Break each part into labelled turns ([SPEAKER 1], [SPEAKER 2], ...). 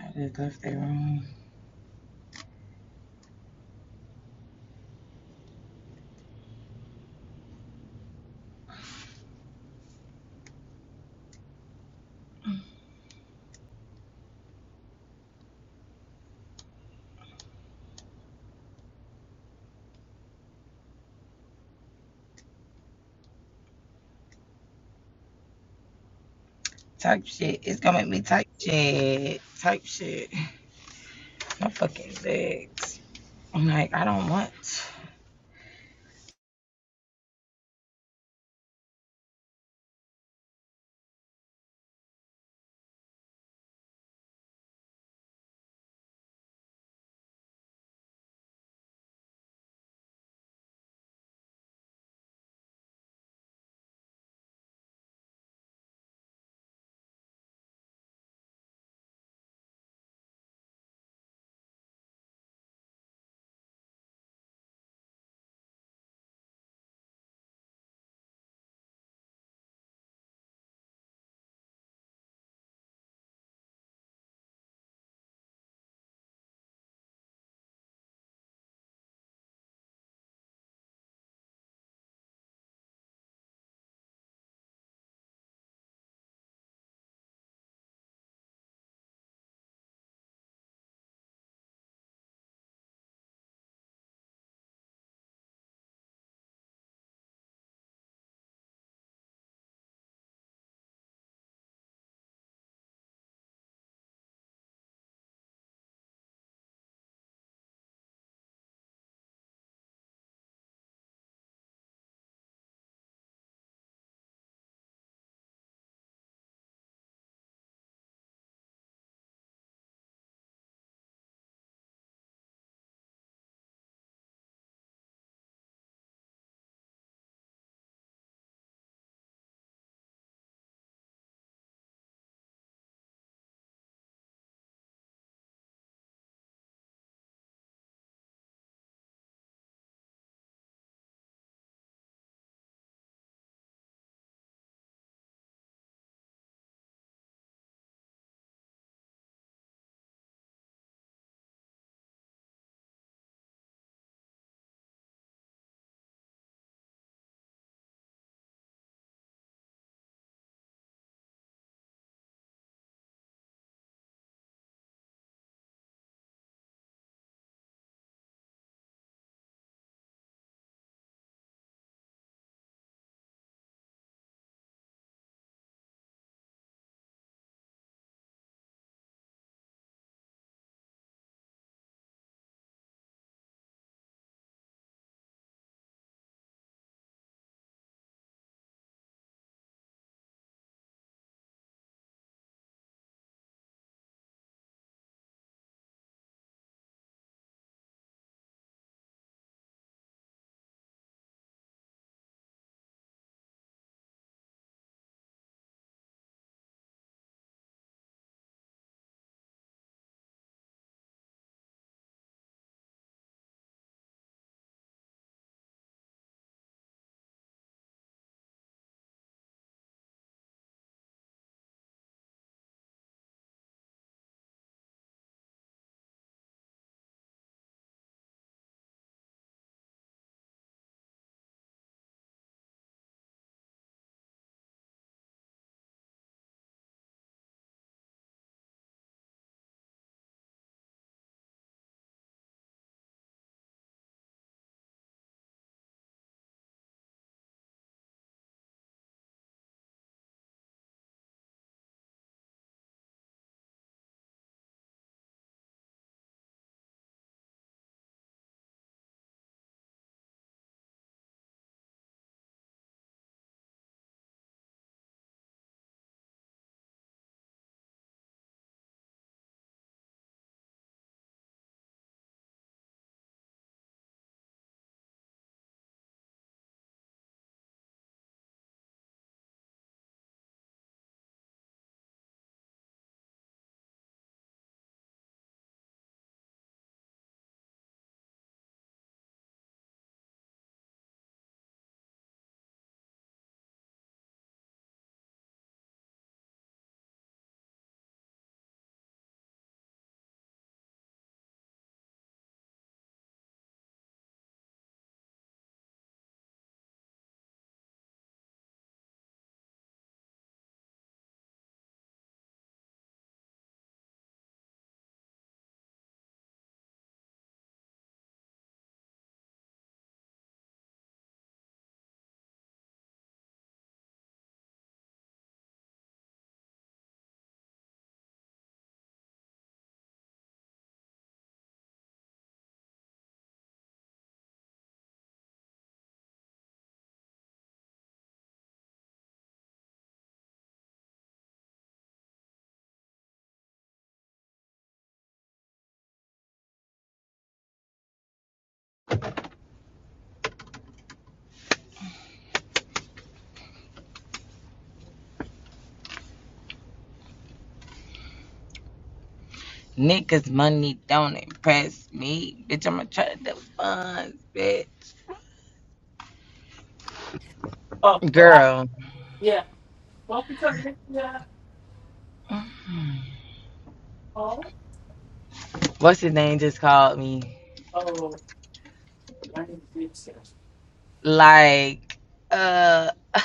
[SPEAKER 1] I just left that room. Type shit. It's gonna make me type shit. Type shit. My fucking legs. I'm like, I don't want. Niggas money don't impress me. Bitch, I'ma try to do funds, bitch.
[SPEAKER 2] Oh, I,
[SPEAKER 1] Girl.
[SPEAKER 2] yeah. Welcome to the yeah. Oh,
[SPEAKER 1] What's his name just called me?
[SPEAKER 2] oh, I need to fix this.
[SPEAKER 1] Like, uh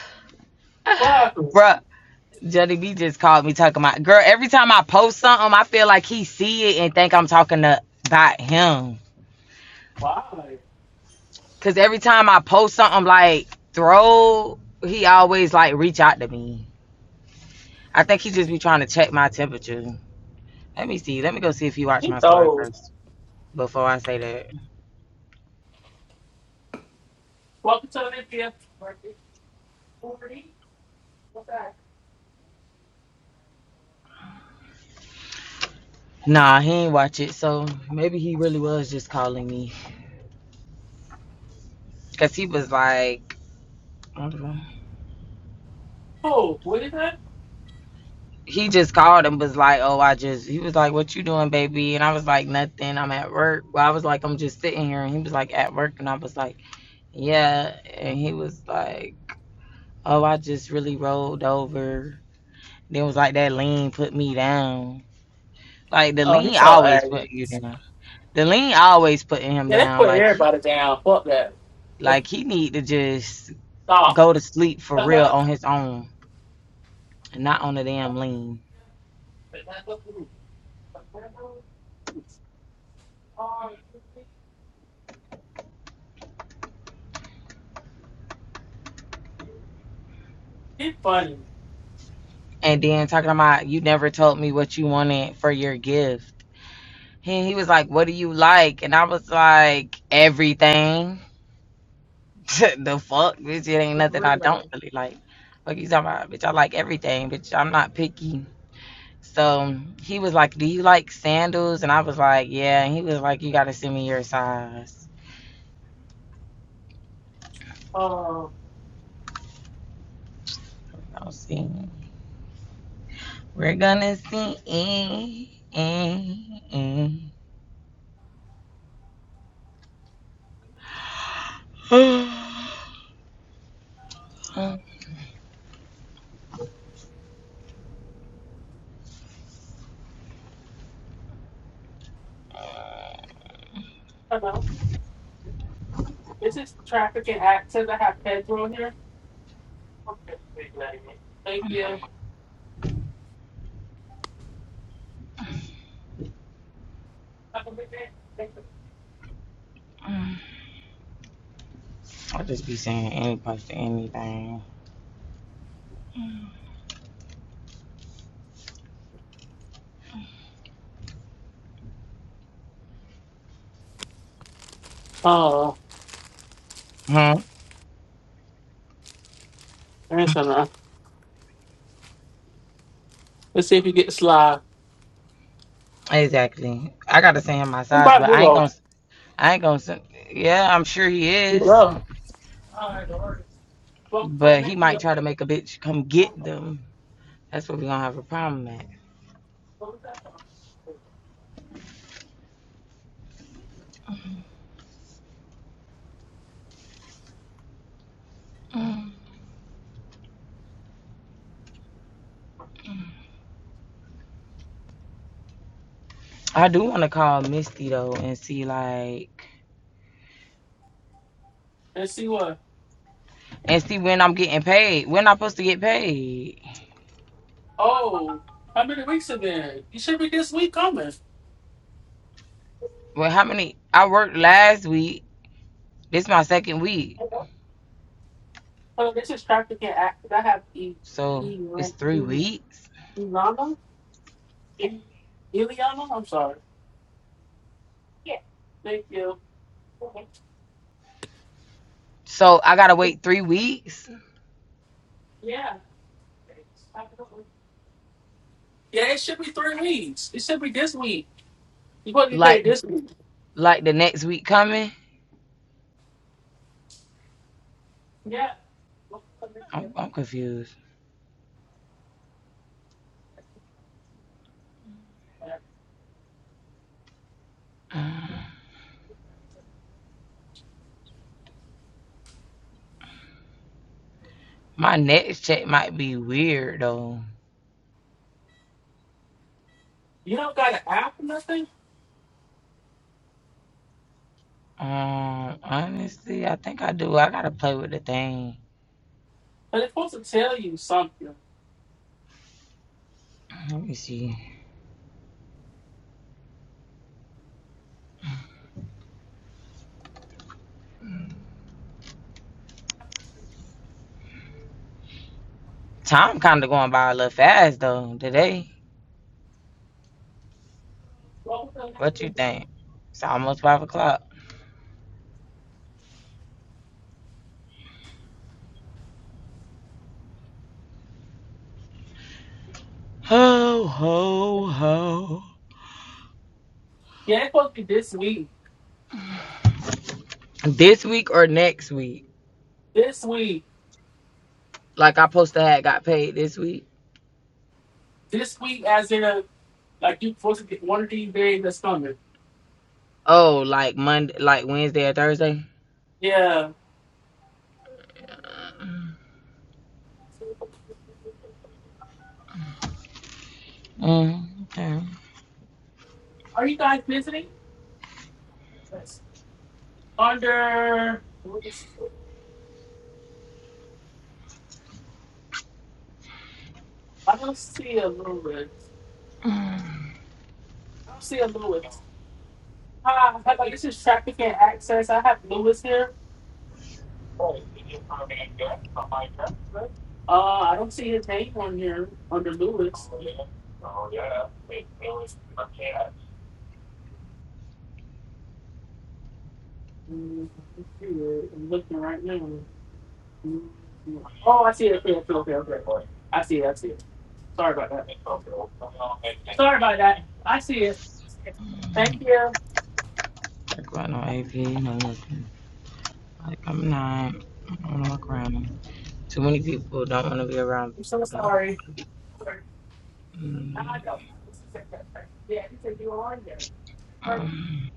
[SPEAKER 2] Why?
[SPEAKER 1] Bruh, Jelly B just called me talking about girl. Every time I post something, I feel like he see it and think I'm talking to, about him.
[SPEAKER 2] Why?
[SPEAKER 1] Cause every time I post something like throw, he always like reach out to me. I think he just be trying to check my temperature. Let me see. Let me go see if he watched
[SPEAKER 2] He's
[SPEAKER 1] my story
[SPEAKER 2] old.
[SPEAKER 1] first before I say that.
[SPEAKER 2] Welcome to Olympia. Forty. What's that?
[SPEAKER 1] Nah, he ain't watch it. So maybe he really was just calling me. Cause he was like, I don't know.
[SPEAKER 2] Oh, what is that?
[SPEAKER 1] he just called and was like, oh, I just, he was like, what you doing, baby? And I was like, nothing. I'm at work. Well, I was like, I'm just sitting here. And he was like, at work. And I was like, yeah. And he was like, oh, I just really rolled over Then it was like that lean put me down. Like the
[SPEAKER 2] Oh,
[SPEAKER 1] lean
[SPEAKER 2] he's so
[SPEAKER 1] always
[SPEAKER 2] angry.
[SPEAKER 1] put you down. The lean always putting him
[SPEAKER 2] Yeah, let
[SPEAKER 1] down.
[SPEAKER 2] put
[SPEAKER 1] Like he,
[SPEAKER 2] everybody down. Fuck that.
[SPEAKER 1] like he need to just
[SPEAKER 2] Stop.
[SPEAKER 1] go to sleep for real
[SPEAKER 2] Uh-huh.
[SPEAKER 1] on his own, not on the damn lean.
[SPEAKER 2] He's funny.
[SPEAKER 1] And then talking about you never told me what you wanted for your gift. And he was like, "What do you like?" And I was like, "Everything." the fuck, bitch! It ain't
[SPEAKER 2] For
[SPEAKER 1] nothing I don't
[SPEAKER 2] real.
[SPEAKER 1] really like. Fuck you talking about, bitch? I like everything, bitch. I'm not picky. So he was like, Do you like sandals? And I was like, Yeah. And he was like, You got to send me your size.
[SPEAKER 2] Uh,
[SPEAKER 1] I'll see. We're going to see. I
[SPEAKER 2] hello. This is trafficking and accidents. I have Pedro here. Thank you.
[SPEAKER 1] will just be saying any to anything.
[SPEAKER 2] Oh,
[SPEAKER 1] Hmm?
[SPEAKER 2] there's enough. Let's see if you get Sly.
[SPEAKER 1] Exactly. I gotta send him my
[SPEAKER 2] What
[SPEAKER 1] size,
[SPEAKER 2] about
[SPEAKER 1] but I ain't
[SPEAKER 2] Willow?
[SPEAKER 1] gonna. I ain't gonna. Send, yeah, I'm sure he
[SPEAKER 2] You
[SPEAKER 1] is,
[SPEAKER 2] go.
[SPEAKER 1] but he might try to make a bitch come get them. That's what we gonna have a problem at. Mm. I do want to call Misty though and see like
[SPEAKER 2] Let's see what.
[SPEAKER 1] and see when I'm getting paid. When I'm supposed to get paid?
[SPEAKER 2] Oh, how many weeks have been? You should be this week coming.
[SPEAKER 1] Well, how many? I worked last week. This is my second week,
[SPEAKER 2] So this is trafficking act. I have E.
[SPEAKER 1] so
[SPEAKER 2] E.
[SPEAKER 1] it's three
[SPEAKER 2] E-
[SPEAKER 1] weeks.
[SPEAKER 2] Ilana? E- Iliana? I'm sorry. Thank you.
[SPEAKER 1] So I gotta wait three weeks,
[SPEAKER 2] Yeah. Yeah, it should be three weeks. It should be this week. You're supposed to be
[SPEAKER 1] like
[SPEAKER 2] paid this week.
[SPEAKER 1] like the next week coming.
[SPEAKER 2] Yeah.
[SPEAKER 1] I'm, I'm confused. Mm. My next check might be weird though.
[SPEAKER 2] You don't got an app or nothing,
[SPEAKER 1] Um, honestly, I think I do. I gotta play with the thing.
[SPEAKER 2] but it's supposed to tell you something.
[SPEAKER 1] Let me see. Time kind of going by a little fast though today. What you think? It's almost five o'clock. Ho ho ho.
[SPEAKER 2] Yeah, it's supposed to be this week.
[SPEAKER 1] This week or next week?
[SPEAKER 2] This week.
[SPEAKER 1] Like I supposed to have got paid this week.
[SPEAKER 2] This week, as in, a, like, you're supposed to get one of these days that's coming.
[SPEAKER 1] Oh, like Monday, like Wednesday or Thursday.
[SPEAKER 2] Yeah.
[SPEAKER 1] Mm, okay.
[SPEAKER 2] Are you guys visiting? Under. I don't see a Lewis. I don't see a Lewis. Hi, hello, this is Traffic and Access. I have Lewis here. Uh, I don't see his name on here under Lewis. Mm, let's see it. I'm looking right now. Mm, Oh, I see it. Okay, okay, okay, okay. I see it. I see it. Sorry about that. Sorry about that. I see it. Thank you.
[SPEAKER 1] Talk about no AP, no nothing. Like I'm not. I don't want to walk around. them. Too many people don't want to be around.
[SPEAKER 2] I'm so
[SPEAKER 1] People don't.
[SPEAKER 2] sorry. I
[SPEAKER 1] Mm,
[SPEAKER 2] know. Yeah, you said you were on there.
[SPEAKER 1] mm.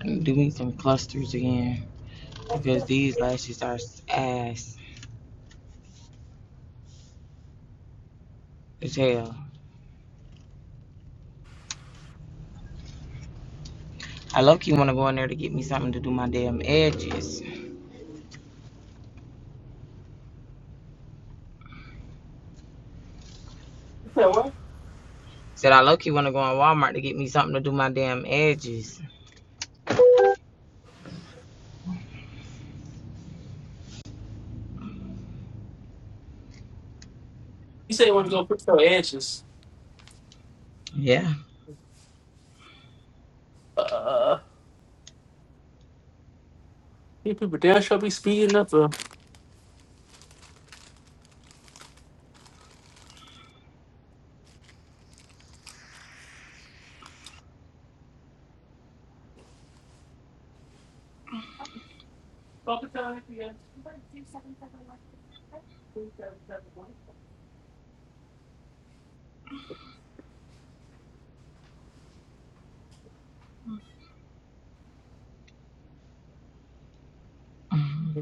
[SPEAKER 1] I need to do me some clusters again because these lashes are ass as hell. I low key want to go in there to get me something to do my damn edges.
[SPEAKER 2] So what?
[SPEAKER 1] Said I low key want to go on Walmart to get me something to do my damn edges.
[SPEAKER 2] You say you want to go fix your edges.
[SPEAKER 1] Yeah.
[SPEAKER 2] Uh, you people damn sure be speeding up. Uh, Welcome
[SPEAKER 1] Mm,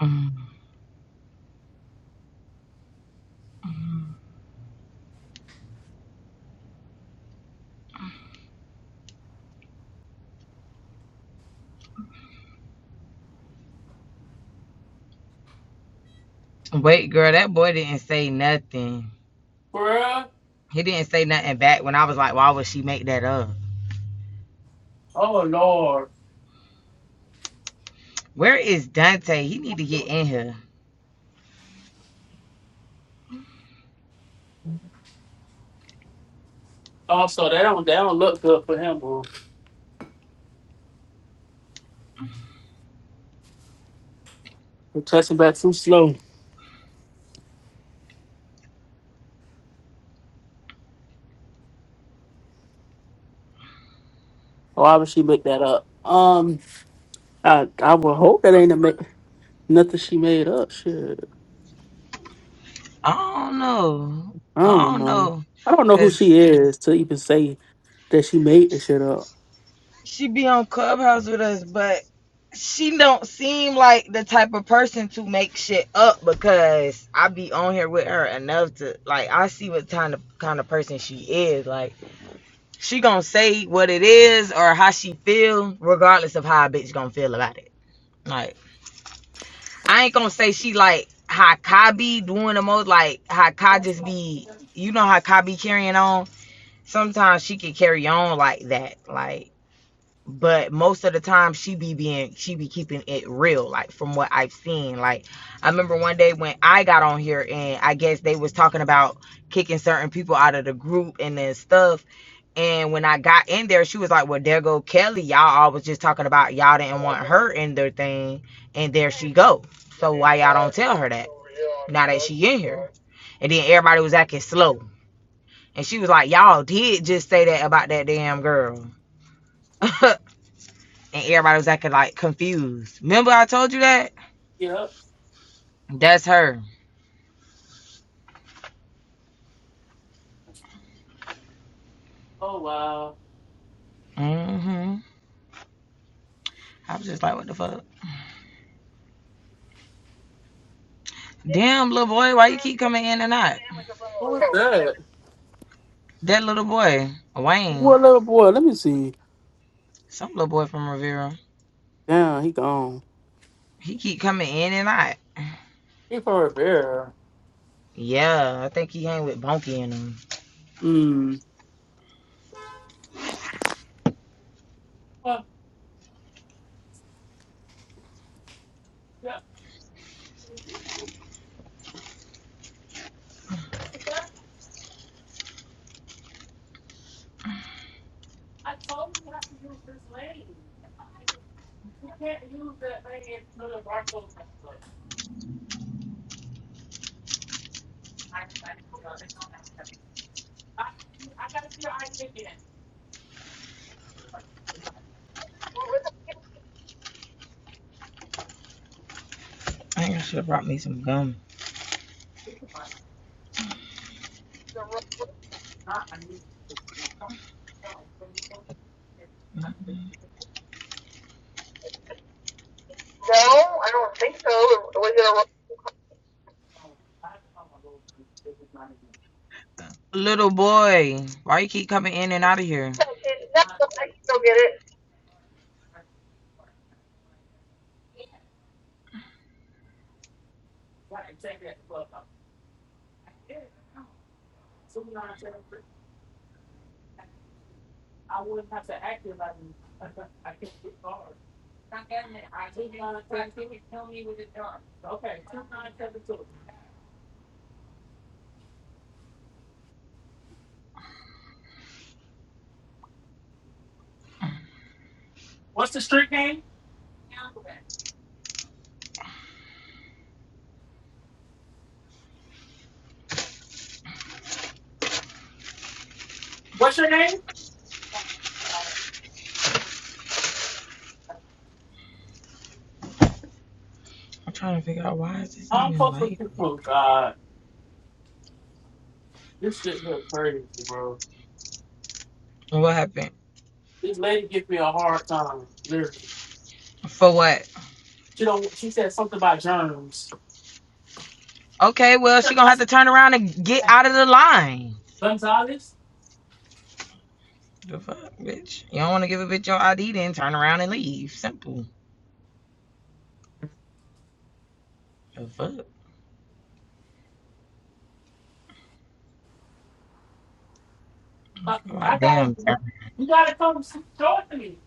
[SPEAKER 1] mm, mm. Wait, girl, that boy didn't say nothing.
[SPEAKER 2] Bruh.
[SPEAKER 1] He didn't say nothing back when I was like, why would she make that up?
[SPEAKER 2] Oh, Lord.
[SPEAKER 1] Where is Dante? He need to get in here.
[SPEAKER 2] Also, they don't, they don't look good for him, bro. They're touching back too slow. Why would she make that up? Um, I, I would hope that ain't a ma- nothing she made up. Shit.
[SPEAKER 1] I don't know.
[SPEAKER 2] I
[SPEAKER 1] I
[SPEAKER 2] don't
[SPEAKER 1] don't
[SPEAKER 2] know.
[SPEAKER 1] know.
[SPEAKER 2] I don't know who
[SPEAKER 1] Cause
[SPEAKER 2] she is to even say that she made this shit up.
[SPEAKER 1] she be on Clubhouse with us, but she don't seem like the type of person to make shit up because I be on here with her enough to like I see what kind of kind of person she is. Like she gonna say what it is or how she feel, regardless of how a bitch gonna feel about it. Like I ain't gonna say she like how Kai be doing the most, like how Kai just be you know how Kai be carrying on. Sometimes she can carry on like that. Like but most of the time she be being she be keeping it real like from what i've seen like i remember one day when i got on here and i guess they was talking about kicking certain people out of the group and then stuff and when i got in there she was like well there go kelly y'all all was just talking about y'all didn't want her in their thing and there she go so why y'all don't tell her that now that she in here and then everybody was acting slow and she was like y'all did just say that about that damn girl and everybody was acting like confused. Remember I told you that?
[SPEAKER 2] Yep.
[SPEAKER 1] That's her.
[SPEAKER 2] Oh wow.
[SPEAKER 1] hmm I was just like, what the fuck? Damn, little boy, why you keep coming in and out?
[SPEAKER 2] Who was that?
[SPEAKER 1] That little boy, Wayne,
[SPEAKER 2] What little boy? Let me see.
[SPEAKER 1] some little boy from Rivera,
[SPEAKER 2] Damn, he gone.
[SPEAKER 1] he keep coming in and out.
[SPEAKER 2] He from Rivera.
[SPEAKER 1] Yeah, I think he hang with Bonky and him.
[SPEAKER 2] Mm. Well, yeah. I told you not to use this lane. You can't use that lane for the Barco. I I gotta see your ID again. Right,
[SPEAKER 1] I think I should have brought me some gum. Mm-hmm. No, I don't think so. Was it a... Little boy, why you keep coming in and out of here? I can still get it.
[SPEAKER 2] take that glove off. So we don't have to- I wouldn't have to act it like me. I can't get hard. Not getting it. I two nine seven two. Tell me with it done. Okay, two nine seven two. What's the street name? What's your name?
[SPEAKER 1] I'm trying to figure out why is this
[SPEAKER 2] I'm
[SPEAKER 1] even
[SPEAKER 2] fuck with
[SPEAKER 1] light?
[SPEAKER 2] you, oh God. This shit here crazy, bro.
[SPEAKER 1] What happened?
[SPEAKER 2] This lady gives me a hard time. Literally.
[SPEAKER 1] For what?
[SPEAKER 2] She don't. She said something about germs.
[SPEAKER 1] Okay, well she gonna have to turn around and get out of the line.
[SPEAKER 2] Gonzalez,
[SPEAKER 1] The fuck, bitch. You don't want to give a bitch your ID, then turn around and leave. Simple. The fuck.
[SPEAKER 2] I,
[SPEAKER 1] i
[SPEAKER 2] I gotta.
[SPEAKER 1] damn.
[SPEAKER 2] You gotta come see- talk to me.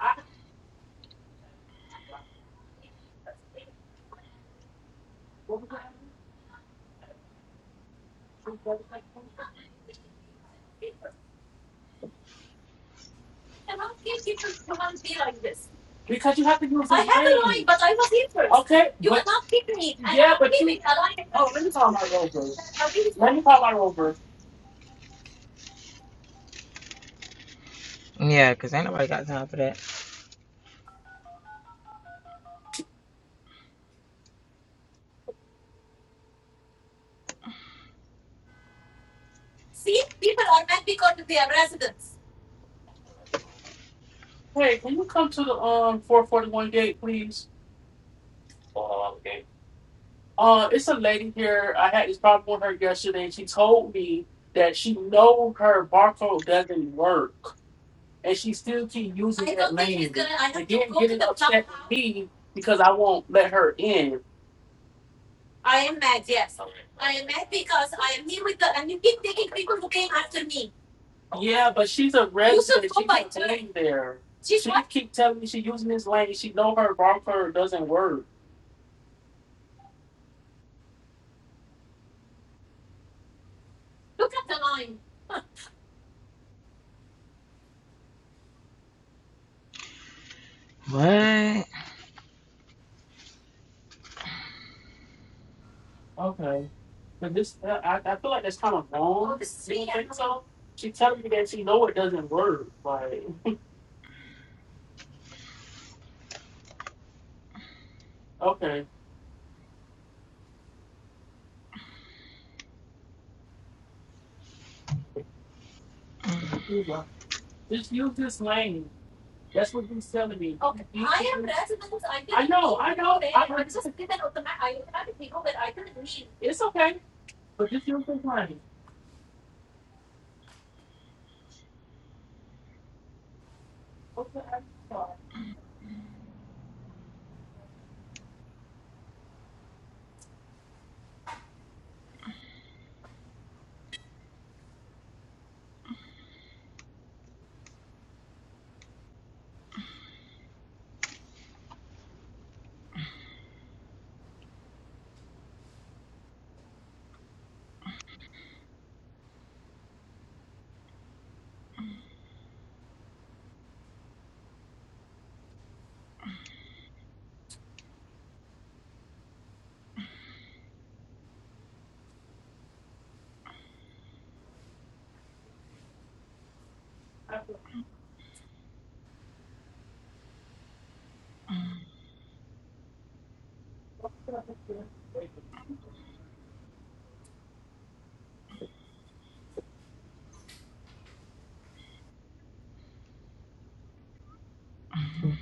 [SPEAKER 2] I, because you have to use. I I line, but I was here first. Okay. You but- cannot kick me. I Yeah, but you. Oh, let me call my rover. Let me call my rover.
[SPEAKER 1] Yeah, cause ain't nobody got time for that.
[SPEAKER 2] See, people are mad because they are residents. Hey, can you come to the um four forty one gate, please? Oh, okay. Uh, it's a lady here. I had this problem with her yesterday. She told me that she know her barcode doesn't work, and she still keep using I that don't think lane. She's gonna, I have and to then go to getting the upset top with me because I won't let her in. I am mad. Yes, I am mad because I am here with the and you keep taking people who came after me. Yeah, but she's a resident. go She by just that. there. She's She right. keep telling me she using this lane. She know her wrong curve doesn't work. Look at the line.
[SPEAKER 1] What?
[SPEAKER 2] Okay, but this uh, I, I feel like that's kind of wrong. Oh, the You think so? She telling me that she know it doesn't work. Like okay, like, just use this lane. That's what he's telling me. Okay. You I am resident. I I know, I know. I I heard just didn't automatic. I automatically go that I didn't mean. It's okay, but just use this lane. Okay, I'm sorry. I'm sorry.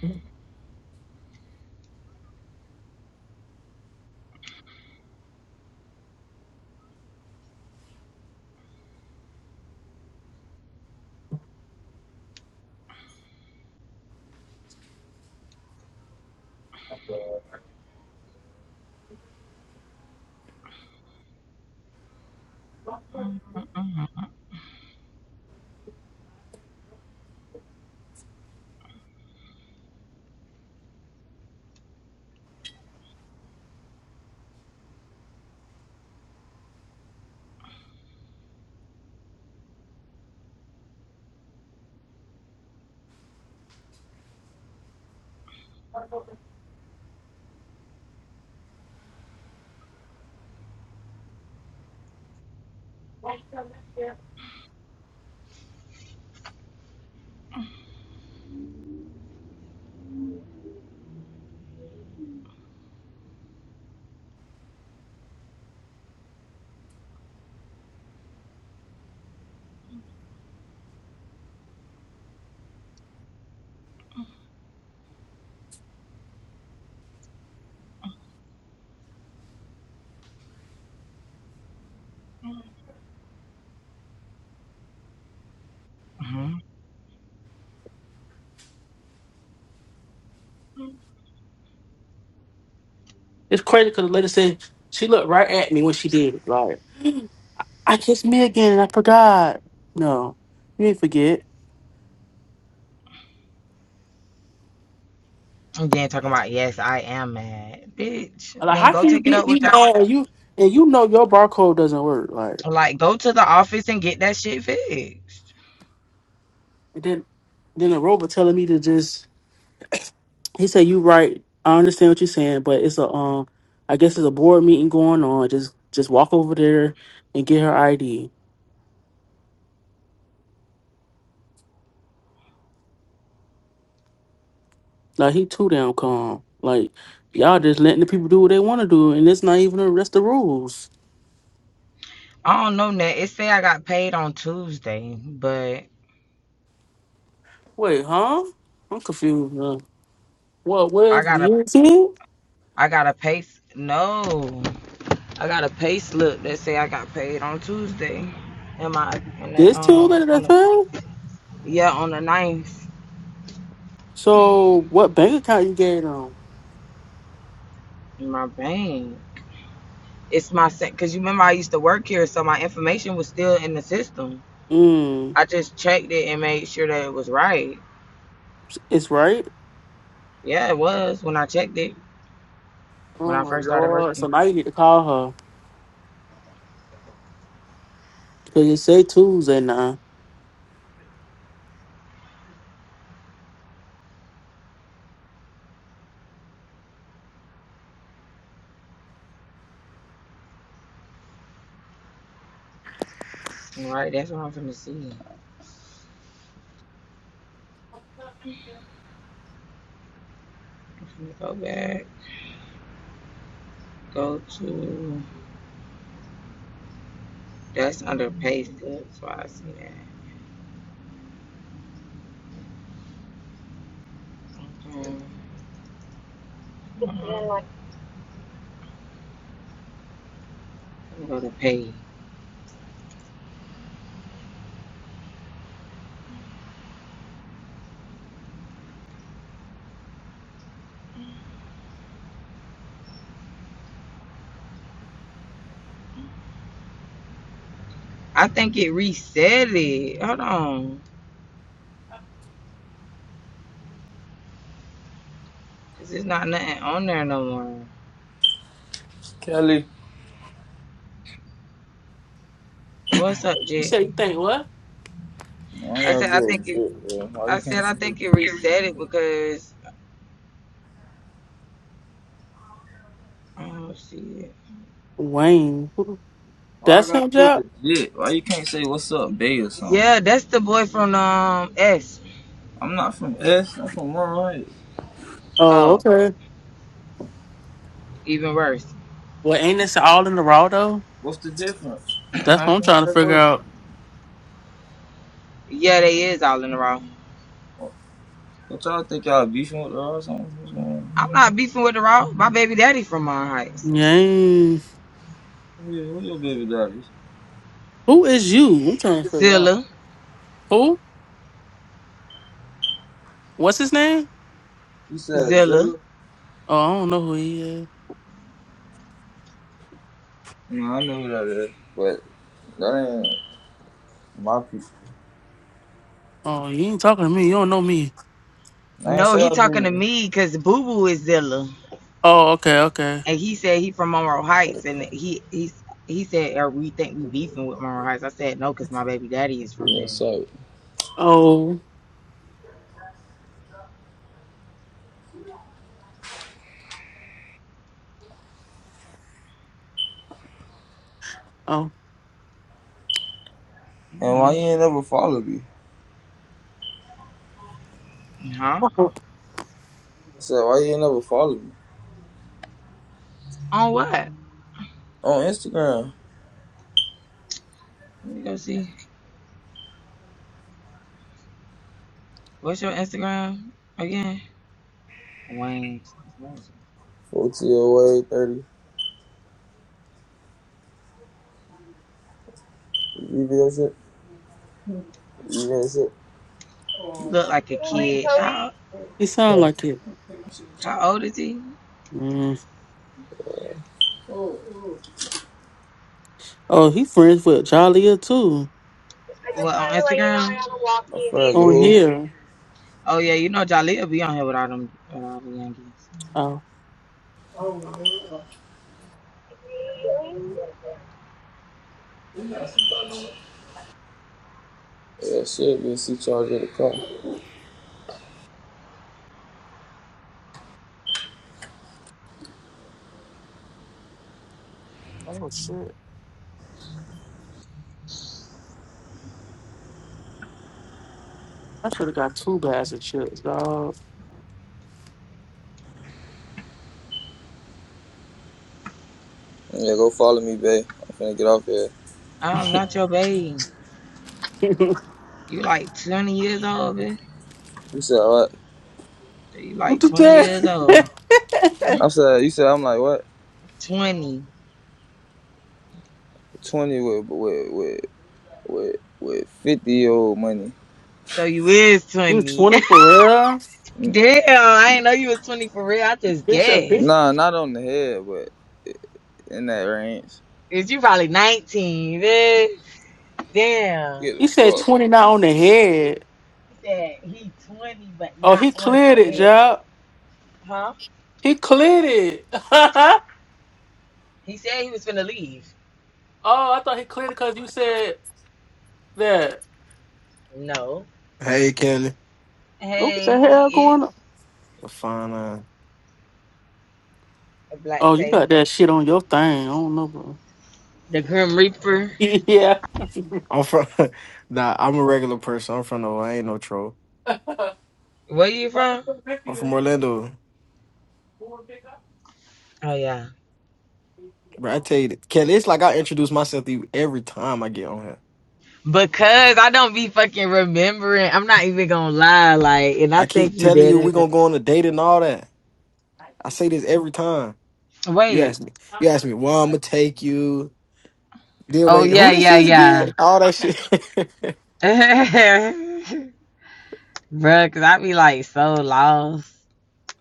[SPEAKER 1] Mm-hmm.
[SPEAKER 2] It's crazy because the lady said she looked right at me when she did. it. Like, I kissed me again and I forgot. No, you ain't forget.
[SPEAKER 1] And then talking about yes, I am mad, bitch.
[SPEAKER 2] Like,
[SPEAKER 1] Then
[SPEAKER 2] how
[SPEAKER 1] go
[SPEAKER 2] can you
[SPEAKER 1] take it
[SPEAKER 2] get
[SPEAKER 1] up
[SPEAKER 2] me
[SPEAKER 1] with the
[SPEAKER 2] mad and you and you know your barcode doesn't work? Like,
[SPEAKER 1] like, go to the office and get that shit fixed.
[SPEAKER 2] and then then the robot telling me to just. He said, "You right. I understand what you're saying, but it's a um. I guess it's a board meeting going on. Just just walk over there and get her ID." Like he too damn calm. Like y'all just letting the people do what they want to do, and it's not even the rest of the rules.
[SPEAKER 1] I don't know, net. It say I got paid on Tuesday, but
[SPEAKER 2] Wait, huh? I'm confused. Now. What?
[SPEAKER 1] I
[SPEAKER 2] Where's
[SPEAKER 1] got a
[SPEAKER 2] the UT?
[SPEAKER 1] I got a pay no. I got a pay slip that say I got paid on Tuesday. In my in the,
[SPEAKER 2] This tool
[SPEAKER 1] um
[SPEAKER 2] that
[SPEAKER 1] on
[SPEAKER 2] that
[SPEAKER 1] the
[SPEAKER 2] thing?
[SPEAKER 1] yeah on the ninth
[SPEAKER 2] So what bank account you gave them?
[SPEAKER 1] in my bank. It's my set because you remember I used to work here, so my information was still in the system.
[SPEAKER 2] Mm,
[SPEAKER 1] I just checked it and made sure that it was right.
[SPEAKER 2] it's right.
[SPEAKER 1] Yeah, it was when I checked it when
[SPEAKER 2] Oh
[SPEAKER 1] I
[SPEAKER 2] my
[SPEAKER 1] first started
[SPEAKER 2] lord! So
[SPEAKER 1] working.
[SPEAKER 2] now you need to call her because you say Tuesday now.
[SPEAKER 1] All right, that's what I'm finna see. I'm finna go back. Go to that's under pay slip, so I see that. Um, um, Go to page. I think it reset it. Hold on. Cause there's not nothing on there no more.
[SPEAKER 3] Kelly,
[SPEAKER 1] What's up,
[SPEAKER 2] You
[SPEAKER 1] Jack?
[SPEAKER 2] say you think what?
[SPEAKER 3] Why I
[SPEAKER 1] I
[SPEAKER 3] gotta
[SPEAKER 1] said
[SPEAKER 3] be
[SPEAKER 1] I think it
[SPEAKER 3] legit, bro? Why
[SPEAKER 1] I
[SPEAKER 3] you can't
[SPEAKER 1] said I
[SPEAKER 3] say
[SPEAKER 1] think it reset it because oh shit.
[SPEAKER 2] Wayne.
[SPEAKER 3] why I
[SPEAKER 2] That's
[SPEAKER 3] gotta
[SPEAKER 2] him,
[SPEAKER 3] be
[SPEAKER 2] Jack.
[SPEAKER 3] legit? Why you can't say what's up, Bay or something?
[SPEAKER 1] Yeah, that's the boy from um S.
[SPEAKER 3] I'm not from S, I'm from Monroe Heights.
[SPEAKER 2] Oh,
[SPEAKER 1] Oh,
[SPEAKER 2] okay.
[SPEAKER 1] even worse.
[SPEAKER 2] Well, ain't this all in the raw though?
[SPEAKER 3] What's the difference?
[SPEAKER 2] That's
[SPEAKER 3] I
[SPEAKER 2] what
[SPEAKER 3] don't
[SPEAKER 2] I'm
[SPEAKER 3] know how
[SPEAKER 2] trying to
[SPEAKER 3] that
[SPEAKER 2] figure
[SPEAKER 3] works.
[SPEAKER 2] out.
[SPEAKER 1] Yeah, they is all in the raw.
[SPEAKER 3] What y'all think y'all beefing with her or something? What's going on?
[SPEAKER 1] I'm not beefing with the raw. My baby daddy from my Heights.
[SPEAKER 2] Yang.
[SPEAKER 3] Who, your- who your baby daddy?
[SPEAKER 2] Who is you? I'm trying to figure out.
[SPEAKER 1] Zilla.
[SPEAKER 2] Who? What's his name?
[SPEAKER 3] You said
[SPEAKER 1] Zilla.
[SPEAKER 3] Zilla?
[SPEAKER 2] Oh, I don't know who he is.
[SPEAKER 3] No, I know who that is. But that ain't my people.
[SPEAKER 2] Oh, you ain't talking to me. You don't know me.
[SPEAKER 3] I ain't
[SPEAKER 1] No,
[SPEAKER 3] say I
[SPEAKER 1] he talking to
[SPEAKER 3] do
[SPEAKER 1] me because Boo Boo is Zilla.
[SPEAKER 2] Oh, okay, okay.
[SPEAKER 1] and he said he from Monroe Heights, and he he he said, "Are we think we beefing with Monroe Heights?" I said, "No, because my baby daddy is from
[SPEAKER 3] Yeah,
[SPEAKER 1] there."
[SPEAKER 3] What's
[SPEAKER 2] Oh, oh.
[SPEAKER 3] And why
[SPEAKER 1] hmm
[SPEAKER 3] you ain't never follow me?
[SPEAKER 1] Huh?
[SPEAKER 3] I said, why you ain't never follow me?
[SPEAKER 1] On what? Let
[SPEAKER 3] On Instagram.
[SPEAKER 1] me go see. What's your Instagram again? Wayne.
[SPEAKER 3] 40 away, 30. You did shit? You did shit?
[SPEAKER 1] You look like a kid. How,
[SPEAKER 2] He sound
[SPEAKER 3] Huh?
[SPEAKER 2] like it.
[SPEAKER 1] how old is he?
[SPEAKER 2] Mm. Oh, he friends with Jollia too.
[SPEAKER 1] What on Instagram?
[SPEAKER 3] i friends with
[SPEAKER 2] On
[SPEAKER 3] who?
[SPEAKER 2] here.
[SPEAKER 1] Oh yeah, you know Jaleel will be on here without all them uh, young
[SPEAKER 2] Oh.
[SPEAKER 1] kids.
[SPEAKER 3] Yeah, shit, be a C charge in the car.
[SPEAKER 2] Oh shit. I should have got two bags of chips, dog.
[SPEAKER 3] Yeah, go follow me, babe. I'm finna get off here.
[SPEAKER 1] I'm not your baby.
[SPEAKER 2] what
[SPEAKER 1] You like 20 years old, bitch.
[SPEAKER 3] You said what?
[SPEAKER 1] You like
[SPEAKER 2] you
[SPEAKER 1] 20
[SPEAKER 2] say?
[SPEAKER 1] years old.
[SPEAKER 3] I said you said I'm like what?
[SPEAKER 1] 20.
[SPEAKER 3] Twenty with with with with with fifty year old money.
[SPEAKER 1] So you is
[SPEAKER 2] you
[SPEAKER 1] 20.
[SPEAKER 2] twenty for real?
[SPEAKER 1] Damn, I didn't know you was 20 for real. I just
[SPEAKER 2] Bitch a big
[SPEAKER 1] guessed.
[SPEAKER 3] Nah, not on the head, but in that range.
[SPEAKER 1] Is you probably 19. Man. Damn.
[SPEAKER 3] Get the
[SPEAKER 2] he said
[SPEAKER 3] fuck.
[SPEAKER 2] twenty not on the head.
[SPEAKER 1] He said he 20, but
[SPEAKER 2] Oh
[SPEAKER 1] not
[SPEAKER 2] he
[SPEAKER 1] on the
[SPEAKER 2] cleared it,
[SPEAKER 1] head.
[SPEAKER 2] Job.
[SPEAKER 1] Huh?
[SPEAKER 2] He cleared it. oh,
[SPEAKER 1] He said he was finna leave.
[SPEAKER 2] I thought he cleared it because you said that.
[SPEAKER 1] No.
[SPEAKER 4] Hey, Kenny.
[SPEAKER 2] What the
[SPEAKER 1] Hey,
[SPEAKER 2] hell
[SPEAKER 1] he is
[SPEAKER 2] going on?
[SPEAKER 4] I'm Fine. Uh,
[SPEAKER 1] a
[SPEAKER 2] Oh,
[SPEAKER 1] black
[SPEAKER 2] you
[SPEAKER 1] tape.
[SPEAKER 2] got that shit on your thing. I don't know, bro.
[SPEAKER 1] The Grim Reaper.
[SPEAKER 2] yeah. the
[SPEAKER 4] I'm from. nah, I'm a regular person. I'm from the. I ain't no troll.
[SPEAKER 1] Where you from?
[SPEAKER 4] I'm from Orlando.
[SPEAKER 1] Oh yeah.
[SPEAKER 4] Bro, I tell you, that- Kenny, it's like I introduce myself to you every time I get on here.
[SPEAKER 1] Because I don't be fucking remembering. I'm not even gonna lie, like, and
[SPEAKER 4] I
[SPEAKER 1] I think
[SPEAKER 4] keep
[SPEAKER 1] you
[SPEAKER 4] telling
[SPEAKER 1] did
[SPEAKER 4] you we
[SPEAKER 1] it.
[SPEAKER 4] gonna go on a date and all that. I say this every time. You
[SPEAKER 1] Wait.
[SPEAKER 4] ask me. You ask me. Well, I'm gonna take you. Then
[SPEAKER 1] Oh
[SPEAKER 4] wait, who
[SPEAKER 1] yeah,
[SPEAKER 4] this
[SPEAKER 1] yeah,
[SPEAKER 4] is
[SPEAKER 1] yeah.
[SPEAKER 4] again? All that shit.
[SPEAKER 2] Okay.
[SPEAKER 1] Bruh, cause I be like so lost.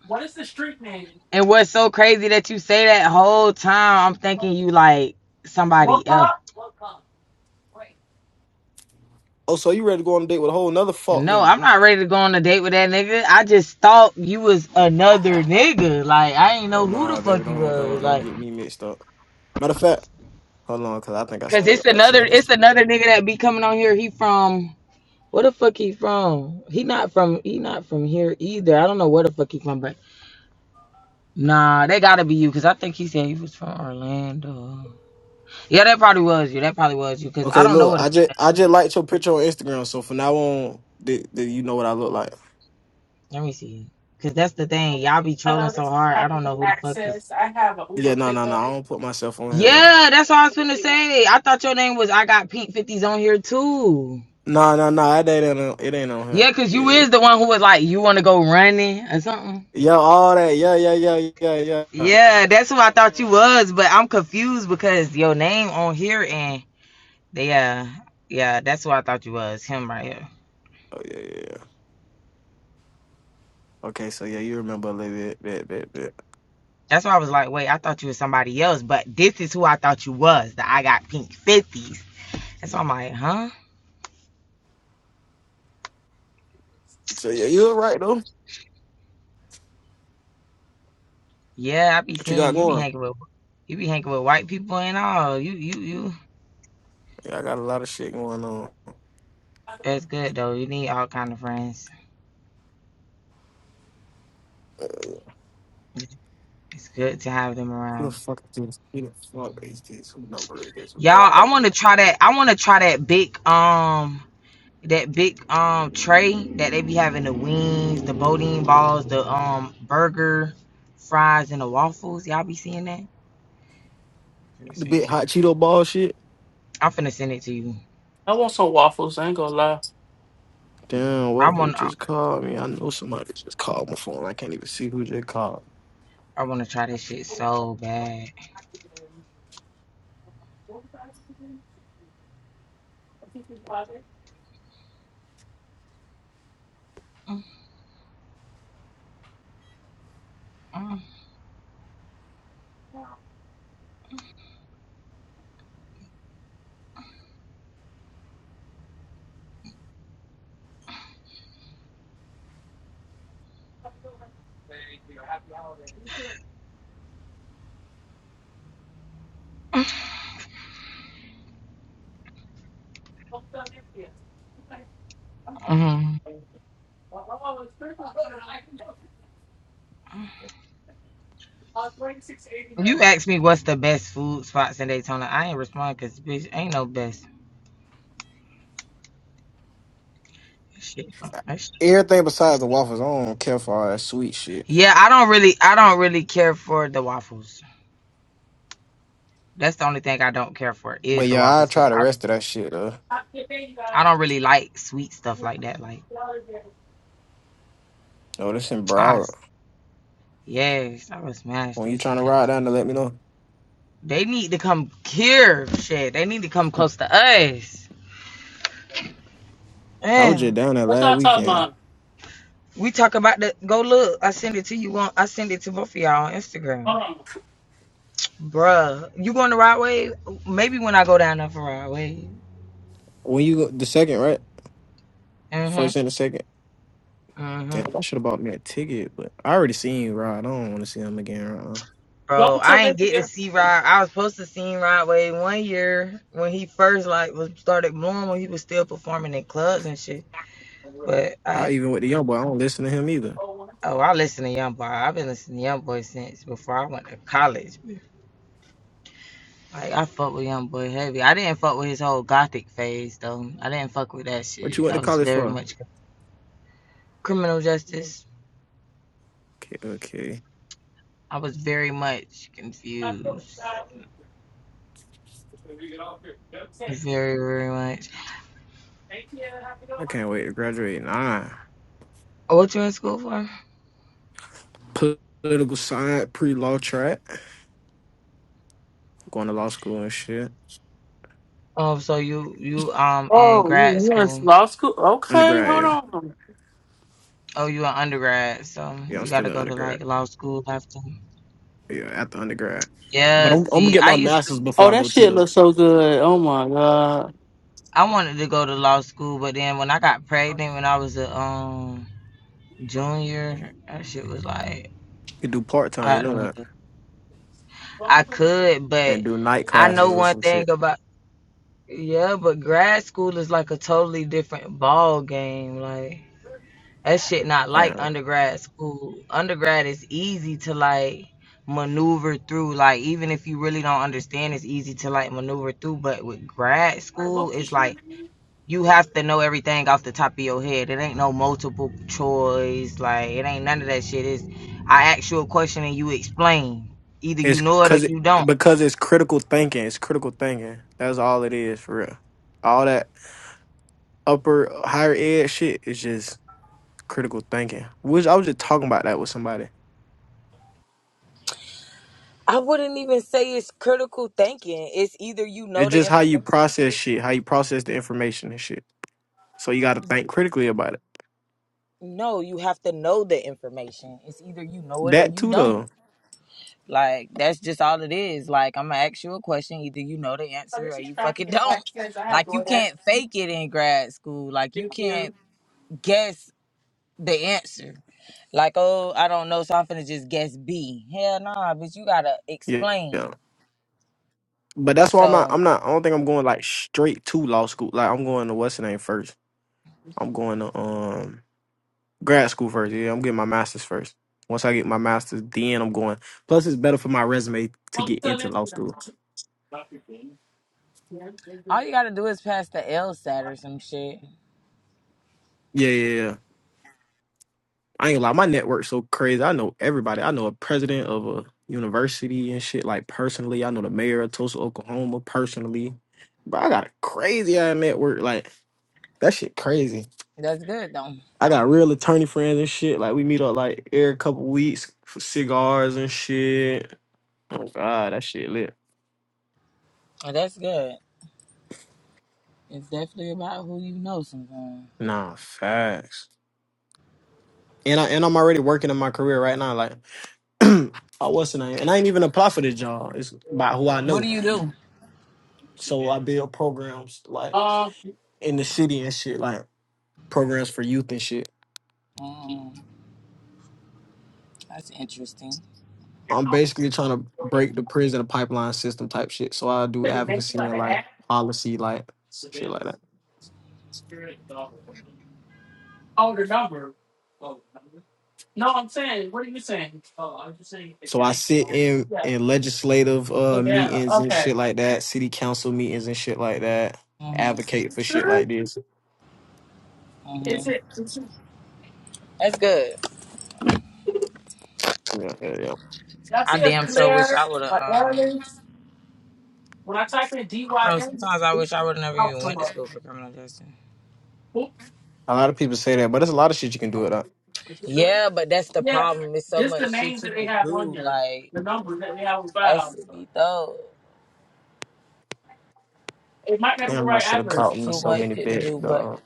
[SPEAKER 2] What is the street name?
[SPEAKER 1] And what's so crazy that you say that whole time I'm thinking you like
[SPEAKER 2] What?
[SPEAKER 1] somebody else.
[SPEAKER 4] oh, so you ready to go on a date with a whole another fuck
[SPEAKER 1] No,
[SPEAKER 4] nigga?
[SPEAKER 1] I'm not ready to go on a date with that nigga. I just thought you was another nigga. Like I ain't
[SPEAKER 4] Oh
[SPEAKER 1] know who the
[SPEAKER 4] nah, baby,
[SPEAKER 1] fuck you
[SPEAKER 4] don't don't
[SPEAKER 1] was.
[SPEAKER 4] don't
[SPEAKER 1] Like,
[SPEAKER 4] get me mixed up. Matter of fact, hold on, cause I think I
[SPEAKER 1] cause
[SPEAKER 4] still
[SPEAKER 1] it's
[SPEAKER 4] got
[SPEAKER 1] another
[SPEAKER 4] you.
[SPEAKER 1] it's another nigga that be coming on here. He from where the fuck he from? He not from he not from here either. I don't know where the fuck he from, but nah, they gotta be you. Cause I think he said he was from Orlando. Yeah, that probably was you. That probably was you. Cause I
[SPEAKER 4] Okay,
[SPEAKER 1] don't know
[SPEAKER 4] look,
[SPEAKER 1] what. The,
[SPEAKER 4] I just I just liked your picture on Instagram, so from now on, the, the, you know what I look like.
[SPEAKER 1] let me see. Cause that's the thing. Y'all be trolling so
[SPEAKER 2] Allows
[SPEAKER 1] hard. I don't know who the fuck is.
[SPEAKER 2] Access. I have an
[SPEAKER 4] Yeah,
[SPEAKER 2] Uber
[SPEAKER 4] no, no, no,
[SPEAKER 2] pickup.
[SPEAKER 4] I don't put myself on here though.
[SPEAKER 1] Yeah, that's what I was finna say. I thought your name was. I got pink fifties on here too.
[SPEAKER 4] No, no, no, it ain't on, it ain't on here.
[SPEAKER 1] Yeah, cause you
[SPEAKER 4] Yeah,
[SPEAKER 1] is the one who was like, you want to go running or something.
[SPEAKER 4] yeah, all that. Yeah, yeah, yeah, yeah, yeah. Oh
[SPEAKER 1] Yeah, that's who I thought you was. But I'm confused because your name on here and they, uh, yeah, that's who I thought you was. Him right here.
[SPEAKER 4] yeah, yeah. yeah. Okay, so yeah, you remember a little bit, bit, bit, bit.
[SPEAKER 1] That's why I was like, wait, I thought you was somebody else, but this is who I thought you was. The I got pink fifties. And so I'm like, huh?
[SPEAKER 4] So yeah, you were right though.
[SPEAKER 1] Yeah, I be
[SPEAKER 4] What you
[SPEAKER 1] seeing
[SPEAKER 4] got
[SPEAKER 1] you, you be
[SPEAKER 4] going?
[SPEAKER 1] hanging with you be hanging with white people and all. You you you.
[SPEAKER 4] Yeah, I got a lot of shit going on.
[SPEAKER 1] It's good though. You need all kind of friends. It's good to have them
[SPEAKER 4] Who the
[SPEAKER 1] around.
[SPEAKER 4] fuck is this? Who the fuck is this? Who number is this? Who number?
[SPEAKER 1] Y'all, I want to try that. I want to try that big um that big um tray that they be having the wings, the bodine balls, the um burger, fries, and the waffles. Y'all be seeing that?
[SPEAKER 4] The big hot Cheeto ball shit.
[SPEAKER 1] I'm finna send it to you.
[SPEAKER 2] I want some waffles. I ain't gonna lie.
[SPEAKER 4] Damn, what
[SPEAKER 1] I
[SPEAKER 4] who
[SPEAKER 1] want I,
[SPEAKER 4] just called me? I know somebody just called my phone. I can't even see who just called.
[SPEAKER 1] I want to try this shit so bad. Mm, mm, mm. You asked me what's the best food spots in Daytona. I ain't respond because bitch ain't no best. Shit. That shit-
[SPEAKER 4] Everything besides the waffles, I don't care for all that sweet shit.
[SPEAKER 1] Yeah, I don't really, I don't really care for the waffles. That's the only thing I don't care for
[SPEAKER 4] But
[SPEAKER 1] is the
[SPEAKER 4] yeah, I
[SPEAKER 1] waffles because
[SPEAKER 4] try the
[SPEAKER 1] I,
[SPEAKER 4] rest of that shit though.
[SPEAKER 1] I don't really like sweet stuff like that. Like,
[SPEAKER 4] Oh, this in
[SPEAKER 1] I,
[SPEAKER 4] Broward.
[SPEAKER 1] s- yes, I would smash
[SPEAKER 4] When you
[SPEAKER 1] that
[SPEAKER 4] trying to
[SPEAKER 1] shit.
[SPEAKER 4] ride down there, let me know.
[SPEAKER 1] They need to come here, shit. They need to come close to us.
[SPEAKER 4] I was just
[SPEAKER 1] Damn.
[SPEAKER 4] down there
[SPEAKER 2] What's
[SPEAKER 4] last
[SPEAKER 2] our
[SPEAKER 4] weekend.
[SPEAKER 2] top line?
[SPEAKER 1] We talk about the go look. I send it to you on. I send it to both of y'all on Instagram.
[SPEAKER 2] Hold on.
[SPEAKER 1] Bruh, you going to Rod Wave? Maybe when I go down there for Rod Wave.
[SPEAKER 4] When you go the second, right? First
[SPEAKER 1] Mm-hmm.
[SPEAKER 4] and the second.
[SPEAKER 1] Mm-hmm.
[SPEAKER 4] Damn, I should have bought me a ticket, but I already seen you ride. I don't want to see him again. uh
[SPEAKER 1] Bro,
[SPEAKER 2] Welcome to
[SPEAKER 1] I ain't get to see Rod. I was supposed to see Rod Wave one year when he first like was started blowing when he was still performing in clubs and shit. But I
[SPEAKER 4] I even with the young boy, I don't listen to him either.
[SPEAKER 2] Lakeview.
[SPEAKER 1] oh I listen to YoungBoy. I've been listening to YoungBoy since before I went to college. Like I fuck with YoungBoy heavy. I didn't fuck with his whole gothic phase though. I didn't fuck with that
[SPEAKER 4] What you
[SPEAKER 1] shit.
[SPEAKER 4] went to
[SPEAKER 1] I was
[SPEAKER 4] college
[SPEAKER 1] very
[SPEAKER 4] for?
[SPEAKER 1] much criminal justice.
[SPEAKER 4] Okay, okay.
[SPEAKER 1] I was very much confused. Very, very much.
[SPEAKER 4] I can't wait to graduate. Nah.
[SPEAKER 1] Oh, What you in school for?
[SPEAKER 4] political science pre-law track, going to law school and shit.
[SPEAKER 1] Oh, so you you um in
[SPEAKER 2] Oh, you
[SPEAKER 1] grad
[SPEAKER 2] you
[SPEAKER 1] school.
[SPEAKER 2] law school? Okay,
[SPEAKER 4] Grad,
[SPEAKER 2] hold
[SPEAKER 4] yeah.
[SPEAKER 2] on.
[SPEAKER 1] Oh, you in undergrad, so
[SPEAKER 4] Yeah, I'm
[SPEAKER 1] you
[SPEAKER 4] still
[SPEAKER 1] gotta
[SPEAKER 4] in
[SPEAKER 1] go to
[SPEAKER 4] undergrad.
[SPEAKER 1] like law school after.
[SPEAKER 4] Yeah, after undergrad. But
[SPEAKER 1] Yeah,
[SPEAKER 4] I'm, I'm gonna
[SPEAKER 1] see,
[SPEAKER 4] get
[SPEAKER 1] I
[SPEAKER 4] my
[SPEAKER 1] used to
[SPEAKER 4] master's before
[SPEAKER 2] Oh,
[SPEAKER 4] I go
[SPEAKER 2] that shit looks so good. Oh my god.
[SPEAKER 1] I wanted to go to law school, but then when I got pregnant when I was a um junior, that shit was like
[SPEAKER 4] and do part time. You
[SPEAKER 1] I
[SPEAKER 4] know
[SPEAKER 1] don't
[SPEAKER 4] that,
[SPEAKER 2] what the
[SPEAKER 1] I could,
[SPEAKER 4] and
[SPEAKER 1] but
[SPEAKER 4] do night
[SPEAKER 1] I know
[SPEAKER 4] classes or
[SPEAKER 1] one
[SPEAKER 4] some
[SPEAKER 1] thing
[SPEAKER 4] shit.
[SPEAKER 1] about yeah, but grad school is like a totally different ball game, like That shit not like
[SPEAKER 4] Yeah,
[SPEAKER 1] undergrad school. Undergrad is easy to like maneuver through. Like even if you really don't understand, it's easy to like maneuver through. But with grad school, it's like you have to know everything off the top of your head. It ain't no multiple choice. Like it ain't none of that shit. It's I ask you a question and you explain. Either you
[SPEAKER 4] it's
[SPEAKER 1] know it or
[SPEAKER 4] cause it
[SPEAKER 1] you don't.
[SPEAKER 4] because it's critical thinking. It's critical thinking. That's all it is for real. All that upper higher ed shit is just critical thinking. Which I was just talking about that with somebody.
[SPEAKER 1] I wouldn't even say it's critical thinking. It's either you know
[SPEAKER 4] It's
[SPEAKER 1] the
[SPEAKER 4] just how you
[SPEAKER 1] information.
[SPEAKER 4] process shit, how you process the information and shit. So you got to think critically about it.
[SPEAKER 1] No, you have to know the information. It's either you know it or
[SPEAKER 4] That
[SPEAKER 1] you
[SPEAKER 4] too
[SPEAKER 1] don't.
[SPEAKER 4] though.
[SPEAKER 1] Like that's just all it is. Like I'm gonna ask you a question. Either you know the answer or
[SPEAKER 2] the.
[SPEAKER 1] you fucking
[SPEAKER 2] I
[SPEAKER 1] don't. Like you can't fake it in grad school. Like you can't guess the answer. Like oh I don't know, so I'm finna just guess B. Hell nah, bitch. You gotta
[SPEAKER 4] Yeah. yeah.
[SPEAKER 1] explain.
[SPEAKER 4] But that's why I'm not
[SPEAKER 1] So
[SPEAKER 4] I'm not I don't think I'm going like straight to law school. Like I'm going to what's the name first. I'm going to um grad school first. Yeah, I'm getting my master's first. Once I get my master's, then I'm going. Plus it's better for my resume to get into law school.
[SPEAKER 2] you.
[SPEAKER 1] all you gotta do is pass the LSAT or some shit.
[SPEAKER 4] Yeah, yeah, yeah. I ain't gonna lie, my network's so crazy. I know everybody. I know a president of a university and shit, like personally. I know the mayor of Tulsa, Oklahoma, personally. But I got a crazy ass network. Like that shit crazy.
[SPEAKER 1] That's good though.
[SPEAKER 4] I got real attorney friends and shit. Like we meet up like every couple weeks for cigars and shit. Oh god, that shit lit.
[SPEAKER 1] That's good. It's definitely about who you know sometimes.
[SPEAKER 4] Nah, facts. And I and I'm already working in my career right now. Like, oh, what's the name? And I ain't even apply for this job. It's by who I
[SPEAKER 1] What do
[SPEAKER 4] know.
[SPEAKER 1] you do?
[SPEAKER 4] So I build programs like
[SPEAKER 2] Um,
[SPEAKER 4] in the city and shit, like programs for youth and shit.
[SPEAKER 1] Mm, that's interesting.
[SPEAKER 4] I'm basically trying to break the prison and pipeline system type shit. So I do advocacy and like policy, like shit like that. So I sit in in legislative uh meetings and shit like that, city council meetings and shit like that,
[SPEAKER 1] Mhm.
[SPEAKER 4] advocate for shit like this. Yeah,
[SPEAKER 1] Mhm.
[SPEAKER 4] yeah,
[SPEAKER 1] That's good.
[SPEAKER 4] yeah. yeah.
[SPEAKER 2] Y'all
[SPEAKER 1] I
[SPEAKER 2] see a
[SPEAKER 1] damn sure wish
[SPEAKER 2] Claire
[SPEAKER 1] I would have.
[SPEAKER 2] a
[SPEAKER 1] Um,
[SPEAKER 2] Aries. When I type in
[SPEAKER 1] I don't know.
[SPEAKER 2] DYM,
[SPEAKER 1] Sometimes I
[SPEAKER 2] it's
[SPEAKER 1] wish I would have never
[SPEAKER 2] out
[SPEAKER 1] even
[SPEAKER 2] so
[SPEAKER 1] went to
[SPEAKER 2] much.
[SPEAKER 1] school for criminal justice.
[SPEAKER 2] Oops.
[SPEAKER 4] A lot of people say that, but there's a lot of shit you can do it.
[SPEAKER 2] Oh,
[SPEAKER 4] up.
[SPEAKER 2] Is it thirty?
[SPEAKER 1] Yeah, but that's the
[SPEAKER 2] Yeah,
[SPEAKER 1] problem. It's so
[SPEAKER 2] just the
[SPEAKER 1] much shit
[SPEAKER 2] names
[SPEAKER 1] you
[SPEAKER 2] that they
[SPEAKER 1] could
[SPEAKER 2] have on
[SPEAKER 1] do.
[SPEAKER 2] there,
[SPEAKER 1] Like
[SPEAKER 2] the numbers that they have on
[SPEAKER 1] that
[SPEAKER 2] file.
[SPEAKER 1] should be though.
[SPEAKER 2] It might not be the
[SPEAKER 4] Damn, I
[SPEAKER 2] right
[SPEAKER 4] should have
[SPEAKER 1] It's
[SPEAKER 2] address.
[SPEAKER 4] caught me
[SPEAKER 1] too
[SPEAKER 4] so
[SPEAKER 1] much
[SPEAKER 4] many
[SPEAKER 1] shit to
[SPEAKER 4] bits.
[SPEAKER 1] do. But
[SPEAKER 4] Uh,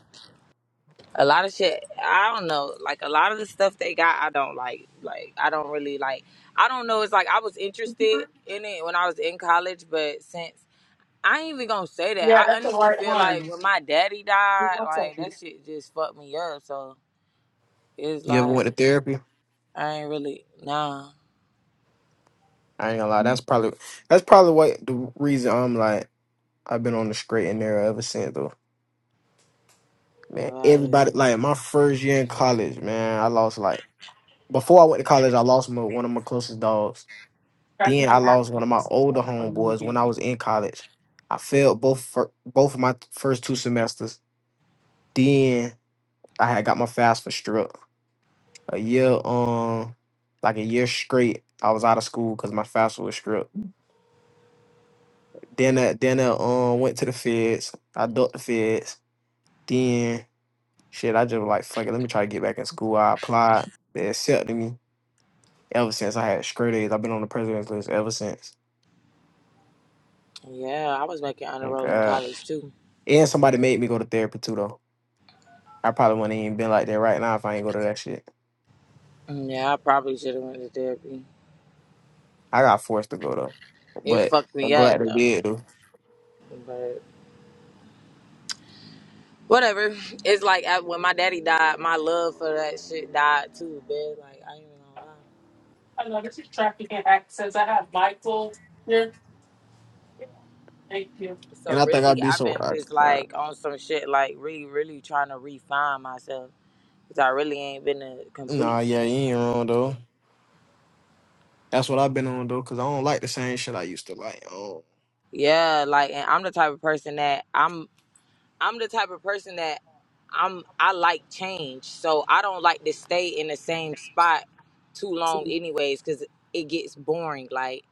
[SPEAKER 1] a lot of shit, I don't know. Like a lot of the stuff they got, I don't like. Like I don't really like. I don't know. It's like I was interested in it when I was in college, but since. I ain't even gonna say that.
[SPEAKER 2] Yeah,
[SPEAKER 1] I
[SPEAKER 2] that's the
[SPEAKER 1] honestly
[SPEAKER 2] right
[SPEAKER 1] feel like
[SPEAKER 2] one.
[SPEAKER 1] when my daddy
[SPEAKER 2] Give me
[SPEAKER 1] died,
[SPEAKER 2] One
[SPEAKER 1] like that
[SPEAKER 2] second.
[SPEAKER 1] shit just fucked me up. So it's
[SPEAKER 4] you ever went
[SPEAKER 1] like
[SPEAKER 4] to therapy?
[SPEAKER 1] I ain't really nah.
[SPEAKER 4] I ain't gonna lie. That's probably that's probably what the reason I'm like I've been on the straight and narrow ever since though. Man,
[SPEAKER 1] Like
[SPEAKER 4] everybody like my first year in college, man, I lost like before I went to college, I lost my, one of my closest dogs Then
[SPEAKER 2] Traffic
[SPEAKER 4] I
[SPEAKER 2] and
[SPEAKER 4] lost one of my
[SPEAKER 2] access. Oh,
[SPEAKER 4] older
[SPEAKER 2] that's what you want
[SPEAKER 4] homeboys
[SPEAKER 2] to
[SPEAKER 4] when I was
[SPEAKER 2] do.
[SPEAKER 4] in college. I failed both for both of my first two semesters. Then I had got my FAFSA stripped a year um like a year straight. I was out of school because my FAFSA was stripped. Then I, then I um went to the feds. I ducked the feds. Then shit, I just was like fuck it. Let me try to get back in school. I applied. They accepted me. Ever since I had straight A's, I've been on the president's list ever since.
[SPEAKER 1] yeah, I was making honor roll in
[SPEAKER 4] Okay.
[SPEAKER 1] college too.
[SPEAKER 4] And somebody made me go to therapy too though. I probably wouldn't even been like that right now if I ain't go to that shit.
[SPEAKER 1] Mm, Yeah, I probably should have went to therapy.
[SPEAKER 4] I got forced to go though,
[SPEAKER 1] It
[SPEAKER 4] but
[SPEAKER 1] fucked
[SPEAKER 4] I'm
[SPEAKER 1] me up
[SPEAKER 4] glad I
[SPEAKER 1] though.
[SPEAKER 4] did though.
[SPEAKER 1] But whatever. It's like uh, when my daddy died, my love for that shit died too, bitch. Like I ain't even gonna lie.
[SPEAKER 2] Hello, this is traffic and access. I have Michael here. Thank you.
[SPEAKER 4] And
[SPEAKER 1] So
[SPEAKER 4] I think I'd
[SPEAKER 1] really,
[SPEAKER 4] be
[SPEAKER 1] I've
[SPEAKER 4] so.
[SPEAKER 1] been
[SPEAKER 4] I,
[SPEAKER 1] just
[SPEAKER 4] I,
[SPEAKER 1] like on some shit, like really, really trying to refine myself because I really ain't been a
[SPEAKER 4] nah,
[SPEAKER 1] complete.
[SPEAKER 4] yeah, you
[SPEAKER 1] Fan.
[SPEAKER 4] ain't wrong though. That's what I've been on though, cause I don't like the same shit I used to like. Oh,
[SPEAKER 1] Yeah, like and I'm the type of person that I'm I'm the type of person that I'm I like change. So I don't like to stay in the same spot too long anyways cuz it gets boring like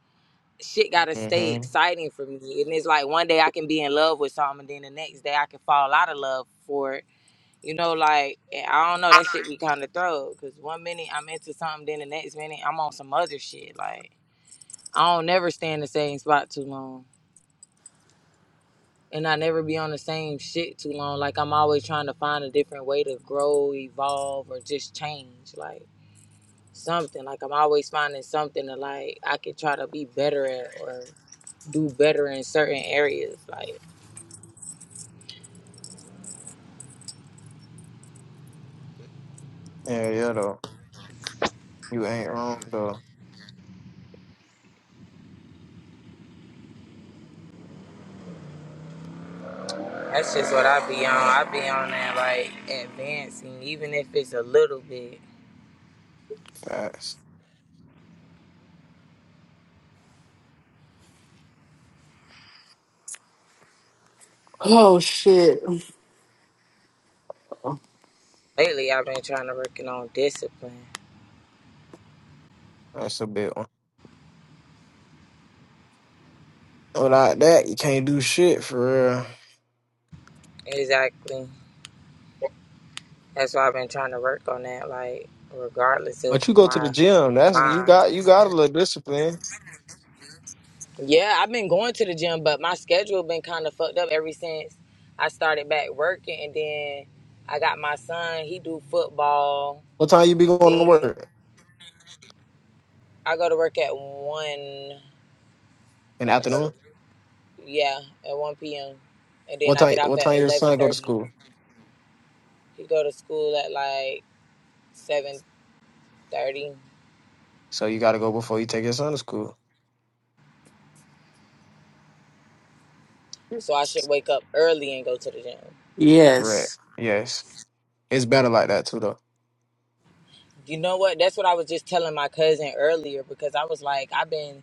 [SPEAKER 1] shit got to stay
[SPEAKER 4] hmm
[SPEAKER 1] exciting for me. And it's like one day I can be in love with something and then the next day I can fall out of love for it. You know like I don't know that shit be kind of throw cuz one minute I'm into something then the next minute I'm on some other shit like I don't never stay in the same spot too long. and I never be on the same shit too long. Like I'm always trying to find a different way to grow, evolve, or just change, like something. Like I'm always finding something to like I can try to be better at or do better in certain areas. Like
[SPEAKER 4] yeah, yeah though. You ain't wrong though.
[SPEAKER 1] that's just what I be on. I be on that like advancing, even if it's a little bit.
[SPEAKER 4] Facts.
[SPEAKER 2] Oh shit.
[SPEAKER 1] Lately, I've been trying to working on discipline.
[SPEAKER 4] That's a big one. Without that, you can't do shit for real.
[SPEAKER 1] Exactly. That's why I've been trying to work on that. Like regardless of
[SPEAKER 4] But you go to the
[SPEAKER 1] my
[SPEAKER 4] gym. That's you
[SPEAKER 1] mind.
[SPEAKER 4] got. You got a little discipline.
[SPEAKER 1] Yeah, I've been going to the gym, but my schedule been kind of fucked up ever since I started back working, and then I got my son. He do football.
[SPEAKER 4] What time you be going to
[SPEAKER 1] Then you know,
[SPEAKER 4] work?
[SPEAKER 1] I go to work at one.
[SPEAKER 4] In the
[SPEAKER 1] I go to
[SPEAKER 4] afternoon.
[SPEAKER 1] yeah at one p.m. and then
[SPEAKER 4] What
[SPEAKER 1] I
[SPEAKER 4] time?
[SPEAKER 1] get off
[SPEAKER 4] What time
[SPEAKER 1] at
[SPEAKER 4] your
[SPEAKER 1] eleven
[SPEAKER 4] son go to
[SPEAKER 1] thirty.
[SPEAKER 4] school?
[SPEAKER 1] He go to school at like seven thirty,
[SPEAKER 4] So you got to go before you take your son to school.
[SPEAKER 1] so I should wake up early and go to the gym.
[SPEAKER 4] Correct.
[SPEAKER 2] Yes.
[SPEAKER 4] Yes. It's better like that too, though.
[SPEAKER 1] You know what? That's what I was just telling my cousin earlier because I was like, I've been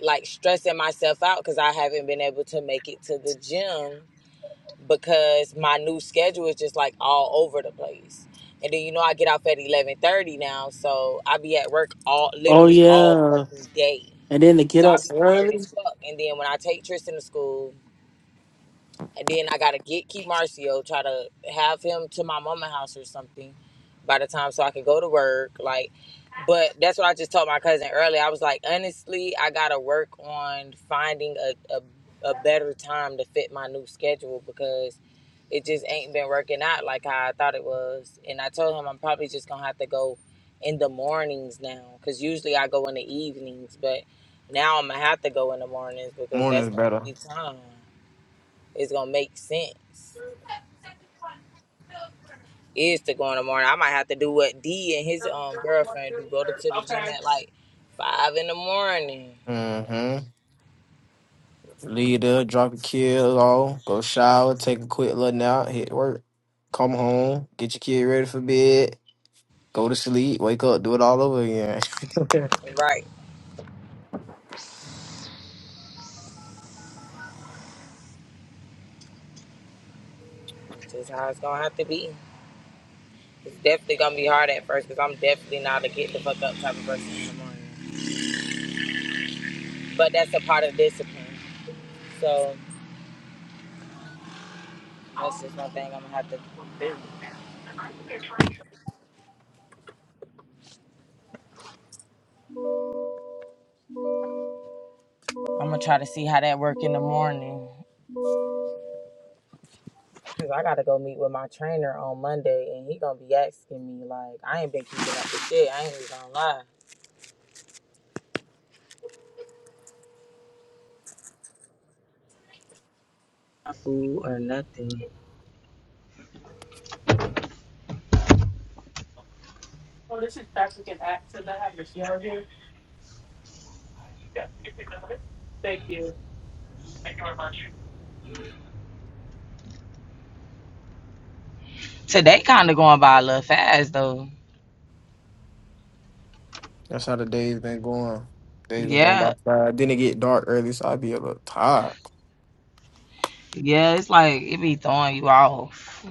[SPEAKER 1] like stressing myself out because I haven't been able to make it to the gym because my new schedule is just like all over the place. And then you know I get off at eleven thirty now, so I be at work all
[SPEAKER 2] Oh
[SPEAKER 1] literally all
[SPEAKER 2] yeah.
[SPEAKER 1] fucking day.
[SPEAKER 2] And then to get
[SPEAKER 1] So
[SPEAKER 2] up
[SPEAKER 1] I be tired
[SPEAKER 2] early.
[SPEAKER 1] as fuck. And then when I take Tristan to school, and then I gotta get Key Marcio, try to have him to my mama house or something by the time so I can go to work. Like, but that's what I just told my cousin earlier. I was like, honestly, I gotta work on finding a, a a better time to fit my new schedule because it just ain't been working out like how I thought it was. And I told him I'm probably just gonna have to go in the mornings now because usually I go in the evenings, but now I'm gonna have to go in the mornings because that's
[SPEAKER 4] Morning's
[SPEAKER 1] the only
[SPEAKER 4] better.
[SPEAKER 1] time. It's gonna make sense. Is to go in the morning. I might have to do what D and his um girlfriend do. Go to the gym
[SPEAKER 2] Okay.
[SPEAKER 1] at like five in the morning.
[SPEAKER 4] Mm-hmm. Lead up, drop your kid off, go shower, take a quick little nap, hit work, come home, get your kid ready for bed, go to sleep, wake up, do it all over again.
[SPEAKER 1] Right. That's just how it's gonna have to be. It's definitely gonna be hard at first because I'm definitely not a get the fuck up type of person in the morning. But that's a part of discipline. So
[SPEAKER 2] I
[SPEAKER 1] that's just one thing I'm gonna have to do.
[SPEAKER 2] think they're trying to.
[SPEAKER 1] I'm gonna try to see how that work in the morning. Cause I gotta go meet with my trainer on Monday, and he gonna be asking me like, I ain't been keeping up with shit. I ain't even gonna lie. food or nothing.
[SPEAKER 2] Yeah. Thank you. very much.
[SPEAKER 1] Today kind of going by a little fast though.
[SPEAKER 4] That's how the day's been going. Days been going by
[SPEAKER 1] Yeah,
[SPEAKER 4] fast. Then it get dark early, so I be a little tired.
[SPEAKER 1] yeah, it's like it be throwing you off.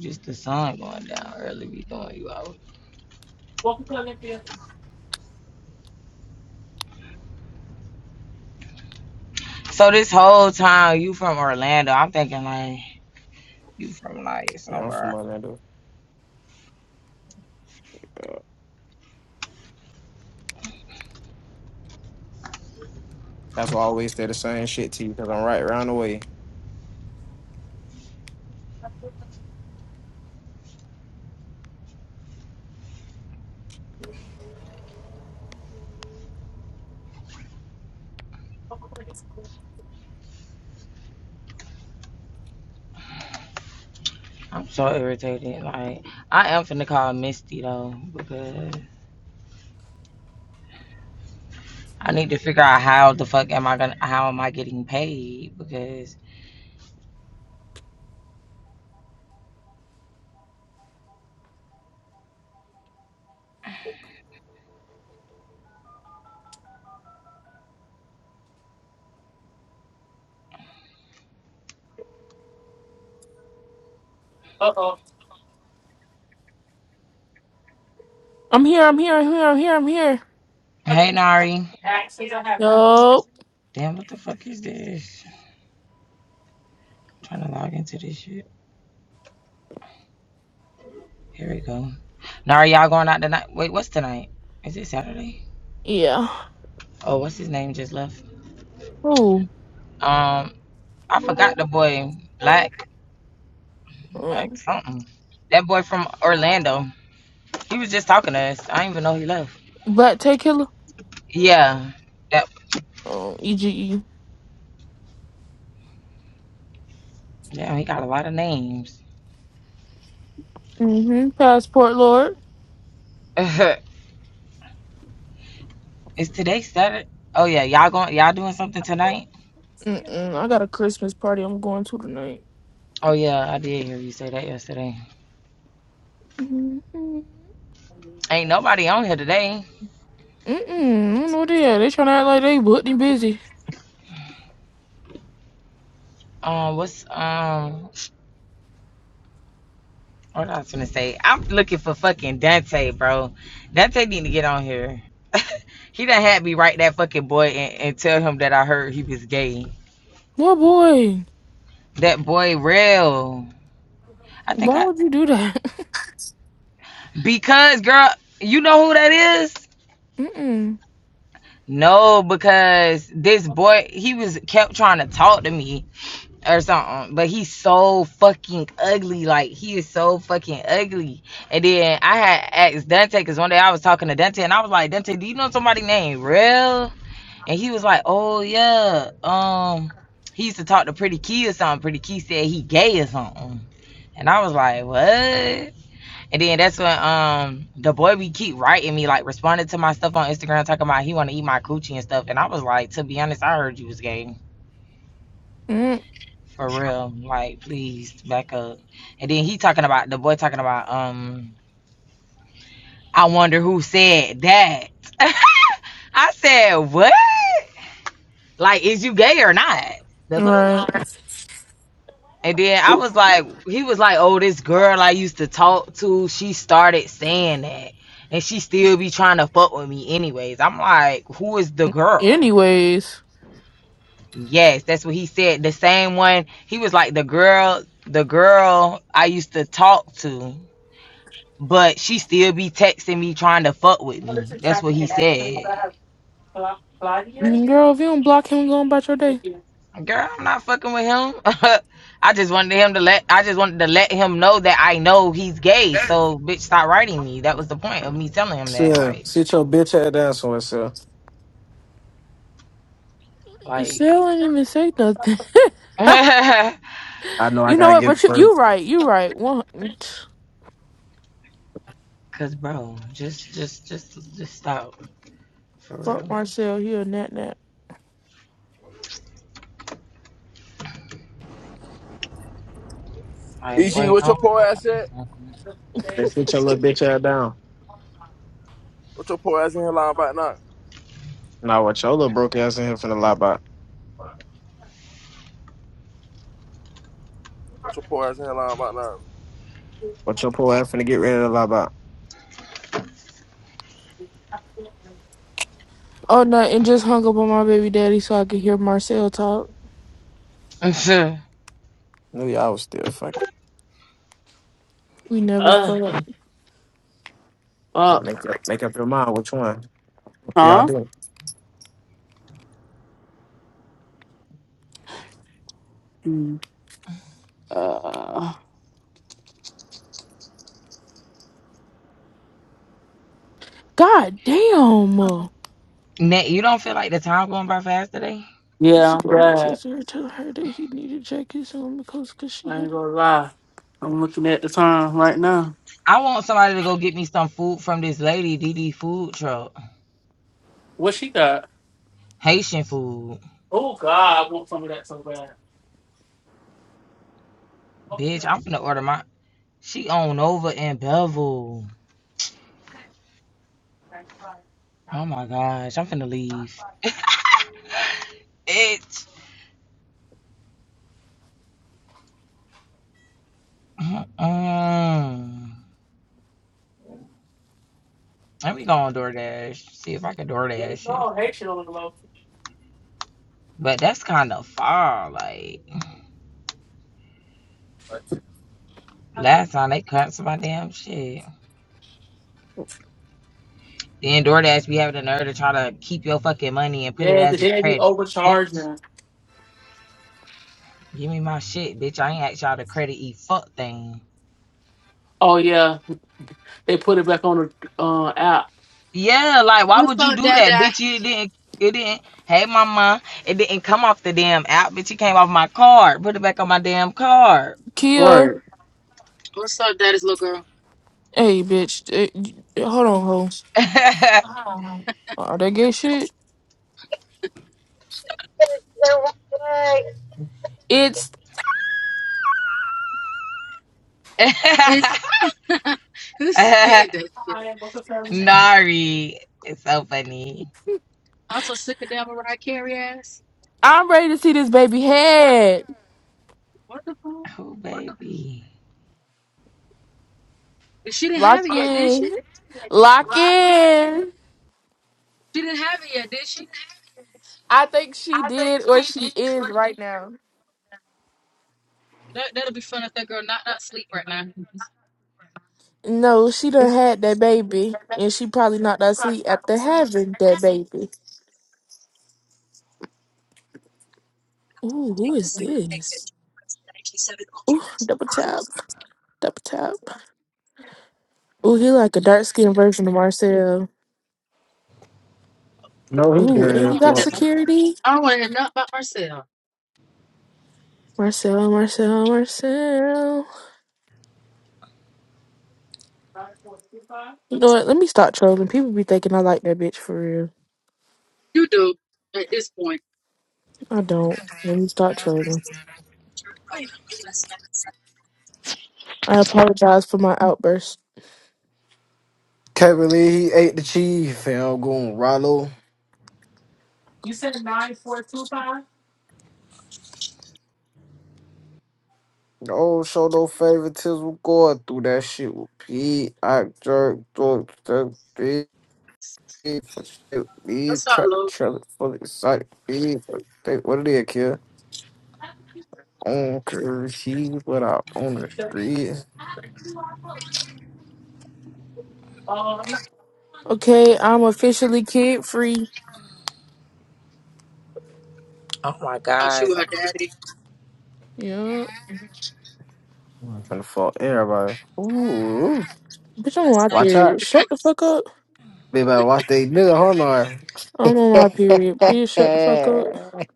[SPEAKER 1] Just the sun going down early be throwing you off.
[SPEAKER 2] Welcome to Olympia.
[SPEAKER 1] So this whole time you from Orlando, I'm thinking like you from like
[SPEAKER 4] Yeah, I'm from
[SPEAKER 1] somewhere.
[SPEAKER 4] Orlando. Uh, That's why I always say the same shit to you because I'm right around the way.
[SPEAKER 1] I'm so irritated. Like I am finna call Misty though because I need to figure out how the fuck am I gonna how am I getting paid because
[SPEAKER 2] Uh-oh.
[SPEAKER 5] I'm here, I'm here, I'm here, I'm here, I'm here.
[SPEAKER 1] hey Nari,
[SPEAKER 2] Actions I have over.
[SPEAKER 5] Yo,
[SPEAKER 1] damn what the fuck is this? I'm trying to log into this shit. Here we go. Now are y'all going out tonight? Wait, what's tonight? Is it Saturday?
[SPEAKER 5] yeah.
[SPEAKER 1] Oh, what's his name just left?
[SPEAKER 5] Ooh.
[SPEAKER 1] Um, I forgot the boy, Black, Black
[SPEAKER 5] Mm.
[SPEAKER 1] something. That boy from Orlando. He was just talking to us. I didn't even know he left.
[SPEAKER 5] Black Tay Killer?
[SPEAKER 1] Yeah. Yep.
[SPEAKER 5] Oh, EGE.
[SPEAKER 1] Yeah, he got a lot of names.
[SPEAKER 5] Mm-hmm. Passport Lord?
[SPEAKER 1] Is today Saturday? Oh yeah, y'all going y'all doing something tonight?
[SPEAKER 5] Mm-mm. I got a Christmas party I'm going to tonight.
[SPEAKER 1] Oh yeah, I did hear you say that yesterday.
[SPEAKER 5] Mm-mm. Mm-mm.
[SPEAKER 1] Ain't nobody on here today.
[SPEAKER 5] I don't know they are. They trying to act like they booked and busy.
[SPEAKER 1] Um, what's um What I was gonna say, I'm looking for fucking Dante, bro. Dante need to get on here. he done had me write that fucking boy and, and tell him that I heard he was gay.
[SPEAKER 5] Boy, boy.
[SPEAKER 1] That boy real. I think
[SPEAKER 5] Why
[SPEAKER 1] I
[SPEAKER 5] would you do that?
[SPEAKER 1] because girl, you know who that is?
[SPEAKER 5] Mm-mm.
[SPEAKER 1] No, because this boy he was kept trying to talk to me or something, but he's so fucking ugly. Like he is so fucking ugly. And then I had asked Dante because one day I was talking to Dante and I was like, Dante, do you know somebody named Real? And he was like, "Oh yeah, um, he used to talk to Pretty Key or something. Pretty Key said he gay or something." And I was like, "What?" And then that's when um the boy we keep writing me like responded to my stuff on Instagram talking about he want to eat my coochie and stuff. And I was like, "To be honest, I heard you was gay."
[SPEAKER 5] Mm.
[SPEAKER 1] For real, like please back up. And then he talking about the boy talking about um I wonder who said that. I said what? Like is you gay or not? The fuck?
[SPEAKER 5] Right.
[SPEAKER 1] And then I was like, he was like, oh, this girl I used to talk to, she started saying that. And she still be trying to fuck with me anyways. I'm like, who is the girl?
[SPEAKER 5] Anyways.
[SPEAKER 1] Yes, that's what he said. The same one, he was like, the girl, the girl I used to talk to, but she still be texting me trying to fuck with me. That's what he said.
[SPEAKER 5] Mm, Girl, if you don't block him, go on about your day.
[SPEAKER 1] Girl, I'm not fucking with him. I just wanted him to let I just wanted to let him know that I know he's gay. So bitch stop writing me. That was the point of me telling him that.
[SPEAKER 4] Sir,
[SPEAKER 1] Like
[SPEAKER 4] sit your bitch ass down somewhere, sir.
[SPEAKER 1] like
[SPEAKER 5] Still ain't even say nothing.
[SPEAKER 4] I know I
[SPEAKER 5] You know
[SPEAKER 4] gotta
[SPEAKER 5] what?
[SPEAKER 4] get
[SPEAKER 5] But
[SPEAKER 4] it
[SPEAKER 5] you, you
[SPEAKER 4] first.
[SPEAKER 5] right. You right. One,
[SPEAKER 1] cause bro, just just just just stop. For
[SPEAKER 5] fuck
[SPEAKER 1] real.
[SPEAKER 5] Marcel. He a nat nat.
[SPEAKER 1] Like
[SPEAKER 6] EG,
[SPEAKER 1] boy
[SPEAKER 6] what your
[SPEAKER 1] go
[SPEAKER 6] poor ass at?
[SPEAKER 4] Just sit your little bitch ass down.
[SPEAKER 6] What your poor ass in here lying about now?
[SPEAKER 4] Nah, what your little broke ass in here finna lie about?
[SPEAKER 6] What your poor ass in here lying about now?
[SPEAKER 4] What your poor ass finna get ready to lie about?
[SPEAKER 5] Oh no! And just hung up on my baby daddy so I could hear Marcel talk.
[SPEAKER 1] on.
[SPEAKER 4] Knew y'all was still fucking.
[SPEAKER 5] We never
[SPEAKER 2] Uh,
[SPEAKER 5] fucked.
[SPEAKER 2] uh,
[SPEAKER 4] Make up, make up your mind which one. What Y'all
[SPEAKER 2] huh?
[SPEAKER 4] do.
[SPEAKER 2] Mm, Uh,
[SPEAKER 5] God damn. You
[SPEAKER 1] Nat, you don't feel like the time going by fast today?
[SPEAKER 2] yeah,
[SPEAKER 5] should
[SPEAKER 2] I'm
[SPEAKER 5] go to
[SPEAKER 2] glad.
[SPEAKER 5] text her, tell her that he needed jackets on because cause she
[SPEAKER 2] I
[SPEAKER 5] had
[SPEAKER 2] ain't
[SPEAKER 5] it.
[SPEAKER 2] gonna lie. I'm looking at the time right now.
[SPEAKER 1] I want somebody to go get me some food from this lady, DD food truck.
[SPEAKER 2] What she got?
[SPEAKER 1] Haitian food.
[SPEAKER 2] Oh God, I want some of that so bad.
[SPEAKER 1] Bitch, I'm finna order my she on over in Bevel. Oh my gosh, I'm finna leave. It. Mm-mm. Let me go on DoorDash, see if I can DoorDash it.
[SPEAKER 2] No, Haitian on the low.
[SPEAKER 1] But that's kind of far. Like, last time they canceled my damn shit. Then DoorDash be having the nerve to try to keep your fucking money and put it
[SPEAKER 2] Yeah, the
[SPEAKER 1] as a
[SPEAKER 2] dad be
[SPEAKER 1] credit. Bitch,
[SPEAKER 2] overcharging.
[SPEAKER 1] give me my shit, bitch. I ain't asked y'all to credit e fuck thing.
[SPEAKER 2] Oh yeah, they put it back on the uh, app.
[SPEAKER 1] Yeah, like why
[SPEAKER 7] What's
[SPEAKER 1] would you
[SPEAKER 7] up,
[SPEAKER 1] do that,
[SPEAKER 7] Dada?
[SPEAKER 1] bitch? It didn't. It didn't. Hey, mama, it didn't come off the damn app, bitch. It came off my card. Put it back on my damn card.
[SPEAKER 5] Kia.
[SPEAKER 2] Right.
[SPEAKER 7] What's up, Dada's little girl?
[SPEAKER 5] Hey, bitch. eh, you- eh, hold on, ho.
[SPEAKER 1] No
[SPEAKER 5] All that gay shit.
[SPEAKER 1] way.
[SPEAKER 5] It's.
[SPEAKER 7] It's who said that? shit?
[SPEAKER 1] Nari, it's so funny.
[SPEAKER 7] Also, sick of devil right carry ass.
[SPEAKER 5] I'm ready to see this baby head.
[SPEAKER 7] What the fuck?
[SPEAKER 1] Oh, baby.
[SPEAKER 7] But She didn't
[SPEAKER 5] Lock
[SPEAKER 7] have it yet, did she?
[SPEAKER 5] in. Lock in.
[SPEAKER 7] She didn't have it yet, did she?
[SPEAKER 5] I think she did or she is right now.
[SPEAKER 7] That that'll be fun if that girl not not sleep right now.
[SPEAKER 5] No, she done had that baby, and she probably not that sleep after having that baby. Ooh, who
[SPEAKER 7] Take the
[SPEAKER 5] is
[SPEAKER 7] second exit
[SPEAKER 5] this?
[SPEAKER 7] to 97
[SPEAKER 5] Ooh,
[SPEAKER 7] Ultra.
[SPEAKER 5] double tap, double tap. Ooh, he like a dark skinned version of Marcel.
[SPEAKER 4] No, he
[SPEAKER 5] Ooh,
[SPEAKER 7] I
[SPEAKER 4] dirty
[SPEAKER 5] and
[SPEAKER 7] don't
[SPEAKER 4] as
[SPEAKER 5] he
[SPEAKER 7] want to
[SPEAKER 5] got
[SPEAKER 7] hear.
[SPEAKER 4] fuck.
[SPEAKER 7] no-
[SPEAKER 5] security.
[SPEAKER 7] I don't want to hear nothing about myself.
[SPEAKER 5] Marcel, Marcel, Marcel. You know what? Let me stop trolling. People be thinking I like that bitch for real.
[SPEAKER 7] You do at this point.
[SPEAKER 5] I don't. Let me stop trolling.
[SPEAKER 7] Right on US 97.
[SPEAKER 5] I apologize for my outburst.
[SPEAKER 4] Can't believe he ate the cheese, fam. Going Rollo.
[SPEAKER 2] You said nine four two five.
[SPEAKER 4] Oh, show no favoritism. Going through that shit with Pete. I jerk, jerk, jerk, E for shit. E
[SPEAKER 7] What's up,
[SPEAKER 4] try to
[SPEAKER 7] Lou?
[SPEAKER 4] try for excite. E for they, what it is, kid? On curve, she what out on the
[SPEAKER 2] The-
[SPEAKER 4] street.
[SPEAKER 2] Oh, I'm not.
[SPEAKER 5] Okay, I'm officially kid free.
[SPEAKER 1] Oh my
[SPEAKER 7] Oh, she
[SPEAKER 1] gosh.
[SPEAKER 7] with her daddy.
[SPEAKER 5] Yup.
[SPEAKER 4] I'm Gonna fall everybody. Ooh,
[SPEAKER 5] Bitch, I'm on
[SPEAKER 7] US
[SPEAKER 5] my
[SPEAKER 4] watch
[SPEAKER 5] period.
[SPEAKER 4] out,
[SPEAKER 7] 97.
[SPEAKER 5] Shut the fuck up.
[SPEAKER 4] They baby. Watch they nigga. Hold on.
[SPEAKER 5] I'm on my period. Please shut the fuck up.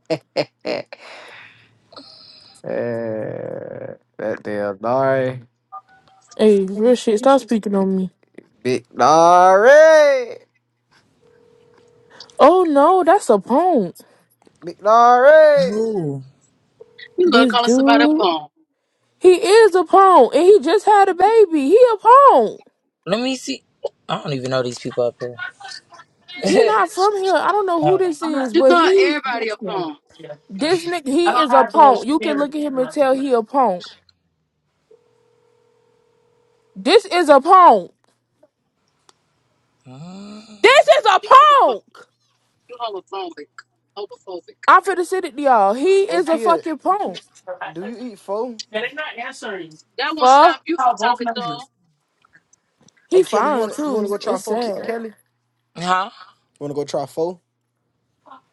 [SPEAKER 4] Eh, that damn Nari,
[SPEAKER 5] Hey, real shit, stop speaking on me.
[SPEAKER 4] big Nari,
[SPEAKER 5] Oh no, that's a punk.
[SPEAKER 4] big Nari.
[SPEAKER 7] You love
[SPEAKER 5] This
[SPEAKER 7] calling somebody a
[SPEAKER 5] dude,
[SPEAKER 7] phone.
[SPEAKER 5] he is a punk, and he just had a baby. He a punk.
[SPEAKER 1] Let me see. I don't even know these people up here.
[SPEAKER 5] He not from here. I don't know who
[SPEAKER 1] oh.
[SPEAKER 5] this
[SPEAKER 2] I'm not.
[SPEAKER 5] is,
[SPEAKER 7] She
[SPEAKER 5] but
[SPEAKER 7] called
[SPEAKER 5] he,
[SPEAKER 7] everybody a pawn.
[SPEAKER 2] Yeah,
[SPEAKER 5] this nigga,
[SPEAKER 2] I
[SPEAKER 5] he
[SPEAKER 2] don't
[SPEAKER 5] is a
[SPEAKER 2] have the
[SPEAKER 5] punk. You can
[SPEAKER 2] experience.
[SPEAKER 5] look at him and tell he a punk. This is a punk.
[SPEAKER 1] Mm.
[SPEAKER 5] This is a
[SPEAKER 7] You homophobic.
[SPEAKER 5] punk.
[SPEAKER 7] You homophobic. Homophobic.
[SPEAKER 5] I'm finna send it to y'all. He
[SPEAKER 4] Hey
[SPEAKER 5] is a
[SPEAKER 4] kid,
[SPEAKER 5] fucking punk.
[SPEAKER 4] do you eat pho?
[SPEAKER 2] They're not answering.
[SPEAKER 7] That won't stop
[SPEAKER 5] Fuck.
[SPEAKER 7] you from
[SPEAKER 2] Call both
[SPEAKER 7] talking to him.
[SPEAKER 2] numbers.
[SPEAKER 5] He
[SPEAKER 4] Hey Kelly, you
[SPEAKER 5] fine
[SPEAKER 4] wanna you wanna
[SPEAKER 5] too.
[SPEAKER 4] go try
[SPEAKER 5] It's
[SPEAKER 4] pho, Ke-
[SPEAKER 5] sad.
[SPEAKER 4] Kelly? You
[SPEAKER 1] Huh?
[SPEAKER 4] wanna go try pho?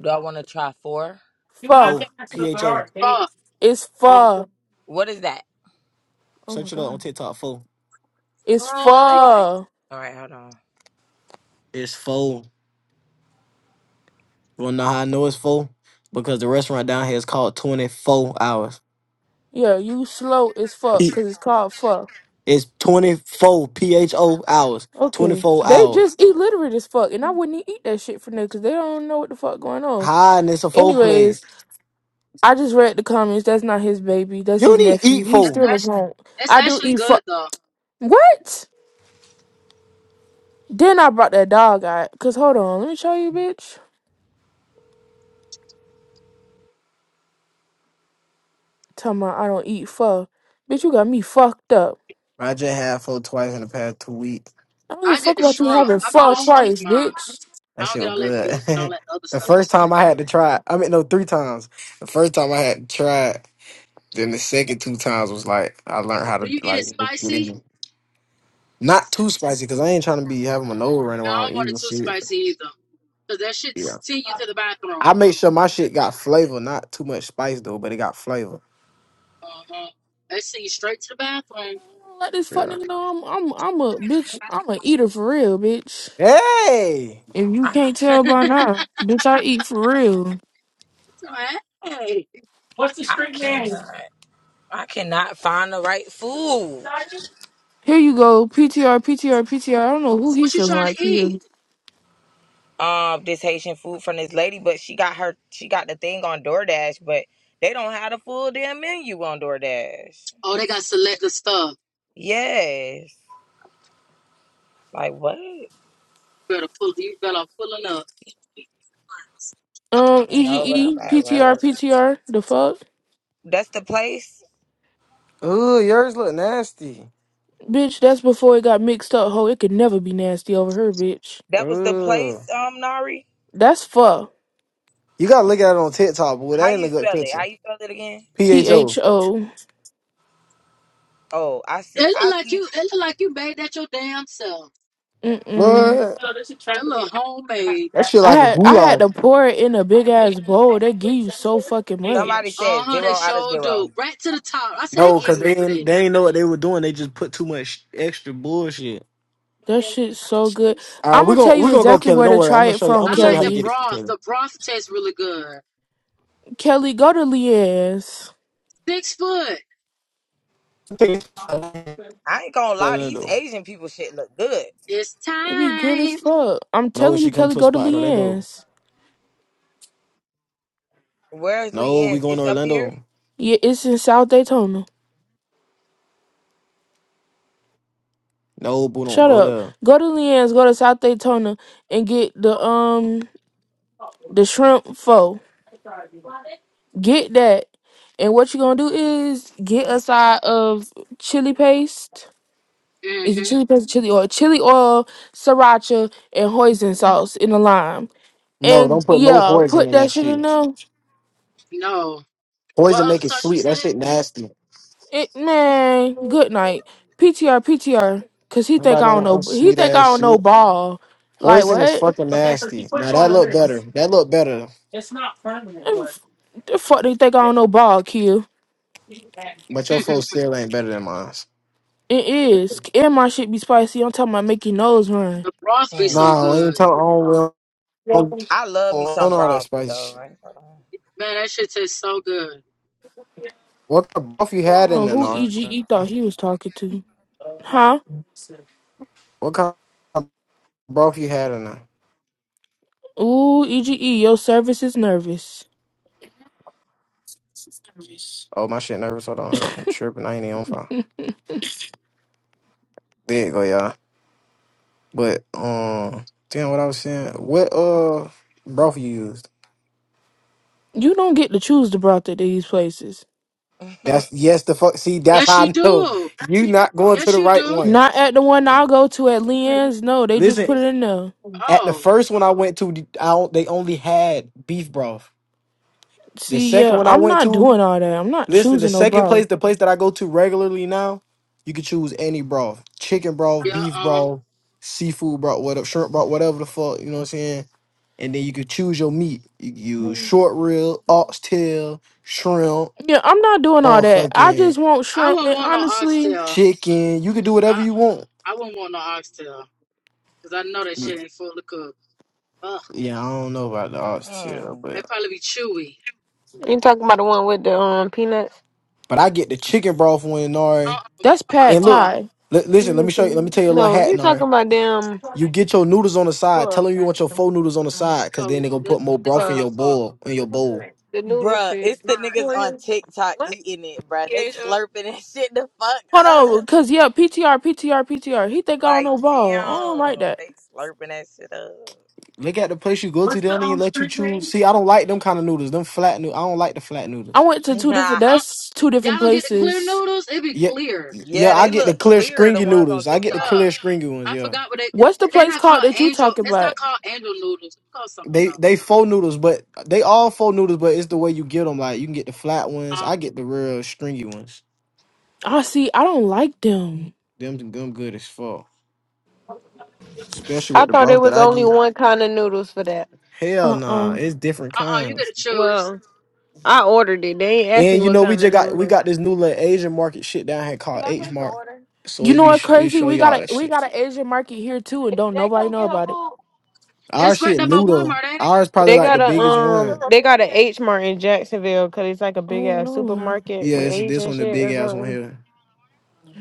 [SPEAKER 1] Do I want to try four?
[SPEAKER 2] You will
[SPEAKER 5] Fuck.
[SPEAKER 2] have to
[SPEAKER 4] Foe.
[SPEAKER 2] answer
[SPEAKER 4] P
[SPEAKER 2] the
[SPEAKER 4] H O.
[SPEAKER 2] girl. They
[SPEAKER 7] Fuck.
[SPEAKER 5] It's
[SPEAKER 2] um.
[SPEAKER 5] pho.
[SPEAKER 1] What is that?
[SPEAKER 5] Oh my
[SPEAKER 4] Search it up on
[SPEAKER 5] god.
[SPEAKER 4] TikTok. Foe.
[SPEAKER 5] It's
[SPEAKER 7] No.
[SPEAKER 5] pho.
[SPEAKER 1] All right, hold on.
[SPEAKER 4] It's foe. You wanna know how I know it's foe? Because the restaurant down here is called 24 hours.
[SPEAKER 5] Yeah, you slow as fuck
[SPEAKER 4] P-
[SPEAKER 5] because it's called pho.
[SPEAKER 4] It's 24 P H O hours.
[SPEAKER 5] Okay.
[SPEAKER 4] 24
[SPEAKER 5] They
[SPEAKER 4] hour.
[SPEAKER 5] just illiterate as fuck, and I wouldn't e- eat that shit for there because they don't know what the fuck going on.
[SPEAKER 4] Hi, and it's a foe
[SPEAKER 5] Anyways,
[SPEAKER 4] place.
[SPEAKER 5] I just read the comments. That's not his baby. That's
[SPEAKER 4] You
[SPEAKER 5] his
[SPEAKER 4] don't even
[SPEAKER 5] nephew.
[SPEAKER 4] eat
[SPEAKER 5] He's
[SPEAKER 7] That's
[SPEAKER 4] foe.
[SPEAKER 5] still a
[SPEAKER 7] actually,
[SPEAKER 5] punk.
[SPEAKER 7] that's
[SPEAKER 5] I do
[SPEAKER 7] actually
[SPEAKER 5] eat
[SPEAKER 7] good,
[SPEAKER 5] fuck.
[SPEAKER 7] though.
[SPEAKER 5] What? Then I brought that dog out. Because hold on, let me show you, bitch. Tell me I don't eat pho. Bitch, you got me fucked up.
[SPEAKER 4] I just had foe twice in the past two weeks.
[SPEAKER 5] I don't give a
[SPEAKER 7] I get
[SPEAKER 5] fuck
[SPEAKER 7] the
[SPEAKER 2] you
[SPEAKER 5] about
[SPEAKER 2] can
[SPEAKER 5] you
[SPEAKER 2] see
[SPEAKER 7] shrimp.
[SPEAKER 2] her
[SPEAKER 5] having
[SPEAKER 7] I put
[SPEAKER 5] pho
[SPEAKER 7] a
[SPEAKER 2] call.
[SPEAKER 7] shrimp
[SPEAKER 5] twice,
[SPEAKER 7] in mine.
[SPEAKER 5] bitch.
[SPEAKER 7] I
[SPEAKER 4] That
[SPEAKER 7] don't
[SPEAKER 4] shit
[SPEAKER 7] get
[SPEAKER 4] was
[SPEAKER 7] all that beef and all
[SPEAKER 4] good.
[SPEAKER 7] that other
[SPEAKER 4] the
[SPEAKER 7] stuff they
[SPEAKER 4] first
[SPEAKER 7] put in.
[SPEAKER 4] time I had to try it, I mean, no, three times. The first time I had to try it, then the second two times was like, I learned how to,
[SPEAKER 7] Do you get it
[SPEAKER 4] like, do
[SPEAKER 7] spicy?
[SPEAKER 4] it Not too spicy, cause I ain't trying to be having an overrun
[SPEAKER 7] No, I
[SPEAKER 4] while I'm
[SPEAKER 7] don't want
[SPEAKER 4] eating
[SPEAKER 7] it too
[SPEAKER 4] shit.
[SPEAKER 7] spicy either. Because that should
[SPEAKER 4] Yeah,
[SPEAKER 7] send you
[SPEAKER 2] Uh,
[SPEAKER 7] to the bathroom.
[SPEAKER 4] I make sure my shit got flavor, not too much spice though, but it got flavor.
[SPEAKER 7] Uh-huh. That send you straight to the bathroom.
[SPEAKER 5] Let this fuck
[SPEAKER 4] Yeah.
[SPEAKER 5] nigga know I'm I'm I'm a bitch.
[SPEAKER 7] I
[SPEAKER 5] I'm a eater for real, bitch.
[SPEAKER 4] Hey,
[SPEAKER 5] If you
[SPEAKER 1] I
[SPEAKER 5] can't tell by now, bitch, I eat for real.
[SPEAKER 7] said, Hey,
[SPEAKER 2] What's the
[SPEAKER 1] I
[SPEAKER 2] street name?
[SPEAKER 1] cannot. I cannot find the right food.
[SPEAKER 2] Cyrus?
[SPEAKER 5] Here you go, P T R P T R, P T R. I don't know who he
[SPEAKER 7] what you
[SPEAKER 5] feeling
[SPEAKER 7] trying
[SPEAKER 5] like
[SPEAKER 7] to
[SPEAKER 5] here.
[SPEAKER 7] eat?
[SPEAKER 1] Um, this Haitian food from this lady, but she got her she got the thing on DoorDash, but they don't have the full damn menu on DoorDash.
[SPEAKER 7] Oh, they got selective stuff.
[SPEAKER 1] Yes. Like what? I
[SPEAKER 7] better pull. You better off pulling up.
[SPEAKER 5] Um, E G
[SPEAKER 1] know, but I'm
[SPEAKER 5] E P
[SPEAKER 1] at
[SPEAKER 5] T R
[SPEAKER 1] work.
[SPEAKER 5] P T R. The fuck,
[SPEAKER 1] That's the place.
[SPEAKER 4] ooh, yours look nasty.
[SPEAKER 5] bitch. That's before it got mixed up. Ho, it could never be nasty over her, bitch.
[SPEAKER 1] That was the
[SPEAKER 4] Ooh,
[SPEAKER 1] place, um, Nari.
[SPEAKER 5] That's fuck.
[SPEAKER 4] you gotta look at it on TikTok, boy.
[SPEAKER 1] How
[SPEAKER 4] That ain't
[SPEAKER 1] you
[SPEAKER 4] a good
[SPEAKER 1] spell it? How
[SPEAKER 4] picture.
[SPEAKER 1] you spell it again?
[SPEAKER 5] P
[SPEAKER 4] Pho,
[SPEAKER 5] H O.
[SPEAKER 1] Oh, I
[SPEAKER 7] It
[SPEAKER 1] see.
[SPEAKER 7] look
[SPEAKER 1] I
[SPEAKER 7] like
[SPEAKER 1] see.
[SPEAKER 7] you. It look like you made that your damn self.
[SPEAKER 5] Mm mm.
[SPEAKER 4] what?
[SPEAKER 2] Oh, there's a
[SPEAKER 7] That
[SPEAKER 2] traffic. in-
[SPEAKER 7] little homemade.
[SPEAKER 4] That shit
[SPEAKER 2] Jackson
[SPEAKER 5] I
[SPEAKER 4] like a
[SPEAKER 2] here.
[SPEAKER 5] had I had
[SPEAKER 4] goulash.
[SPEAKER 5] to pour it in a big ass bowl. They give you so fucking
[SPEAKER 2] Thank
[SPEAKER 1] Somebody
[SPEAKER 2] you.
[SPEAKER 5] much.
[SPEAKER 7] Uh
[SPEAKER 1] said
[SPEAKER 7] huh.
[SPEAKER 1] zero
[SPEAKER 7] They
[SPEAKER 1] out of
[SPEAKER 7] sure
[SPEAKER 1] zero.
[SPEAKER 7] do. Right to the top. I said they
[SPEAKER 4] No, cause they
[SPEAKER 7] ignorant for
[SPEAKER 4] ain't, they
[SPEAKER 7] this.
[SPEAKER 4] ain't know what they were doing. They just put too much extra bullshit.
[SPEAKER 5] That shit's so good.
[SPEAKER 4] All right,
[SPEAKER 5] I'm
[SPEAKER 4] we
[SPEAKER 5] gonna tell
[SPEAKER 4] gonna we
[SPEAKER 5] you
[SPEAKER 4] gonna go
[SPEAKER 5] exactly
[SPEAKER 4] kill it.
[SPEAKER 5] where
[SPEAKER 4] Don't
[SPEAKER 5] to
[SPEAKER 4] worry, I'm
[SPEAKER 5] try
[SPEAKER 4] gonna
[SPEAKER 5] it
[SPEAKER 4] show you. I'm
[SPEAKER 5] from,
[SPEAKER 4] gonna
[SPEAKER 7] I
[SPEAKER 4] show you
[SPEAKER 7] like
[SPEAKER 4] how to
[SPEAKER 7] the
[SPEAKER 4] get
[SPEAKER 5] Kelly.
[SPEAKER 4] it.
[SPEAKER 7] broth.
[SPEAKER 4] Kill
[SPEAKER 7] The
[SPEAKER 4] it.
[SPEAKER 7] broth tastes really good.
[SPEAKER 5] Kelly, go to Leanne's.
[SPEAKER 7] Six foot.
[SPEAKER 4] Take it. No,
[SPEAKER 1] I ain't gonna lie,
[SPEAKER 4] no,
[SPEAKER 1] these
[SPEAKER 4] no.
[SPEAKER 1] Asian people shit look good.
[SPEAKER 7] It's
[SPEAKER 5] It be good as
[SPEAKER 7] time.
[SPEAKER 5] fuck. I'm
[SPEAKER 4] No,
[SPEAKER 5] telling you,
[SPEAKER 4] she come
[SPEAKER 5] Kelly,
[SPEAKER 4] to a
[SPEAKER 5] go to
[SPEAKER 4] spot in Orlando.
[SPEAKER 5] Leanne's.
[SPEAKER 1] Where's Lee
[SPEAKER 4] No, we
[SPEAKER 1] Ann's?
[SPEAKER 4] going
[SPEAKER 1] It's
[SPEAKER 4] to
[SPEAKER 1] up here.
[SPEAKER 4] Orlando.
[SPEAKER 5] Yeah, it's in South Daytona.
[SPEAKER 4] No, boo, don't
[SPEAKER 5] Shut
[SPEAKER 4] go
[SPEAKER 5] up.
[SPEAKER 4] there.
[SPEAKER 5] Go to Leanne's. Go to South Daytona and get the um the shrimp pho. Get that. And what you gonna do is get a side of chili paste. Is it
[SPEAKER 7] Mm-hmm.
[SPEAKER 5] chili paste, or chili oil, chili oil, sriracha, and hoisin sauce in a lime.
[SPEAKER 4] No,
[SPEAKER 5] And
[SPEAKER 4] don't put no
[SPEAKER 5] yeah,
[SPEAKER 4] hoisin
[SPEAKER 5] put
[SPEAKER 4] in
[SPEAKER 5] that
[SPEAKER 4] that
[SPEAKER 5] shit in
[SPEAKER 4] shit.
[SPEAKER 5] there.
[SPEAKER 7] No. What
[SPEAKER 4] Hoisin
[SPEAKER 7] other
[SPEAKER 4] make it
[SPEAKER 7] sauce you
[SPEAKER 4] sweet. That shit
[SPEAKER 7] said?
[SPEAKER 4] nasty.
[SPEAKER 5] It, man, good night. PTR, PTR. Cause he think
[SPEAKER 4] Nobody
[SPEAKER 5] I
[SPEAKER 4] don't
[SPEAKER 5] don't
[SPEAKER 4] want
[SPEAKER 5] know.
[SPEAKER 4] no
[SPEAKER 5] He
[SPEAKER 4] sweet
[SPEAKER 5] think
[SPEAKER 4] ass
[SPEAKER 5] I don't know
[SPEAKER 4] shit.
[SPEAKER 5] ball. Like
[SPEAKER 4] Hoisin is
[SPEAKER 5] what?
[SPEAKER 4] fucking
[SPEAKER 2] Okay, so if you
[SPEAKER 4] nasty.
[SPEAKER 2] put
[SPEAKER 4] Now
[SPEAKER 2] you
[SPEAKER 1] Let
[SPEAKER 2] on
[SPEAKER 4] that
[SPEAKER 2] a
[SPEAKER 1] me
[SPEAKER 4] look
[SPEAKER 1] see.
[SPEAKER 4] better.
[SPEAKER 2] list,
[SPEAKER 4] That look better.
[SPEAKER 2] it's not permanent work.
[SPEAKER 5] The fuck they think I don't know ball, Q.
[SPEAKER 4] But your folks still ain't better than mine.
[SPEAKER 5] It is. And my shit be spicy. I'm talking about make your nose run.
[SPEAKER 7] the broth be
[SPEAKER 1] Hmm.
[SPEAKER 7] so
[SPEAKER 4] Nah, I
[SPEAKER 7] good.
[SPEAKER 4] ain't talking. on
[SPEAKER 2] well,
[SPEAKER 4] don't
[SPEAKER 1] I love me some
[SPEAKER 4] on all that
[SPEAKER 1] broth
[SPEAKER 4] spicy
[SPEAKER 1] though.
[SPEAKER 4] shit.
[SPEAKER 1] I ain't gonna
[SPEAKER 7] Man, that shit tastes so good.
[SPEAKER 4] What kind of broth you
[SPEAKER 5] I
[SPEAKER 4] had
[SPEAKER 5] don't
[SPEAKER 4] in
[SPEAKER 5] know
[SPEAKER 4] there,
[SPEAKER 5] who
[SPEAKER 4] Nar?
[SPEAKER 5] EGE thought he was talking to.
[SPEAKER 2] uh, like,
[SPEAKER 5] Huh?
[SPEAKER 2] so-
[SPEAKER 4] What kind of broth you had in there?
[SPEAKER 5] Ooh, EGE, your service is nervous.
[SPEAKER 4] Oh, my shit nervous. Hold on. I'm tripping. I ain't even on fire. There you go, y'all. But um, damn, what I was saying, what uh, broth you used?
[SPEAKER 5] You don't get to choose the broth at these places.
[SPEAKER 4] That's yes, the fuck. See, that's
[SPEAKER 7] Yes,
[SPEAKER 4] how
[SPEAKER 7] you
[SPEAKER 4] I know
[SPEAKER 7] do.
[SPEAKER 4] you not going to
[SPEAKER 7] Yes,
[SPEAKER 4] the
[SPEAKER 7] you
[SPEAKER 4] right
[SPEAKER 7] do.
[SPEAKER 4] one.
[SPEAKER 5] Not at the one I go to at Leanne's. No, they just put
[SPEAKER 4] Listen,
[SPEAKER 5] it in there.
[SPEAKER 4] at the
[SPEAKER 7] Oh,
[SPEAKER 4] first one I went to, the- I don't- they only had beef broth. The
[SPEAKER 5] See,
[SPEAKER 4] second
[SPEAKER 5] yeah,
[SPEAKER 4] one I
[SPEAKER 5] I'm
[SPEAKER 4] went
[SPEAKER 5] not
[SPEAKER 4] to,
[SPEAKER 5] doing all that. I'm not
[SPEAKER 4] listen, the
[SPEAKER 5] choosing no
[SPEAKER 4] second
[SPEAKER 5] bro.
[SPEAKER 4] place, the place that I go to regularly now, you could choose any broth, chicken broth,
[SPEAKER 7] yeah.
[SPEAKER 4] beef
[SPEAKER 7] Uh,
[SPEAKER 4] broth, seafood broth, whatever, shrimp broth, whatever the fuck. You know what I'm saying? And then you could choose your meat. You could use short rib, oxtail, shrimp.
[SPEAKER 5] Yeah, I'm not doing all that. I
[SPEAKER 4] motherfucking
[SPEAKER 5] just want
[SPEAKER 7] I
[SPEAKER 5] shrimp,
[SPEAKER 7] wouldn't
[SPEAKER 5] and
[SPEAKER 7] want no
[SPEAKER 5] honestly,
[SPEAKER 7] oxtail.
[SPEAKER 4] chicken. You can do whatever
[SPEAKER 7] Uh.
[SPEAKER 4] you want.
[SPEAKER 7] I wouldn't want no oxtail because I know that
[SPEAKER 4] Y-
[SPEAKER 7] shit ain't fully cooked. Ugh,
[SPEAKER 4] Yeah, I don't know about the
[SPEAKER 1] lie.
[SPEAKER 4] oxtail,
[SPEAKER 1] Mm-mm.
[SPEAKER 7] they
[SPEAKER 4] but
[SPEAKER 7] probably be chewy.
[SPEAKER 8] You talking about the one with the um peanuts?
[SPEAKER 4] but I get the chicken broth when
[SPEAKER 7] Uh,
[SPEAKER 4] Nari.
[SPEAKER 7] uh we
[SPEAKER 5] that's
[SPEAKER 7] talking about
[SPEAKER 5] pad
[SPEAKER 4] And look,
[SPEAKER 7] pho.
[SPEAKER 5] thai.
[SPEAKER 4] li- listen. Let
[SPEAKER 8] Mm,
[SPEAKER 4] me
[SPEAKER 8] I
[SPEAKER 4] show you. Let me
[SPEAKER 8] think-
[SPEAKER 4] tell you a little
[SPEAKER 8] No,
[SPEAKER 4] hat,
[SPEAKER 8] you
[SPEAKER 4] Nari.
[SPEAKER 8] talking about them
[SPEAKER 4] You get your noodles on the side. Tell
[SPEAKER 8] for
[SPEAKER 4] them you want your four noodles on the side, cause
[SPEAKER 7] Oh,
[SPEAKER 4] then they gonna
[SPEAKER 7] they,
[SPEAKER 4] put more
[SPEAKER 7] they
[SPEAKER 4] broth
[SPEAKER 7] talking
[SPEAKER 4] in
[SPEAKER 8] for
[SPEAKER 7] about
[SPEAKER 4] your
[SPEAKER 7] pho.
[SPEAKER 4] bowl in your bowl.
[SPEAKER 8] the noodle
[SPEAKER 1] Bruh,
[SPEAKER 8] shit.
[SPEAKER 1] it's the
[SPEAKER 8] Who
[SPEAKER 1] niggas
[SPEAKER 8] are
[SPEAKER 1] on
[SPEAKER 8] you?
[SPEAKER 1] TikTok
[SPEAKER 8] What?
[SPEAKER 1] eating it, bruh. They slurping that shit the fuck
[SPEAKER 5] Hold
[SPEAKER 1] up.
[SPEAKER 5] on, cause yeah, P T R, P T R, P T R. He think I don't
[SPEAKER 1] Like,
[SPEAKER 5] know ball. I don't
[SPEAKER 1] damn.
[SPEAKER 5] like that.
[SPEAKER 1] They slurping that shit
[SPEAKER 4] Look at the place you go to.
[SPEAKER 2] What's
[SPEAKER 4] They
[SPEAKER 2] the
[SPEAKER 4] don't even
[SPEAKER 2] um
[SPEAKER 4] let you
[SPEAKER 2] street
[SPEAKER 4] choose.
[SPEAKER 2] name?
[SPEAKER 4] See, I don't like them kind of noodles. Them flat noodles. I don't like the flat
[SPEAKER 5] I
[SPEAKER 4] noodles.
[SPEAKER 5] went to two different.
[SPEAKER 1] up.
[SPEAKER 7] Uh,
[SPEAKER 5] That's two different
[SPEAKER 7] y'all don't get the clear
[SPEAKER 5] places.
[SPEAKER 7] noodles? It be
[SPEAKER 4] Yeah,
[SPEAKER 7] clear.
[SPEAKER 4] yeah.
[SPEAKER 1] yeah,
[SPEAKER 4] I
[SPEAKER 1] they
[SPEAKER 4] get the
[SPEAKER 1] look
[SPEAKER 4] clear
[SPEAKER 1] clear, the
[SPEAKER 4] stringy
[SPEAKER 1] ones on
[SPEAKER 4] noodles. I get the
[SPEAKER 1] TikTok.
[SPEAKER 7] Yeah,
[SPEAKER 4] clear stringy ones.
[SPEAKER 7] I
[SPEAKER 4] Yeah.
[SPEAKER 7] forgot what they.
[SPEAKER 5] What's the
[SPEAKER 7] They're
[SPEAKER 5] place
[SPEAKER 7] not
[SPEAKER 5] called
[SPEAKER 7] called
[SPEAKER 5] that you
[SPEAKER 7] angel.
[SPEAKER 5] talking
[SPEAKER 7] It's
[SPEAKER 5] about?
[SPEAKER 7] not called angel noodles. It's called something
[SPEAKER 4] They they
[SPEAKER 7] else.
[SPEAKER 4] faux noodles, but they all faux noodles, but it's the way you get them. Like you can get the flat ones.
[SPEAKER 7] Uh,
[SPEAKER 4] I get the real stringy ones.
[SPEAKER 5] I see. I don't like them.
[SPEAKER 4] Them them good as fuck. Especially
[SPEAKER 8] I
[SPEAKER 4] with the
[SPEAKER 8] thought it
[SPEAKER 4] broth that
[SPEAKER 8] was
[SPEAKER 4] I
[SPEAKER 8] only
[SPEAKER 4] get.
[SPEAKER 8] one kind of noodles for that.
[SPEAKER 4] Hell
[SPEAKER 5] Uh uh
[SPEAKER 4] nah, it's different
[SPEAKER 7] uh, uh you
[SPEAKER 4] kinds.
[SPEAKER 7] gotta choose.
[SPEAKER 8] Well, I ordered it. They ain't asked me
[SPEAKER 4] And you
[SPEAKER 8] what
[SPEAKER 4] know we
[SPEAKER 8] kind of
[SPEAKER 4] just got we
[SPEAKER 8] noodles.
[SPEAKER 4] got this new little Asian market shit down here called H Mart.
[SPEAKER 8] Did
[SPEAKER 4] So
[SPEAKER 5] You
[SPEAKER 4] it
[SPEAKER 5] know
[SPEAKER 4] be
[SPEAKER 5] what's
[SPEAKER 4] sh- it
[SPEAKER 5] crazy?
[SPEAKER 4] show
[SPEAKER 5] We got
[SPEAKER 4] y'all that
[SPEAKER 5] a we
[SPEAKER 4] shit.
[SPEAKER 5] got an Asian market here too, and don't
[SPEAKER 8] Jay
[SPEAKER 5] nobody
[SPEAKER 8] come
[SPEAKER 5] know
[SPEAKER 8] get her
[SPEAKER 5] about it.
[SPEAKER 8] food?
[SPEAKER 4] Our
[SPEAKER 7] It's right
[SPEAKER 4] shit
[SPEAKER 7] there by
[SPEAKER 4] noodle.
[SPEAKER 7] Walmart, ain't it?
[SPEAKER 4] Ours probably
[SPEAKER 8] They
[SPEAKER 4] like the
[SPEAKER 8] got a
[SPEAKER 4] biggest
[SPEAKER 8] um,
[SPEAKER 4] one.
[SPEAKER 8] they got a H Mart in Jacksonville because it's like a big
[SPEAKER 5] Oh
[SPEAKER 8] ass
[SPEAKER 5] no.
[SPEAKER 8] supermarket
[SPEAKER 4] Yeah,
[SPEAKER 8] with
[SPEAKER 4] it's this
[SPEAKER 8] Asian
[SPEAKER 4] one the
[SPEAKER 8] shit
[SPEAKER 4] big
[SPEAKER 8] or
[SPEAKER 4] ass one
[SPEAKER 8] something.
[SPEAKER 4] here.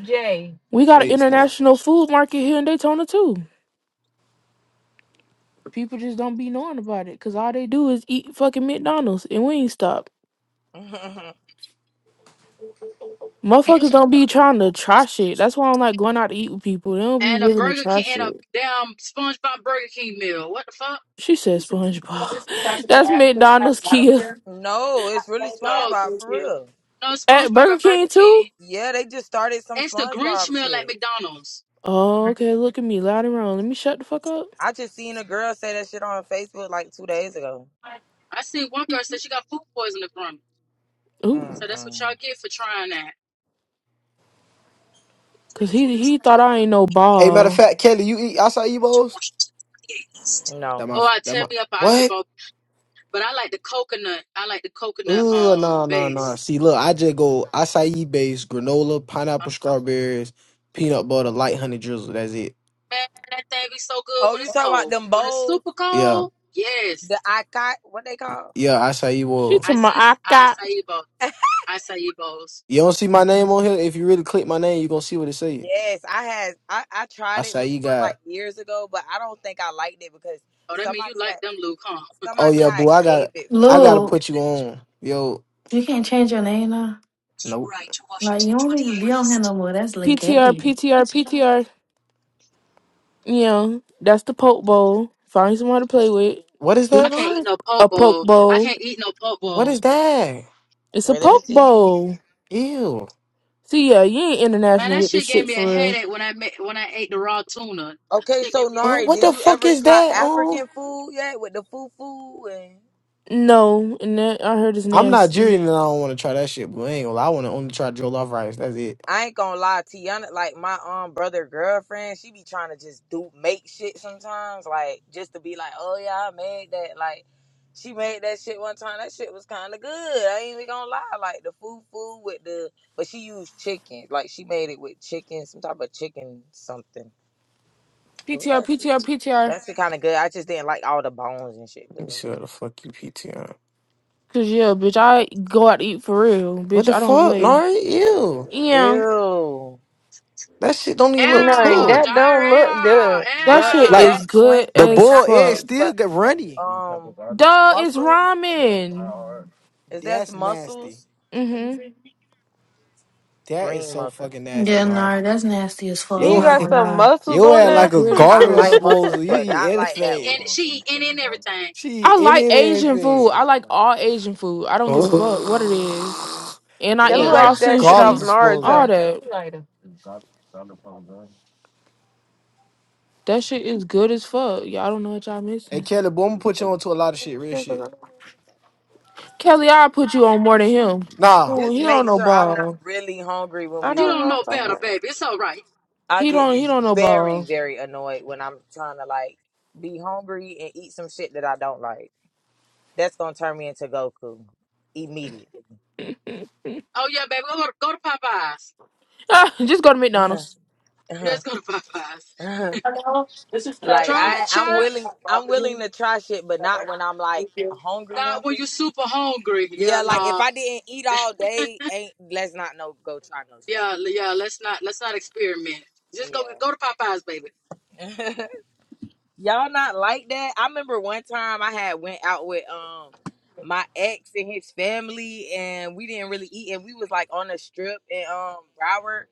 [SPEAKER 8] Jay.
[SPEAKER 5] We got an
[SPEAKER 4] H Mart.
[SPEAKER 5] international food market here in Daytona too. People just don't be knowing about it because all they do is eat fucking McDonald's and Wingstop. Motherfuckers don't be trying to try shit. That's why I'm like going out to eat with people. They don't be
[SPEAKER 7] And a
[SPEAKER 5] willing to
[SPEAKER 7] Burger
[SPEAKER 5] try
[SPEAKER 7] King and a
[SPEAKER 5] shit.
[SPEAKER 7] damn SpongeBob Burger King meal. What the fuck?
[SPEAKER 5] She said SpongeBob. That's McDonald's
[SPEAKER 2] Out
[SPEAKER 5] Kia.
[SPEAKER 1] no, it's really
[SPEAKER 7] No,
[SPEAKER 1] SpongeBob for real.
[SPEAKER 7] no
[SPEAKER 5] At
[SPEAKER 7] SpongeBob at
[SPEAKER 5] Burger
[SPEAKER 7] Burger
[SPEAKER 5] King too?
[SPEAKER 7] King.
[SPEAKER 1] Yeah, they just started some
[SPEAKER 7] It's the Grinch
[SPEAKER 1] SpongeBob
[SPEAKER 7] meal at
[SPEAKER 1] shit.
[SPEAKER 7] McDonald's.
[SPEAKER 5] Oh, okay. Look at me, loud and wrong. Let me shut the fuck up.
[SPEAKER 1] I just seen a girl say that shit on Facebook like two days ago.
[SPEAKER 7] I seen one girl said she got food poisoning from it.
[SPEAKER 5] Ooh,
[SPEAKER 7] So that's what
[SPEAKER 1] Mm-mm.
[SPEAKER 7] y'all get for trying that.
[SPEAKER 5] cause
[SPEAKER 7] Three
[SPEAKER 5] he
[SPEAKER 7] quarters
[SPEAKER 5] he
[SPEAKER 7] of
[SPEAKER 5] thought I ain't no
[SPEAKER 4] Hey, matter of
[SPEAKER 5] ball.
[SPEAKER 4] fact, Kelly, you eat outside Ebo's?
[SPEAKER 7] Washington East.
[SPEAKER 4] That
[SPEAKER 1] No.
[SPEAKER 4] my
[SPEAKER 7] Oh, I
[SPEAKER 4] that
[SPEAKER 7] tear
[SPEAKER 4] my
[SPEAKER 7] me up an icy
[SPEAKER 4] what?
[SPEAKER 7] bowl, but I like the coconut. I like the coconut
[SPEAKER 4] Uh,
[SPEAKER 7] um
[SPEAKER 4] nah, nah, nah.
[SPEAKER 7] base.
[SPEAKER 4] See, look, I just go acai base, granola,
[SPEAKER 7] Uh,
[SPEAKER 4] pineapple, strawberries, peanut butter, light honey drizzle. That's it.
[SPEAKER 7] Man, that thing be so good
[SPEAKER 1] Oh,
[SPEAKER 7] when
[SPEAKER 1] you
[SPEAKER 7] it's
[SPEAKER 1] talking about
[SPEAKER 7] cold.
[SPEAKER 1] them
[SPEAKER 7] When it's
[SPEAKER 1] bowls?
[SPEAKER 7] super
[SPEAKER 4] Yeah,
[SPEAKER 7] cold, yes.
[SPEAKER 1] The I got what they call?
[SPEAKER 4] yeah, acai
[SPEAKER 5] She
[SPEAKER 4] will.
[SPEAKER 5] to
[SPEAKER 7] I
[SPEAKER 5] my
[SPEAKER 7] see
[SPEAKER 5] I got
[SPEAKER 7] acai bowl, acai bowls.
[SPEAKER 4] You don't see my name on here. If you really click my name, you gonna see what it say.
[SPEAKER 1] Yes, I had I, I tried it
[SPEAKER 4] Acai
[SPEAKER 1] before like
[SPEAKER 4] got.
[SPEAKER 1] years ago, but I don't think I liked it because
[SPEAKER 7] Oh, that mean you
[SPEAKER 1] somebody
[SPEAKER 7] like
[SPEAKER 1] had
[SPEAKER 7] them, Luke, huh?
[SPEAKER 4] Oh
[SPEAKER 1] somebody
[SPEAKER 4] yeah,
[SPEAKER 1] had
[SPEAKER 4] boo. I
[SPEAKER 1] gave
[SPEAKER 4] got.
[SPEAKER 1] it
[SPEAKER 4] I
[SPEAKER 1] gave
[SPEAKER 4] gotta
[SPEAKER 9] Look,
[SPEAKER 1] it
[SPEAKER 4] put
[SPEAKER 1] to
[SPEAKER 4] you
[SPEAKER 1] me.
[SPEAKER 4] on. Yo,
[SPEAKER 9] you can't change your name now.
[SPEAKER 4] no.
[SPEAKER 9] Like you don't even be on here no more. That's
[SPEAKER 5] PTR
[SPEAKER 9] legay.
[SPEAKER 5] PTR PTR. Yeah, that's the poke bowl. Find someone to play with,
[SPEAKER 4] What is
[SPEAKER 7] I
[SPEAKER 4] that
[SPEAKER 7] can't
[SPEAKER 5] bitch.
[SPEAKER 7] eat
[SPEAKER 4] on?
[SPEAKER 7] no poke
[SPEAKER 5] A poke
[SPEAKER 7] bowl. I
[SPEAKER 5] bowl.
[SPEAKER 7] can't eat no poke
[SPEAKER 4] What
[SPEAKER 7] bowl.
[SPEAKER 4] is that?
[SPEAKER 5] It's a
[SPEAKER 1] Wait, let me
[SPEAKER 5] poke
[SPEAKER 1] see.
[SPEAKER 5] bowl.
[SPEAKER 4] Ew.
[SPEAKER 5] See, yeah, you ain't
[SPEAKER 7] Man,
[SPEAKER 5] international
[SPEAKER 7] that
[SPEAKER 5] with this
[SPEAKER 7] shit gave
[SPEAKER 5] shit
[SPEAKER 7] me a
[SPEAKER 5] for real.
[SPEAKER 7] headache when I made, when I ate the raw tuna. That
[SPEAKER 1] Okay,
[SPEAKER 7] shit
[SPEAKER 1] so
[SPEAKER 7] gave me a headache.
[SPEAKER 4] Uh,
[SPEAKER 1] Nari,
[SPEAKER 4] what
[SPEAKER 1] did
[SPEAKER 4] the
[SPEAKER 1] you
[SPEAKER 4] fuck
[SPEAKER 1] ever
[SPEAKER 4] is
[SPEAKER 1] try
[SPEAKER 4] that on?
[SPEAKER 1] African food yet with the fufu and
[SPEAKER 5] No, and that I heard it's
[SPEAKER 4] I'm
[SPEAKER 5] nasty.
[SPEAKER 4] Nigerian and I don't want to try that shit, but I ain't gonna lie. I want to only try jollof rice. That's it.
[SPEAKER 1] I ain't gonna lie, Tiana, like my um brother girlfriend, she be trying to just do make shit sometimes, like just to be like, oh yeah, I made that. Like she made that shit one time. That shit was kind of good. I ain't even gonna lie, like the food food with the, but she used chicken. Like she made it with chicken, some type of chicken something. It was
[SPEAKER 5] PTR,
[SPEAKER 1] actually
[SPEAKER 5] PTR, PTR.
[SPEAKER 1] that's the kind of good. I just didn't like all the bones and shit
[SPEAKER 4] Let
[SPEAKER 1] was
[SPEAKER 4] me
[SPEAKER 1] in
[SPEAKER 4] see what
[SPEAKER 1] it.
[SPEAKER 4] the fuck you PTR.
[SPEAKER 5] Cause yeah, bitch, I go out to eat for real,
[SPEAKER 4] What
[SPEAKER 5] bitch.
[SPEAKER 4] the
[SPEAKER 5] I don't
[SPEAKER 4] fuck,
[SPEAKER 5] play.
[SPEAKER 4] Nari? Ew.
[SPEAKER 5] Yeah,
[SPEAKER 1] Ew,
[SPEAKER 4] That shit don't even look
[SPEAKER 8] No,
[SPEAKER 7] Ew,
[SPEAKER 4] cool.
[SPEAKER 8] that don't look
[SPEAKER 7] diarrhea.
[SPEAKER 8] good.
[SPEAKER 5] that
[SPEAKER 1] girl,
[SPEAKER 5] shit
[SPEAKER 1] is
[SPEAKER 4] Like
[SPEAKER 7] Ew.
[SPEAKER 1] that
[SPEAKER 5] is
[SPEAKER 1] Clint?
[SPEAKER 5] good
[SPEAKER 1] I
[SPEAKER 4] the
[SPEAKER 5] as
[SPEAKER 1] mean,
[SPEAKER 4] bull
[SPEAKER 1] not
[SPEAKER 4] is
[SPEAKER 1] Clint,
[SPEAKER 5] fuck.
[SPEAKER 4] still
[SPEAKER 1] but
[SPEAKER 4] get runny.
[SPEAKER 1] um,
[SPEAKER 5] Duh, it's
[SPEAKER 1] muscles.
[SPEAKER 5] ramen.
[SPEAKER 1] Is that
[SPEAKER 4] That's
[SPEAKER 1] muscles?
[SPEAKER 4] nasty.
[SPEAKER 5] Mhm,
[SPEAKER 4] That is
[SPEAKER 1] Green
[SPEAKER 4] so
[SPEAKER 1] mussels.
[SPEAKER 4] fucking nasty,
[SPEAKER 9] Yeah,
[SPEAKER 4] Nari.
[SPEAKER 9] nah, that's nasty as fuck. I'm
[SPEAKER 8] He
[SPEAKER 4] Yo,
[SPEAKER 9] not
[SPEAKER 8] got
[SPEAKER 9] gonna
[SPEAKER 2] Mhm.
[SPEAKER 8] some
[SPEAKER 9] lie.
[SPEAKER 8] muscles
[SPEAKER 4] yo
[SPEAKER 8] on
[SPEAKER 4] had
[SPEAKER 5] it's
[SPEAKER 4] like
[SPEAKER 8] there.
[SPEAKER 4] a
[SPEAKER 5] good as
[SPEAKER 1] I
[SPEAKER 4] garbage
[SPEAKER 1] like
[SPEAKER 5] fuck.
[SPEAKER 1] mussels,
[SPEAKER 4] disposal. You
[SPEAKER 1] but
[SPEAKER 4] eat
[SPEAKER 1] not like
[SPEAKER 7] She
[SPEAKER 1] that
[SPEAKER 7] eat
[SPEAKER 1] one.
[SPEAKER 4] anything.
[SPEAKER 7] and she eat in and everything.
[SPEAKER 4] She eat
[SPEAKER 5] I like
[SPEAKER 4] any and
[SPEAKER 5] Asian food.
[SPEAKER 4] anything.
[SPEAKER 5] I like all Asian food. I don't give a fuck what it is. And I
[SPEAKER 8] That
[SPEAKER 4] Yo,
[SPEAKER 5] eat
[SPEAKER 8] look
[SPEAKER 7] Yeah.
[SPEAKER 4] that's a
[SPEAKER 5] raw
[SPEAKER 8] like that shit
[SPEAKER 4] garbage
[SPEAKER 5] sushi.
[SPEAKER 8] off
[SPEAKER 4] disposal.
[SPEAKER 5] All
[SPEAKER 8] Naruto.
[SPEAKER 5] that. That shit is good as fuck. Y'all don't know what y'all
[SPEAKER 4] Hey
[SPEAKER 5] missing.
[SPEAKER 4] Kelly, boy, I'm gonna put you onto a lot of shit, real shit.
[SPEAKER 5] Kelly, i put you on more than him.
[SPEAKER 4] Nah.
[SPEAKER 5] Oh,
[SPEAKER 1] Just
[SPEAKER 5] he don't
[SPEAKER 1] make
[SPEAKER 5] know
[SPEAKER 1] sure I'm not
[SPEAKER 5] ball.
[SPEAKER 1] really hungry when
[SPEAKER 8] I
[SPEAKER 1] we
[SPEAKER 7] You
[SPEAKER 1] doing
[SPEAKER 8] don't
[SPEAKER 7] don't
[SPEAKER 8] know
[SPEAKER 7] know
[SPEAKER 8] if I
[SPEAKER 1] this,
[SPEAKER 7] better,
[SPEAKER 1] 'cause
[SPEAKER 8] have.
[SPEAKER 7] baby. It's all right.
[SPEAKER 1] I
[SPEAKER 5] He don't
[SPEAKER 1] get
[SPEAKER 5] he don't know
[SPEAKER 1] very,
[SPEAKER 5] ball.
[SPEAKER 1] very annoyed when I'm trying to like be hungry and eat some shit that I don't like. That's gonna turn me into Goku immediately.
[SPEAKER 7] Oh yeah, baby. Go to, go to Popeyes.
[SPEAKER 5] Ah, just go to
[SPEAKER 1] like
[SPEAKER 5] McDonald's.
[SPEAKER 7] Let's go to Popeyes.
[SPEAKER 2] Hello, this is traffic and
[SPEAKER 7] Try
[SPEAKER 1] I, I'm
[SPEAKER 7] try
[SPEAKER 2] access. I
[SPEAKER 1] willing,
[SPEAKER 2] have
[SPEAKER 1] I'm
[SPEAKER 2] Robert
[SPEAKER 1] willing
[SPEAKER 2] here.
[SPEAKER 1] to try shit, but not when I'm like
[SPEAKER 2] Thank you.
[SPEAKER 1] hungry,
[SPEAKER 7] not when
[SPEAKER 1] hungry.
[SPEAKER 7] you're super hungry. Yeah,
[SPEAKER 1] Yeah, like if
[SPEAKER 7] nah.
[SPEAKER 1] I didn't eat all day, ain't let's not no go try no shit.
[SPEAKER 7] Yeah, l- yeah. Let's not let's not experiment. Just go
[SPEAKER 1] Yeah.
[SPEAKER 7] go to Popeyes, baby.
[SPEAKER 1] y'all not like that. I remember one time I had went out with um my ex and his family, and we didn't really eat, and we was like on a strip in um Broward,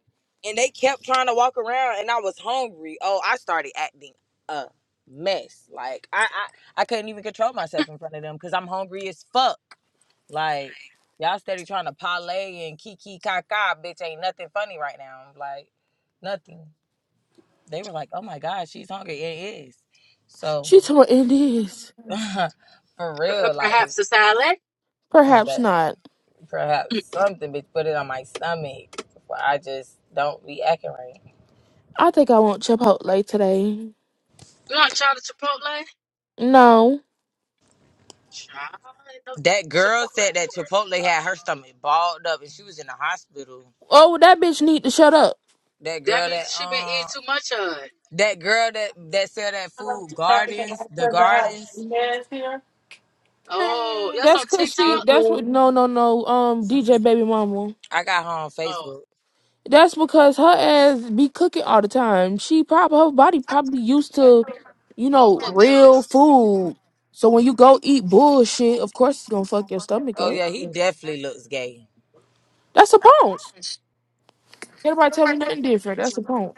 [SPEAKER 1] and they kept trying to walk around, and I was hungry. Oh, I started acting a mess. Like I I, I couldn't even control myself in front of them because I'm hungry as fuck. Like y'all steady trying to parlay and kiki kaka, bitch. Ain't nothing funny right now. Like nothing. They were like, oh my god, she's hungry. It is. So
[SPEAKER 5] She told me it is.
[SPEAKER 1] For
[SPEAKER 7] Uh,
[SPEAKER 1] real, like with-
[SPEAKER 7] Perhaps a salad.
[SPEAKER 5] Perhaps
[SPEAKER 1] that
[SPEAKER 5] not.
[SPEAKER 1] perhaps something bitch put it on my stomach. But I just don't be acting right.
[SPEAKER 5] I think I want Chipotle today.
[SPEAKER 7] You want to try the Chipotle?
[SPEAKER 5] No.
[SPEAKER 7] Try the
[SPEAKER 1] That girl
[SPEAKER 7] Chipotle.
[SPEAKER 1] said that
[SPEAKER 7] Lord.
[SPEAKER 1] Chipotle had her stomach balled up and she was in the hospital.
[SPEAKER 5] Oh, well, that bitch need to shut up.
[SPEAKER 1] That
[SPEAKER 7] That
[SPEAKER 1] girl
[SPEAKER 7] means
[SPEAKER 1] that
[SPEAKER 7] she been eating
[SPEAKER 1] um
[SPEAKER 7] too much of it.
[SPEAKER 1] that girl that that sell that
[SPEAKER 2] Hello,
[SPEAKER 1] food
[SPEAKER 2] this is traffic and
[SPEAKER 1] gardens, the
[SPEAKER 2] access. I have
[SPEAKER 1] gardens.
[SPEAKER 2] Inez here.
[SPEAKER 7] Oh,
[SPEAKER 5] Mm,
[SPEAKER 7] that's
[SPEAKER 5] That's
[SPEAKER 7] on
[SPEAKER 5] cause she
[SPEAKER 2] Thank
[SPEAKER 7] TikTok.
[SPEAKER 5] that's what
[SPEAKER 2] you.
[SPEAKER 5] no no no um DJ baby mama.
[SPEAKER 1] I got her on
[SPEAKER 7] Oh.
[SPEAKER 1] Facebook.
[SPEAKER 5] That's because her ass be cooking all the time. She probably her body probably used to, you
[SPEAKER 7] Home
[SPEAKER 5] know,
[SPEAKER 7] cooked
[SPEAKER 5] real
[SPEAKER 7] meals.
[SPEAKER 5] food. So when you go eat bullshit, of course it's gonna fuck your stomach
[SPEAKER 1] Oh
[SPEAKER 5] up.
[SPEAKER 1] yeah, he definitely looks gay.
[SPEAKER 5] That's a punk. Can't Nobody tell me nothing different. That's a punk.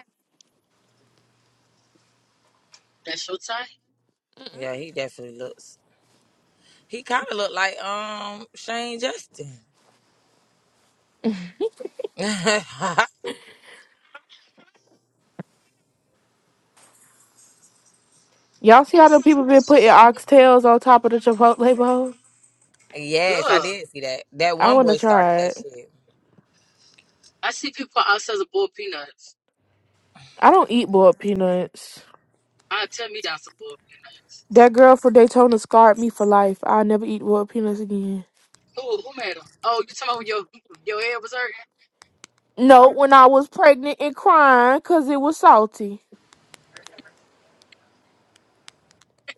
[SPEAKER 7] That's your type.
[SPEAKER 1] Yeah, he definitely looks. He kind of looked like um Shane Justin.
[SPEAKER 5] Y'all see how the
[SPEAKER 7] It's
[SPEAKER 5] people been putting oxtails on top of the Chipotle bowl?
[SPEAKER 1] Yes, I
[SPEAKER 7] Ugh.
[SPEAKER 1] did see that. That
[SPEAKER 5] I
[SPEAKER 1] one
[SPEAKER 5] wanna
[SPEAKER 1] boy started
[SPEAKER 5] try
[SPEAKER 1] that
[SPEAKER 5] it.
[SPEAKER 1] shit.
[SPEAKER 7] I see people outside of boiled peanuts.
[SPEAKER 5] I don't eat boiled peanuts.
[SPEAKER 7] I tell me that's some boiled peanuts.
[SPEAKER 5] That girl from Daytona scarred me for life. I'll never eat boiled peanuts again.
[SPEAKER 7] Who who made them? Oh, you talking about when your your head was hurting?
[SPEAKER 5] No, when I was pregnant and crying because it was salty.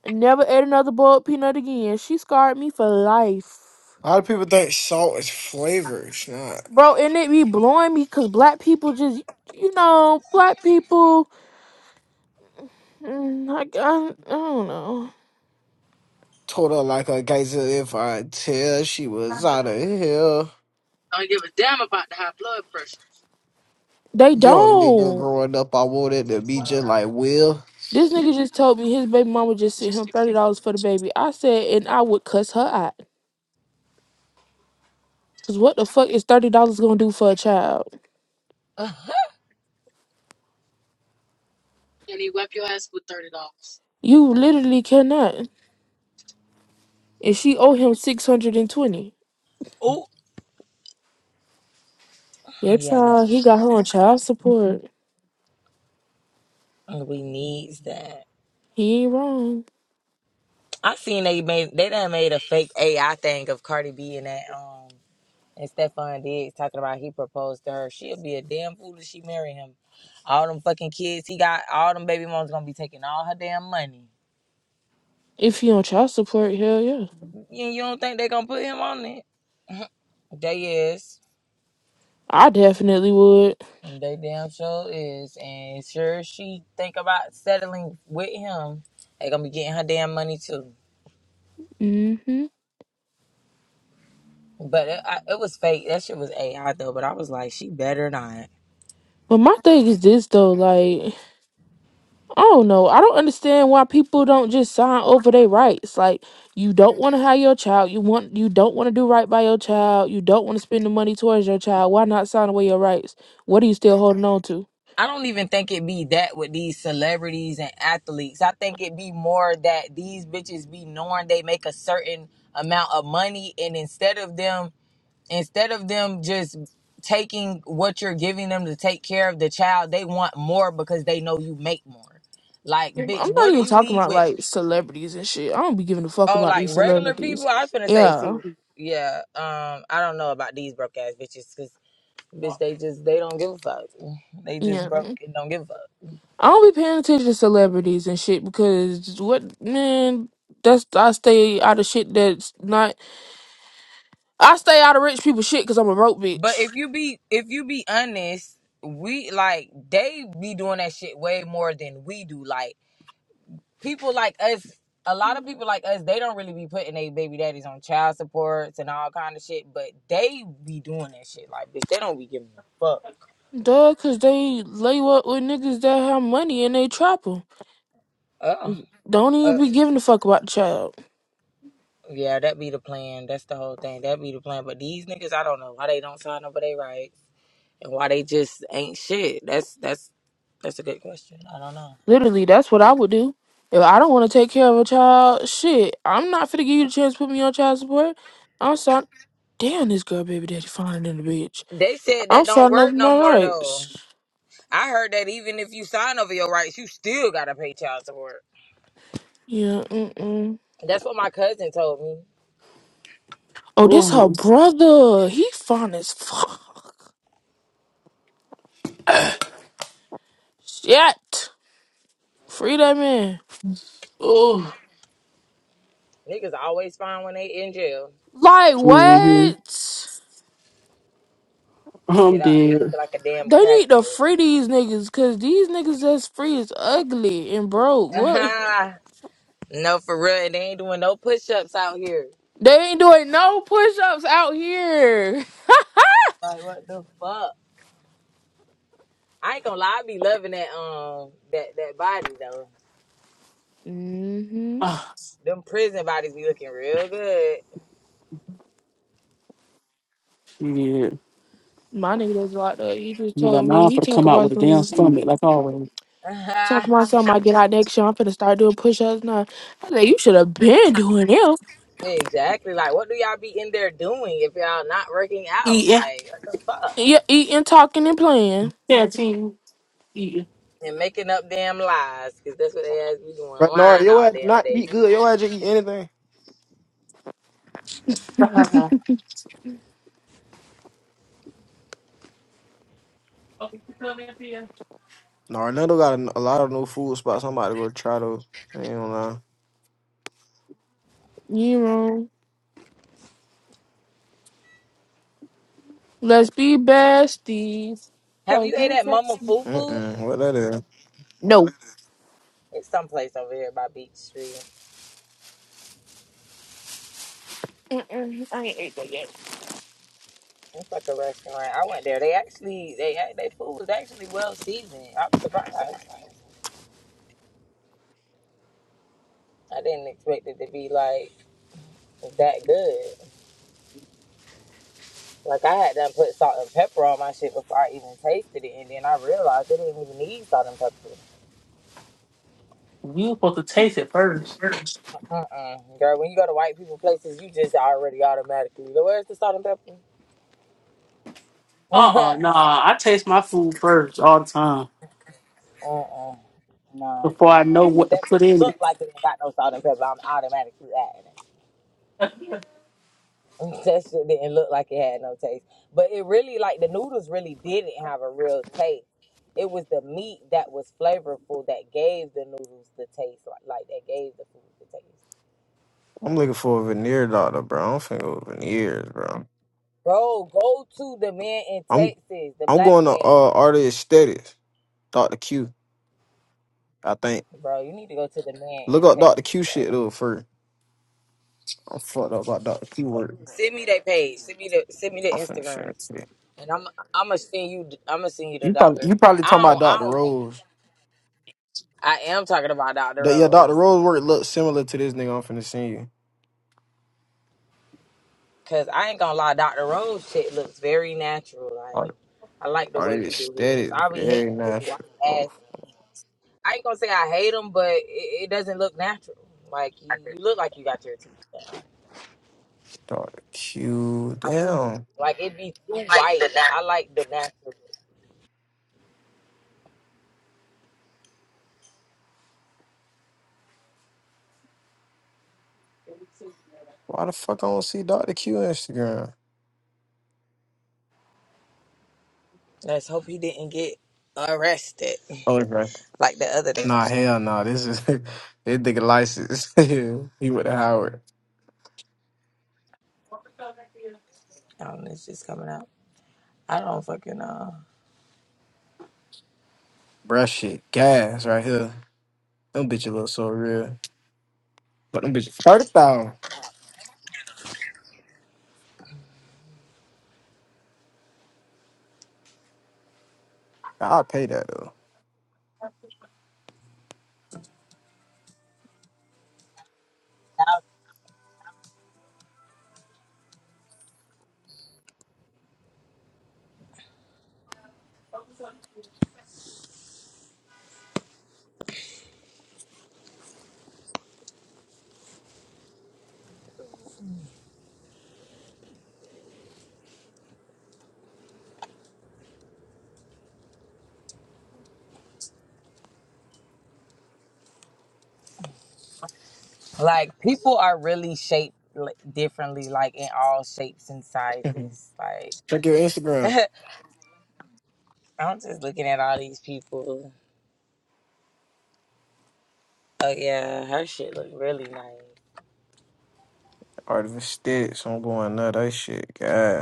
[SPEAKER 5] Never ate another boiled peanut again. She scarred me for life.
[SPEAKER 4] A lot of people think salt is flavor. It's not.
[SPEAKER 5] Bro, and it be blowing me because black people just, you know, black people, mm, I, I, I don't know.
[SPEAKER 4] Told her like a geyser if I tell she was out of here.
[SPEAKER 7] I don't give a damn about the high blood pressure.
[SPEAKER 5] They
[SPEAKER 4] Young nigga
[SPEAKER 5] don't.
[SPEAKER 4] growing up, I wanted to be just like Will.
[SPEAKER 5] This nigga just told me his baby mama just sent him $30 for the baby. I said, and I would cuss her out. Because what the fuck is $30 going to do for a child?
[SPEAKER 1] Uh-huh.
[SPEAKER 7] And he whack your ass with thirty dollars.
[SPEAKER 5] You literally cannot. And she owe him 620
[SPEAKER 1] oh,
[SPEAKER 5] Your
[SPEAKER 1] yeah.
[SPEAKER 5] child, he got her on child support.
[SPEAKER 1] We needs that.
[SPEAKER 5] He ain't wrong.
[SPEAKER 1] I seen they made they done made a fake AI thing of Cardi B and that um and Stefan Diggs talking about he proposed to her. She'll be a damn fool if she marry him. All them fucking kids he got, all them baby moms gonna be taking all her damn money.
[SPEAKER 5] If you on child support, hell yeah.
[SPEAKER 1] You, you don't think they gonna put him on it? They is.
[SPEAKER 5] I definitely would.
[SPEAKER 1] They damn sure is, and sure she think about settling with him. They gonna be getting her damn money too.
[SPEAKER 5] hmm
[SPEAKER 1] But it, I, it was fake. That shit was AI though. But I was like, she better not.
[SPEAKER 5] But my thing is this though, like, I don't know. I don't understand why people don't just sign over their rights. Like, you don't want to have your child. You want you don't want to do right by your child. You don't want to spend the money towards your child. Why not sign away your rights? What are you still holding on to?
[SPEAKER 1] I don't even think it be that with these celebrities and athletes. I think it be more that these bitches be knowing they make a certain amount of money, and instead of them instead of them just taking what you're giving them to take care of the child, they want more because they know you make more. Like,
[SPEAKER 5] I'm
[SPEAKER 1] bitch,
[SPEAKER 5] not
[SPEAKER 1] what do
[SPEAKER 5] even
[SPEAKER 1] you
[SPEAKER 5] talking
[SPEAKER 1] need
[SPEAKER 5] about
[SPEAKER 1] with
[SPEAKER 5] like celebrities and shit. I don't be giving a fuck
[SPEAKER 1] oh
[SPEAKER 5] about these
[SPEAKER 1] like regular people?
[SPEAKER 5] celebrities.
[SPEAKER 1] I was gonna say, see,
[SPEAKER 5] Yeah.
[SPEAKER 1] yeah, um, I don't know about these broke ass bitches because bitch, they just they don't give a fuck. They just
[SPEAKER 5] Yeah.
[SPEAKER 1] broke and don't give a fuck.
[SPEAKER 5] I don't be paying attention to celebrities and shit because what man, that's I stay out of shit that's not. I stay out of rich people shit because I'm a broke
[SPEAKER 1] But
[SPEAKER 5] bitch.
[SPEAKER 1] if you be if you be honest, we like they be doing that shit way more than we do. Like people like us a lot of people like us they don't really be putting their baby daddies on child supports and all kind of shit but they be doing that shit like bitch they don't be giving a fuck
[SPEAKER 5] Duh, cause they lay up with niggas that have money and they trap 'em.
[SPEAKER 1] oh
[SPEAKER 5] Don't even be giving a fuck about the child.
[SPEAKER 1] yeah that be the plan that's the whole thing that be the plan but these niggas i don't know why they don't sign up for their rights and why they just ain't shit that's that's that's a good question i don't know
[SPEAKER 5] Literally, that's what I would do. If I don't want to take care of a child, shit, I'm not finna give you the chance to put me on child support. I'm sorry. Damn, this girl baby daddy finer than the bitch.
[SPEAKER 1] they said
[SPEAKER 5] I'm
[SPEAKER 1] that don't
[SPEAKER 5] starting to
[SPEAKER 1] work
[SPEAKER 5] open
[SPEAKER 1] no
[SPEAKER 5] my
[SPEAKER 1] more though
[SPEAKER 5] rights.
[SPEAKER 1] i heard that even if you sign over your rights you still gotta pay child support
[SPEAKER 5] Yeah, mm mm.
[SPEAKER 1] that's what my cousin told me
[SPEAKER 5] Oh, this her
[SPEAKER 2] Oh,
[SPEAKER 5] brother. He fine as fuck. Shit. Free that man.
[SPEAKER 2] oh,
[SPEAKER 1] Niggas always find when they in jail.
[SPEAKER 5] Like,
[SPEAKER 2] hmm
[SPEAKER 5] what?
[SPEAKER 2] I'm
[SPEAKER 1] Get out, be
[SPEAKER 2] dead.
[SPEAKER 1] looking like a damn
[SPEAKER 5] They need
[SPEAKER 1] crackhead.
[SPEAKER 5] to free these niggas, cause these niggas that's free is ugly and broke. What?
[SPEAKER 1] No, for real, and they ain't doing no push ups out here.
[SPEAKER 5] They ain't doing no push-ups out here.
[SPEAKER 1] Like what the fuck? I ain't gonna lie, I be loving that um that that body though.
[SPEAKER 5] hmm
[SPEAKER 2] Ah,
[SPEAKER 1] Them prison bodies be looking real good.
[SPEAKER 2] shit.
[SPEAKER 5] My nigga that's locked up, he just
[SPEAKER 2] You got
[SPEAKER 5] told me,
[SPEAKER 2] mine
[SPEAKER 5] he
[SPEAKER 2] for to
[SPEAKER 5] talk
[SPEAKER 2] come out
[SPEAKER 5] about
[SPEAKER 2] with a damn
[SPEAKER 5] something.
[SPEAKER 2] stomach, like always.
[SPEAKER 5] Talk about something I get out next year. I'm finna start doing push-ups now. I said, you should have been doing it.
[SPEAKER 1] exactly. Like what do y'all be in there doing if y'all not working out? Like what the fuck?
[SPEAKER 5] Yeah, eating, talking, and playing.
[SPEAKER 2] Yeah, team. You
[SPEAKER 1] And making up damn lies, cause that's what they ass be doing,
[SPEAKER 4] But Nora,
[SPEAKER 1] lying
[SPEAKER 4] your
[SPEAKER 1] all
[SPEAKER 4] ass
[SPEAKER 1] damn
[SPEAKER 4] not
[SPEAKER 1] day.
[SPEAKER 4] eat good. Your ass just eat anything. Nora, Nando got a, a lot of new food spots. I'm about to go try to. I ain't gonna lie.
[SPEAKER 5] You wrong. Let's be besties.
[SPEAKER 1] Have
[SPEAKER 5] 'Cause
[SPEAKER 1] you ate
[SPEAKER 5] you
[SPEAKER 1] at Mama
[SPEAKER 5] sexy.
[SPEAKER 1] Fufu?
[SPEAKER 4] Mm-mm, what that is?
[SPEAKER 5] No.
[SPEAKER 1] It's someplace over here by Beach Street.
[SPEAKER 5] Mm-mm. I
[SPEAKER 1] It's like a restaurant. I went there. They actually, they they food was actually well seasoned. I was surprised. I didn't expect it to be like that good. Like I had done put salt and pepper on my shit before I even tasted it, and then I realized it didn't even need salt and pepper.
[SPEAKER 2] you supposed to taste it first.
[SPEAKER 1] Uh-uh. Girl, when you go to white people places, you just already automatically, "Well, where's the salt and pepper?
[SPEAKER 2] Uh uh nah. I taste my food first all the time
[SPEAKER 1] uh-uh. No.
[SPEAKER 2] before I know
[SPEAKER 1] If
[SPEAKER 2] what to
[SPEAKER 1] that
[SPEAKER 2] put
[SPEAKER 1] bitch
[SPEAKER 2] in
[SPEAKER 1] look
[SPEAKER 2] it.
[SPEAKER 1] like it ain't got no salt and pepper, I'm automatically adding it. that shit didn't look like it had no taste. But it really, like, the noodles really didn't have a real taste. It was the meat that was flavorful that gave the noodles the taste, like, like that gave the food the taste.
[SPEAKER 4] I'm looking for a veneer doctor, bro. I'm finna go with veneers, bro.
[SPEAKER 1] Bro, go to the man in
[SPEAKER 4] I'm
[SPEAKER 1] Texas, the
[SPEAKER 4] I'm
[SPEAKER 1] black
[SPEAKER 4] going to
[SPEAKER 1] man.
[SPEAKER 4] uh Artist Aesthetics, Doctor Q. I think.
[SPEAKER 1] Bro, you need to go to the man
[SPEAKER 4] Look
[SPEAKER 1] in
[SPEAKER 4] up Doctor
[SPEAKER 1] Texas,
[SPEAKER 4] Q shit
[SPEAKER 1] bro.
[SPEAKER 4] though first. I'm fucked up about Doctor Q work.
[SPEAKER 1] Send me that page. Send me the send me the
[SPEAKER 4] I'm finna share
[SPEAKER 1] Instagram,
[SPEAKER 4] it.
[SPEAKER 1] and I'm I'm gonna send you I'm gonna send you the
[SPEAKER 4] You probably
[SPEAKER 1] doctor.
[SPEAKER 4] you probably talking
[SPEAKER 1] I
[SPEAKER 4] about
[SPEAKER 1] don't
[SPEAKER 4] Dr.
[SPEAKER 1] I don't.
[SPEAKER 4] Rose.
[SPEAKER 1] I am talking about Doctor
[SPEAKER 4] That yeah, Dr.
[SPEAKER 1] Rose.
[SPEAKER 4] Rose work looks similar to this nigga I'm finna send you.
[SPEAKER 1] Cause I ain't gonna lie, Dr. Rose shit looks very natural. Like
[SPEAKER 4] Are
[SPEAKER 1] I like the
[SPEAKER 4] are
[SPEAKER 1] way
[SPEAKER 4] they
[SPEAKER 1] he do his.
[SPEAKER 4] aesthetic?
[SPEAKER 1] I be
[SPEAKER 4] Very
[SPEAKER 1] hating those white
[SPEAKER 4] natural. Oh,
[SPEAKER 1] ass. I ain't gonna say I hate them, but it, it doesn't look natural. Like you, you look like you got your teeth down.
[SPEAKER 4] Dr. Q. Damn.
[SPEAKER 1] Like it be too white. I like the natural.
[SPEAKER 4] Why the fuck I don't see Dr. Q Instagram?
[SPEAKER 1] Let's hope he didn't get arrested
[SPEAKER 4] Oh, it's right.
[SPEAKER 1] like the other damn
[SPEAKER 4] Nah,
[SPEAKER 1] man.
[SPEAKER 4] hell nah. This is this nigga license. he went to Howard.
[SPEAKER 1] Um, it's just coming out. I don't fucking know.
[SPEAKER 4] Bruh shit. Gas right here. Them bitches look so real. But them bitches thirty thousand. I'll pay that though.
[SPEAKER 1] Like people are really shaped li- differently, like in all shapes and sizes. Like
[SPEAKER 4] Check your Instagram.
[SPEAKER 1] I'm just looking at all these people. Oh yeah, her shit look really nice.
[SPEAKER 4] Artificial sticks. I'm going nut. That shit. God.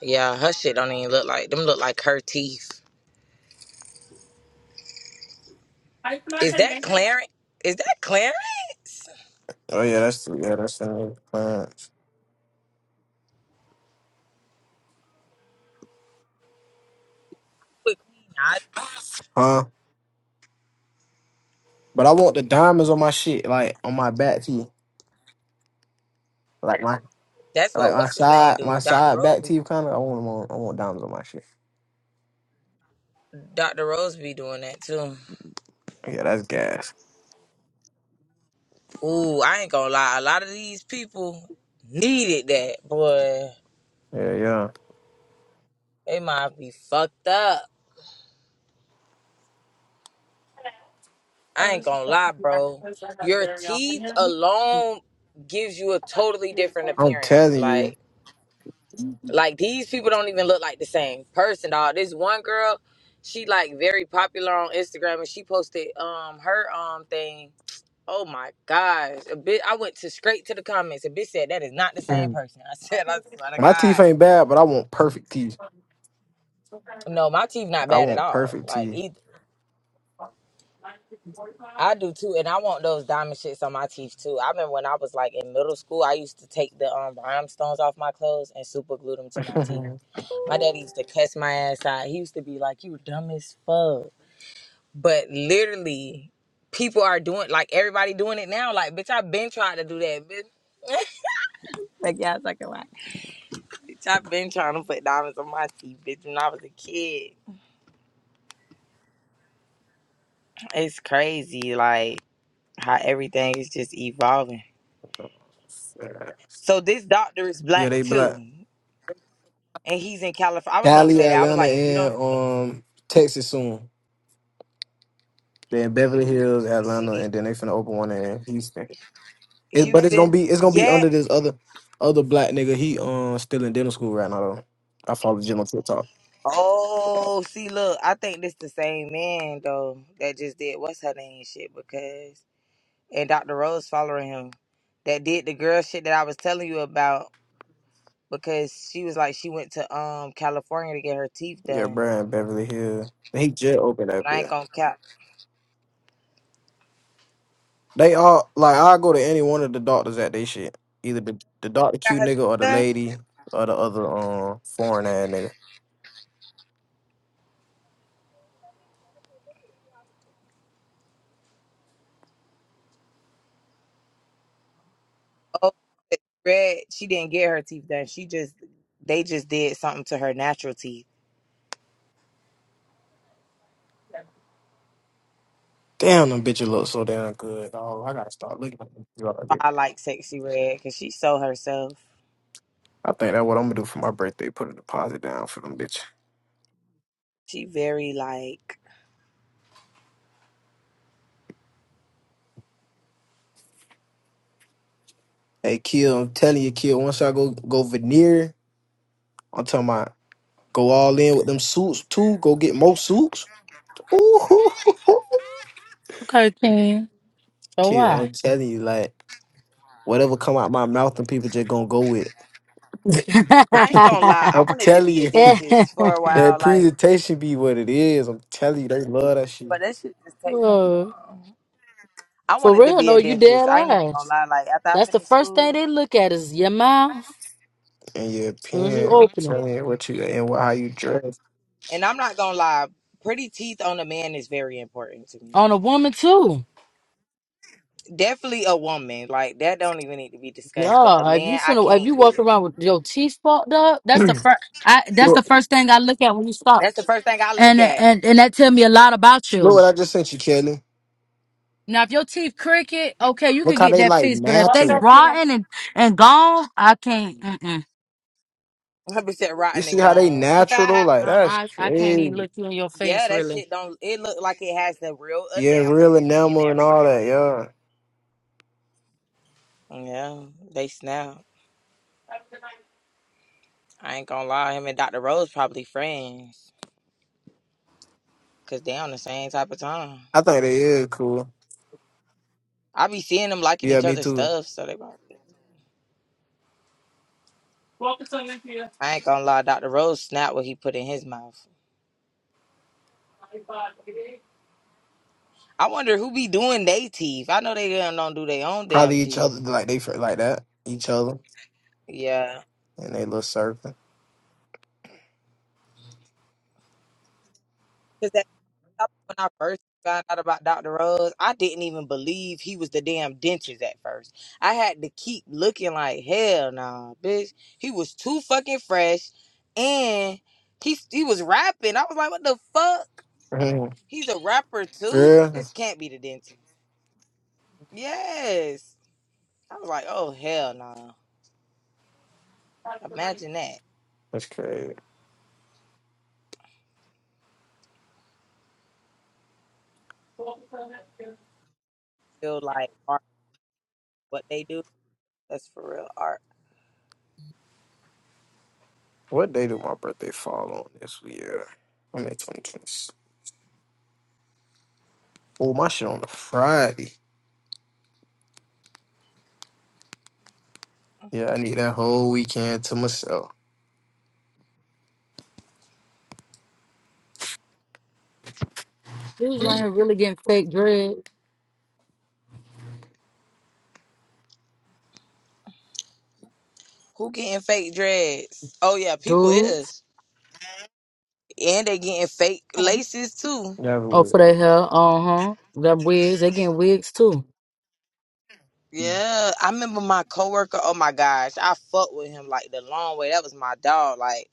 [SPEAKER 1] Yeah, her shit don't even look like them. Look like her teeth.
[SPEAKER 2] How you
[SPEAKER 1] Is that
[SPEAKER 2] name?
[SPEAKER 1] Clarence? Is that Clarence
[SPEAKER 4] Oh yeah, that's the yeah, that's the clients.
[SPEAKER 1] with Queen Naja?
[SPEAKER 4] Huh? But I want the diamonds on my shit, like on my back teeth, like my
[SPEAKER 1] That's
[SPEAKER 4] like
[SPEAKER 1] what
[SPEAKER 4] my
[SPEAKER 1] what's his name
[SPEAKER 4] side my
[SPEAKER 1] do? Dr.
[SPEAKER 4] side
[SPEAKER 1] Rose.
[SPEAKER 4] back
[SPEAKER 1] be-
[SPEAKER 4] teeth kind of. I want them on. I want diamonds on my shit.
[SPEAKER 1] Dr. Rose be doing that too.
[SPEAKER 4] Yeah, that's gas.
[SPEAKER 1] Ooh, I ain't gonna lie. A lot of these people needed that boy.
[SPEAKER 4] Yeah, yeah.
[SPEAKER 1] They might be fucked up. I
[SPEAKER 2] Oh,
[SPEAKER 1] ain't
[SPEAKER 2] this is
[SPEAKER 1] gonna lie, bro. Your teeth alone gives you a totally different
[SPEAKER 4] I'm
[SPEAKER 1] appearance.
[SPEAKER 4] telling you,
[SPEAKER 1] Like Like these people don't even look like the same person, dog. This one girl, she like very popular on Instagram and she posted um her um thing. Oh my gosh. A bit I went to straight to the comments. A bitch said that is not the same
[SPEAKER 4] Mhm.
[SPEAKER 1] person. I said, I swear to
[SPEAKER 4] my teeth
[SPEAKER 1] God.
[SPEAKER 4] ain't bad, but I want perfect teeth.
[SPEAKER 1] No, my teeth not
[SPEAKER 4] I
[SPEAKER 1] bad at
[SPEAKER 4] want
[SPEAKER 1] all.
[SPEAKER 4] perfect
[SPEAKER 1] Like
[SPEAKER 4] teeth.
[SPEAKER 1] either. I do too, and I want those diamond shits on my teeth too. I remember when I was like in middle school, I used to take the um rhinestones off my clothes and super glue them to my teeth. My daddy used to cuss my ass out. He used to be like, "You dumb as fuck." but literally people are doing like everybody doing it now like bitch i've been trying to do that bitch like yeah it's like a lot bitch i've been trying to put diamonds on my teeth bitch when i was a kid it's crazy like how everything is just evolving so this doctor is
[SPEAKER 4] yeah,
[SPEAKER 1] black
[SPEAKER 4] they
[SPEAKER 1] too
[SPEAKER 4] black.
[SPEAKER 1] and he's in california i was gonna
[SPEAKER 4] Cali,
[SPEAKER 1] say that i was
[SPEAKER 4] Atlanta,
[SPEAKER 1] like if you don't
[SPEAKER 4] and
[SPEAKER 1] go
[SPEAKER 4] um Texas soon. Then Beverly Hills,
[SPEAKER 1] to
[SPEAKER 4] Atlanta,
[SPEAKER 1] see
[SPEAKER 4] and then they finna open one in Houston. It, but it's gonna
[SPEAKER 1] houston
[SPEAKER 4] be it's gonna be under
[SPEAKER 1] yet
[SPEAKER 4] this other other black nigga. He um still in dental school right now though. I follow Jim on TikTok.
[SPEAKER 1] oh see look i think this the same man though that just did what's her name shit because and Dr. Rose following him that did the girl shit that I was telling you about because she was like she went to um California to get her teeth
[SPEAKER 4] Yeah,
[SPEAKER 1] done.
[SPEAKER 4] Brian Beverly Hill. He just opened up
[SPEAKER 1] But I ain't
[SPEAKER 4] there.
[SPEAKER 1] gonna cap.
[SPEAKER 4] They all like I go to any one of the doctors at they shit. Either the, the Doctor
[SPEAKER 1] Got
[SPEAKER 4] Q
[SPEAKER 1] her
[SPEAKER 4] nigga or
[SPEAKER 1] teeth
[SPEAKER 4] the
[SPEAKER 1] done?
[SPEAKER 4] lady or the other um foreign ass nigga.
[SPEAKER 1] Oh, it's red. She didn't get her teeth done. She just they just did something to her natural teeth.
[SPEAKER 4] Damn them bitches look so damn good. Oh, I gotta start looking at them. bitches.
[SPEAKER 1] I like sexy red because she so herself.
[SPEAKER 4] I think that's what I'm gonna do for my birthday, put a deposit down for them bitches.
[SPEAKER 1] She very like
[SPEAKER 4] Hey Kill, I'm telling you, Kill, once I go go veneer, I'm talking about. Go all in with them suits too. Go get more suits. Ooh,
[SPEAKER 7] Okay, King. So
[SPEAKER 4] kill.
[SPEAKER 7] why?
[SPEAKER 4] I'm telling you, like whatever come out my mouth, and people just gonna go with.
[SPEAKER 1] I ain't gonna lie. I
[SPEAKER 4] I'm
[SPEAKER 1] wanted to
[SPEAKER 4] telling
[SPEAKER 1] be a
[SPEAKER 4] you,
[SPEAKER 1] dentist for a
[SPEAKER 4] that
[SPEAKER 1] while, like,
[SPEAKER 4] presentation be what it is. I'm telling you, they love that
[SPEAKER 1] but
[SPEAKER 4] shit.
[SPEAKER 1] that shit just takes. so
[SPEAKER 7] Oh,
[SPEAKER 1] long. I
[SPEAKER 7] for
[SPEAKER 1] wanted to
[SPEAKER 7] real,
[SPEAKER 1] be
[SPEAKER 7] no,
[SPEAKER 1] a
[SPEAKER 7] you dead
[SPEAKER 1] dentist. I ain't even gonna
[SPEAKER 7] ass.
[SPEAKER 1] lie. Like after I
[SPEAKER 7] That's the
[SPEAKER 1] finished
[SPEAKER 7] first thing
[SPEAKER 1] school.
[SPEAKER 7] they look at is your mouth
[SPEAKER 4] And your
[SPEAKER 7] as soon as you
[SPEAKER 4] opinion, I'm
[SPEAKER 7] open it.
[SPEAKER 4] telling you what you and what, how you dress.
[SPEAKER 1] And I'm not gonna lie, pretty teeth on a man is very important to me.
[SPEAKER 7] On a
[SPEAKER 1] Like,
[SPEAKER 7] woman too.
[SPEAKER 1] definitely a woman, like that don't even need to be discussed. But a
[SPEAKER 7] Yeah, if you
[SPEAKER 1] man, I
[SPEAKER 7] finna, if
[SPEAKER 1] can't
[SPEAKER 7] you
[SPEAKER 1] do
[SPEAKER 7] walk
[SPEAKER 1] it.
[SPEAKER 7] around with your teeth fucked up, that's the
[SPEAKER 4] look,
[SPEAKER 7] first. I that's
[SPEAKER 4] look
[SPEAKER 7] the first thing I look at when you stop,
[SPEAKER 1] That's the first thing I
[SPEAKER 7] and
[SPEAKER 1] look at.
[SPEAKER 7] and and that tell me a lot about you.
[SPEAKER 4] what I just sent you, Kelly.
[SPEAKER 7] Now, if your teeth crooked, okay, you can
[SPEAKER 4] Look how
[SPEAKER 7] get
[SPEAKER 4] they
[SPEAKER 7] that
[SPEAKER 4] like
[SPEAKER 7] fixed. But if they
[SPEAKER 2] What's up,
[SPEAKER 4] natural.
[SPEAKER 2] here?
[SPEAKER 7] rotten and and gone, I can't. Mm-mm.
[SPEAKER 1] 100%
[SPEAKER 4] You
[SPEAKER 1] rotten
[SPEAKER 4] see
[SPEAKER 1] and
[SPEAKER 4] how they
[SPEAKER 1] gone.
[SPEAKER 4] natural though? Like
[SPEAKER 7] I,
[SPEAKER 4] that's
[SPEAKER 7] I I can't even
[SPEAKER 4] crazy.
[SPEAKER 7] look you in your
[SPEAKER 1] yeah,
[SPEAKER 7] face,
[SPEAKER 1] that
[SPEAKER 7] really.
[SPEAKER 1] shit don't. It look like it has the real
[SPEAKER 4] Yeah,
[SPEAKER 1] enamel
[SPEAKER 4] real
[SPEAKER 1] in it and
[SPEAKER 4] enamel and all
[SPEAKER 1] everything.
[SPEAKER 4] that. Yeah,
[SPEAKER 1] Yeah, they snap. I ain't gonna lie, him and Dr. Rose probably friends, cause they on the same type of time.
[SPEAKER 4] I think they is cool.
[SPEAKER 1] I be seeing them liking
[SPEAKER 4] Yeah,
[SPEAKER 1] each
[SPEAKER 4] me
[SPEAKER 1] other's
[SPEAKER 4] too.
[SPEAKER 1] stuff, so they probably.
[SPEAKER 2] Welcome to Olympia.
[SPEAKER 1] I ain't gonna lie, Dr. Rose snapped what he put in his mouth. I wonder who be doing they teeth. I know they done don't do their own damn
[SPEAKER 4] Probably each other,
[SPEAKER 1] teeth.
[SPEAKER 4] like they feel like that, each other,
[SPEAKER 1] Yeah.
[SPEAKER 4] and they little circle.
[SPEAKER 1] Cause that when I first found out about Dr. Rose, I didn't even believe he was the damn dentist at first. I had to keep looking like hell nah, bitch. He was too fucking fresh and he he was rapping. I was like, what the fuck?
[SPEAKER 4] Mhm.
[SPEAKER 1] He's a rapper too?
[SPEAKER 4] yeah,
[SPEAKER 1] This can't be the dentist. Yes. I was like, oh hell no. Imagine that.
[SPEAKER 4] that's crazy.
[SPEAKER 1] Feel like art what they do. That's for real art.
[SPEAKER 4] What day do my birthday fall on this year? I'm in 2020. Oh, my shit on a Friday. Yeah, I need that whole weekend to myself.
[SPEAKER 7] Dudes right here really getting fake dread,
[SPEAKER 1] Who getting fake dreads? Oh yeah, people
[SPEAKER 7] dudes.
[SPEAKER 1] is. And they getting fake laces too.
[SPEAKER 4] Never
[SPEAKER 7] Oh,
[SPEAKER 4] would.
[SPEAKER 7] for their hair, uh huh. That wigs, they getting wigs too.
[SPEAKER 1] Yeah. I remember my coworker, oh my gosh, I fucked with him like the long way. That was my dog. Like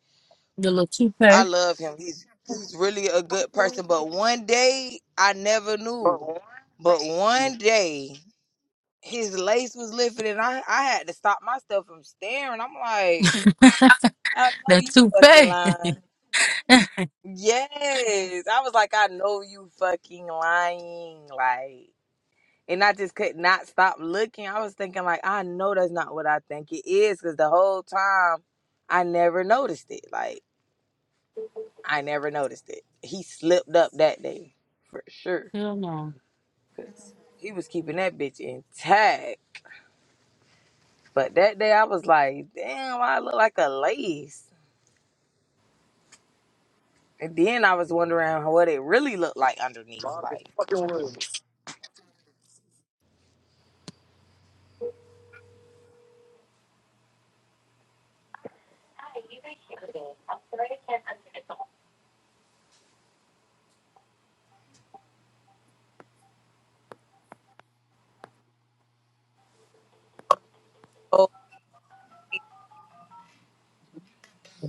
[SPEAKER 7] The little
[SPEAKER 1] I
[SPEAKER 7] toupee,
[SPEAKER 1] love him. He's he's really a good person. But one day I never knew. But one day his lace was lifted and I, I had to stop myself from staring. I'm like, I know
[SPEAKER 7] that
[SPEAKER 1] you fucking
[SPEAKER 7] toupee.
[SPEAKER 1] lying. Yes. I was like, I know you fucking lying. Like, and I just could not stop looking. I was thinking, like, I know that's not what I think it is because the whole time I never noticed it. Like, I never noticed it. He slipped up that day for sure
[SPEAKER 7] Hell no.
[SPEAKER 1] because he was keeping that bitch intact. But that day I was like, damn, I look like a lace. And then I was wondering what it really looked like underneath. Like,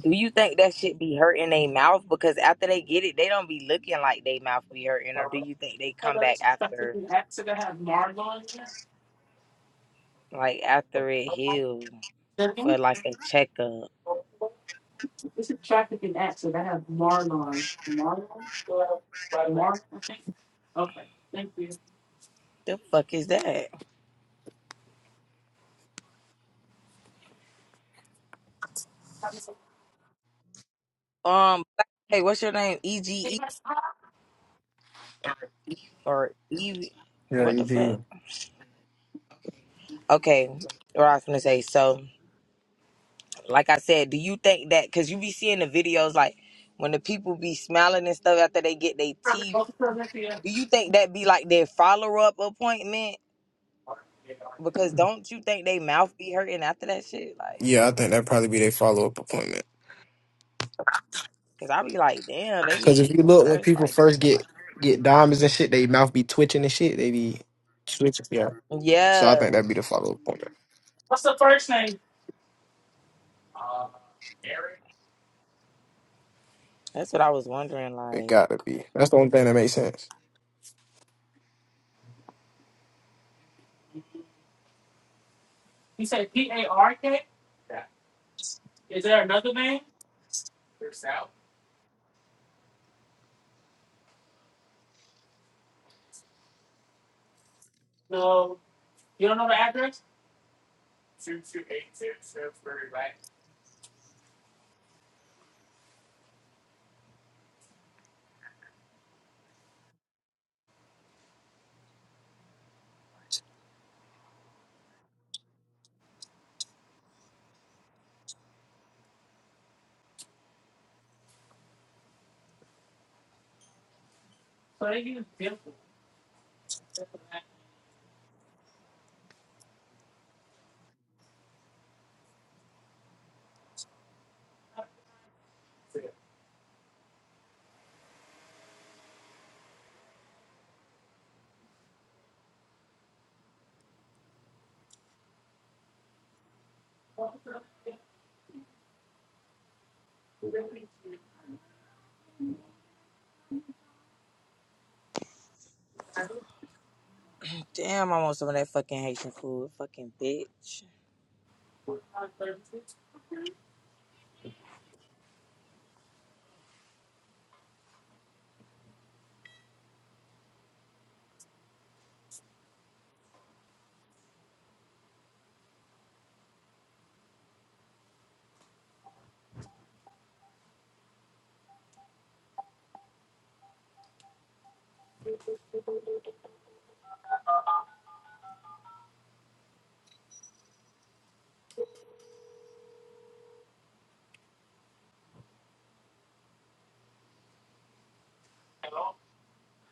[SPEAKER 1] Do you think that shit be hurting their mouth? Because after they get it, they don't be looking like they mouth be hurting, or do you think they come
[SPEAKER 2] Hello,
[SPEAKER 1] back
[SPEAKER 2] this is
[SPEAKER 1] after,
[SPEAKER 2] trafficking accident. I have Marlon here.
[SPEAKER 1] like after it heals for like a checkup?
[SPEAKER 2] This is trafficking accident. I have Marlon. Marlon? Marlon, I think. Okay, thank you.
[SPEAKER 1] The fuck is that? Um, hey, what's your name? E G E or E?
[SPEAKER 4] Yeah,
[SPEAKER 1] What
[SPEAKER 4] you
[SPEAKER 1] the fuck?
[SPEAKER 4] did.
[SPEAKER 1] Okay, what I was gonna say. So, like I said, do you think that? Cause you be seeing the videos, like when the people be smiling and stuff after they get their teeth.
[SPEAKER 2] Go Philadelphia.
[SPEAKER 1] Do you think that be like their follow up appointment? Because don't you think they mouth be hurting after that shit? Like,
[SPEAKER 4] Yeah, I think that'd probably be their follow up appointment.
[SPEAKER 1] cause I be like, damn, they
[SPEAKER 4] Because if
[SPEAKER 1] be
[SPEAKER 4] you look, when
[SPEAKER 1] first
[SPEAKER 4] people
[SPEAKER 1] like
[SPEAKER 4] first
[SPEAKER 1] looking
[SPEAKER 4] get get diamonds and shit, they mouth be twitching and shit. They be switching. Yeah.
[SPEAKER 1] like.
[SPEAKER 4] So I think
[SPEAKER 1] Yeah,
[SPEAKER 4] that'd be the follow up appointment.
[SPEAKER 2] What's the first name? Uh, Eric.
[SPEAKER 1] that's what I was wondering.
[SPEAKER 4] It
[SPEAKER 1] Like,
[SPEAKER 4] gotta be. That's the only thing that makes sense.
[SPEAKER 2] You said P A R K? Yeah. Is there another name? There's South. No. You don't know the address? two two eight two Shrewsbury Lane. So they use different. different
[SPEAKER 1] damn, I want some of that fucking Haitian food, fucking bitch.
[SPEAKER 2] addresses.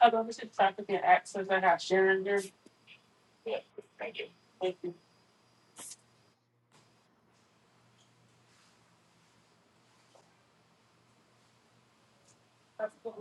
[SPEAKER 2] I don't understand traffic and access. I have Sharon here. Yeah. Thank you. Thank you. That's cool.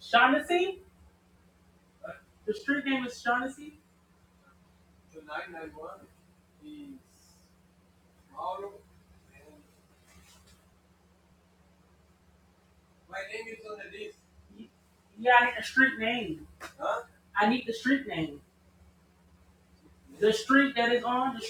[SPEAKER 2] Shaughnessy? The street name is Shaughnessy? Yeah, I need a street name. I need the street name. The street that is on. the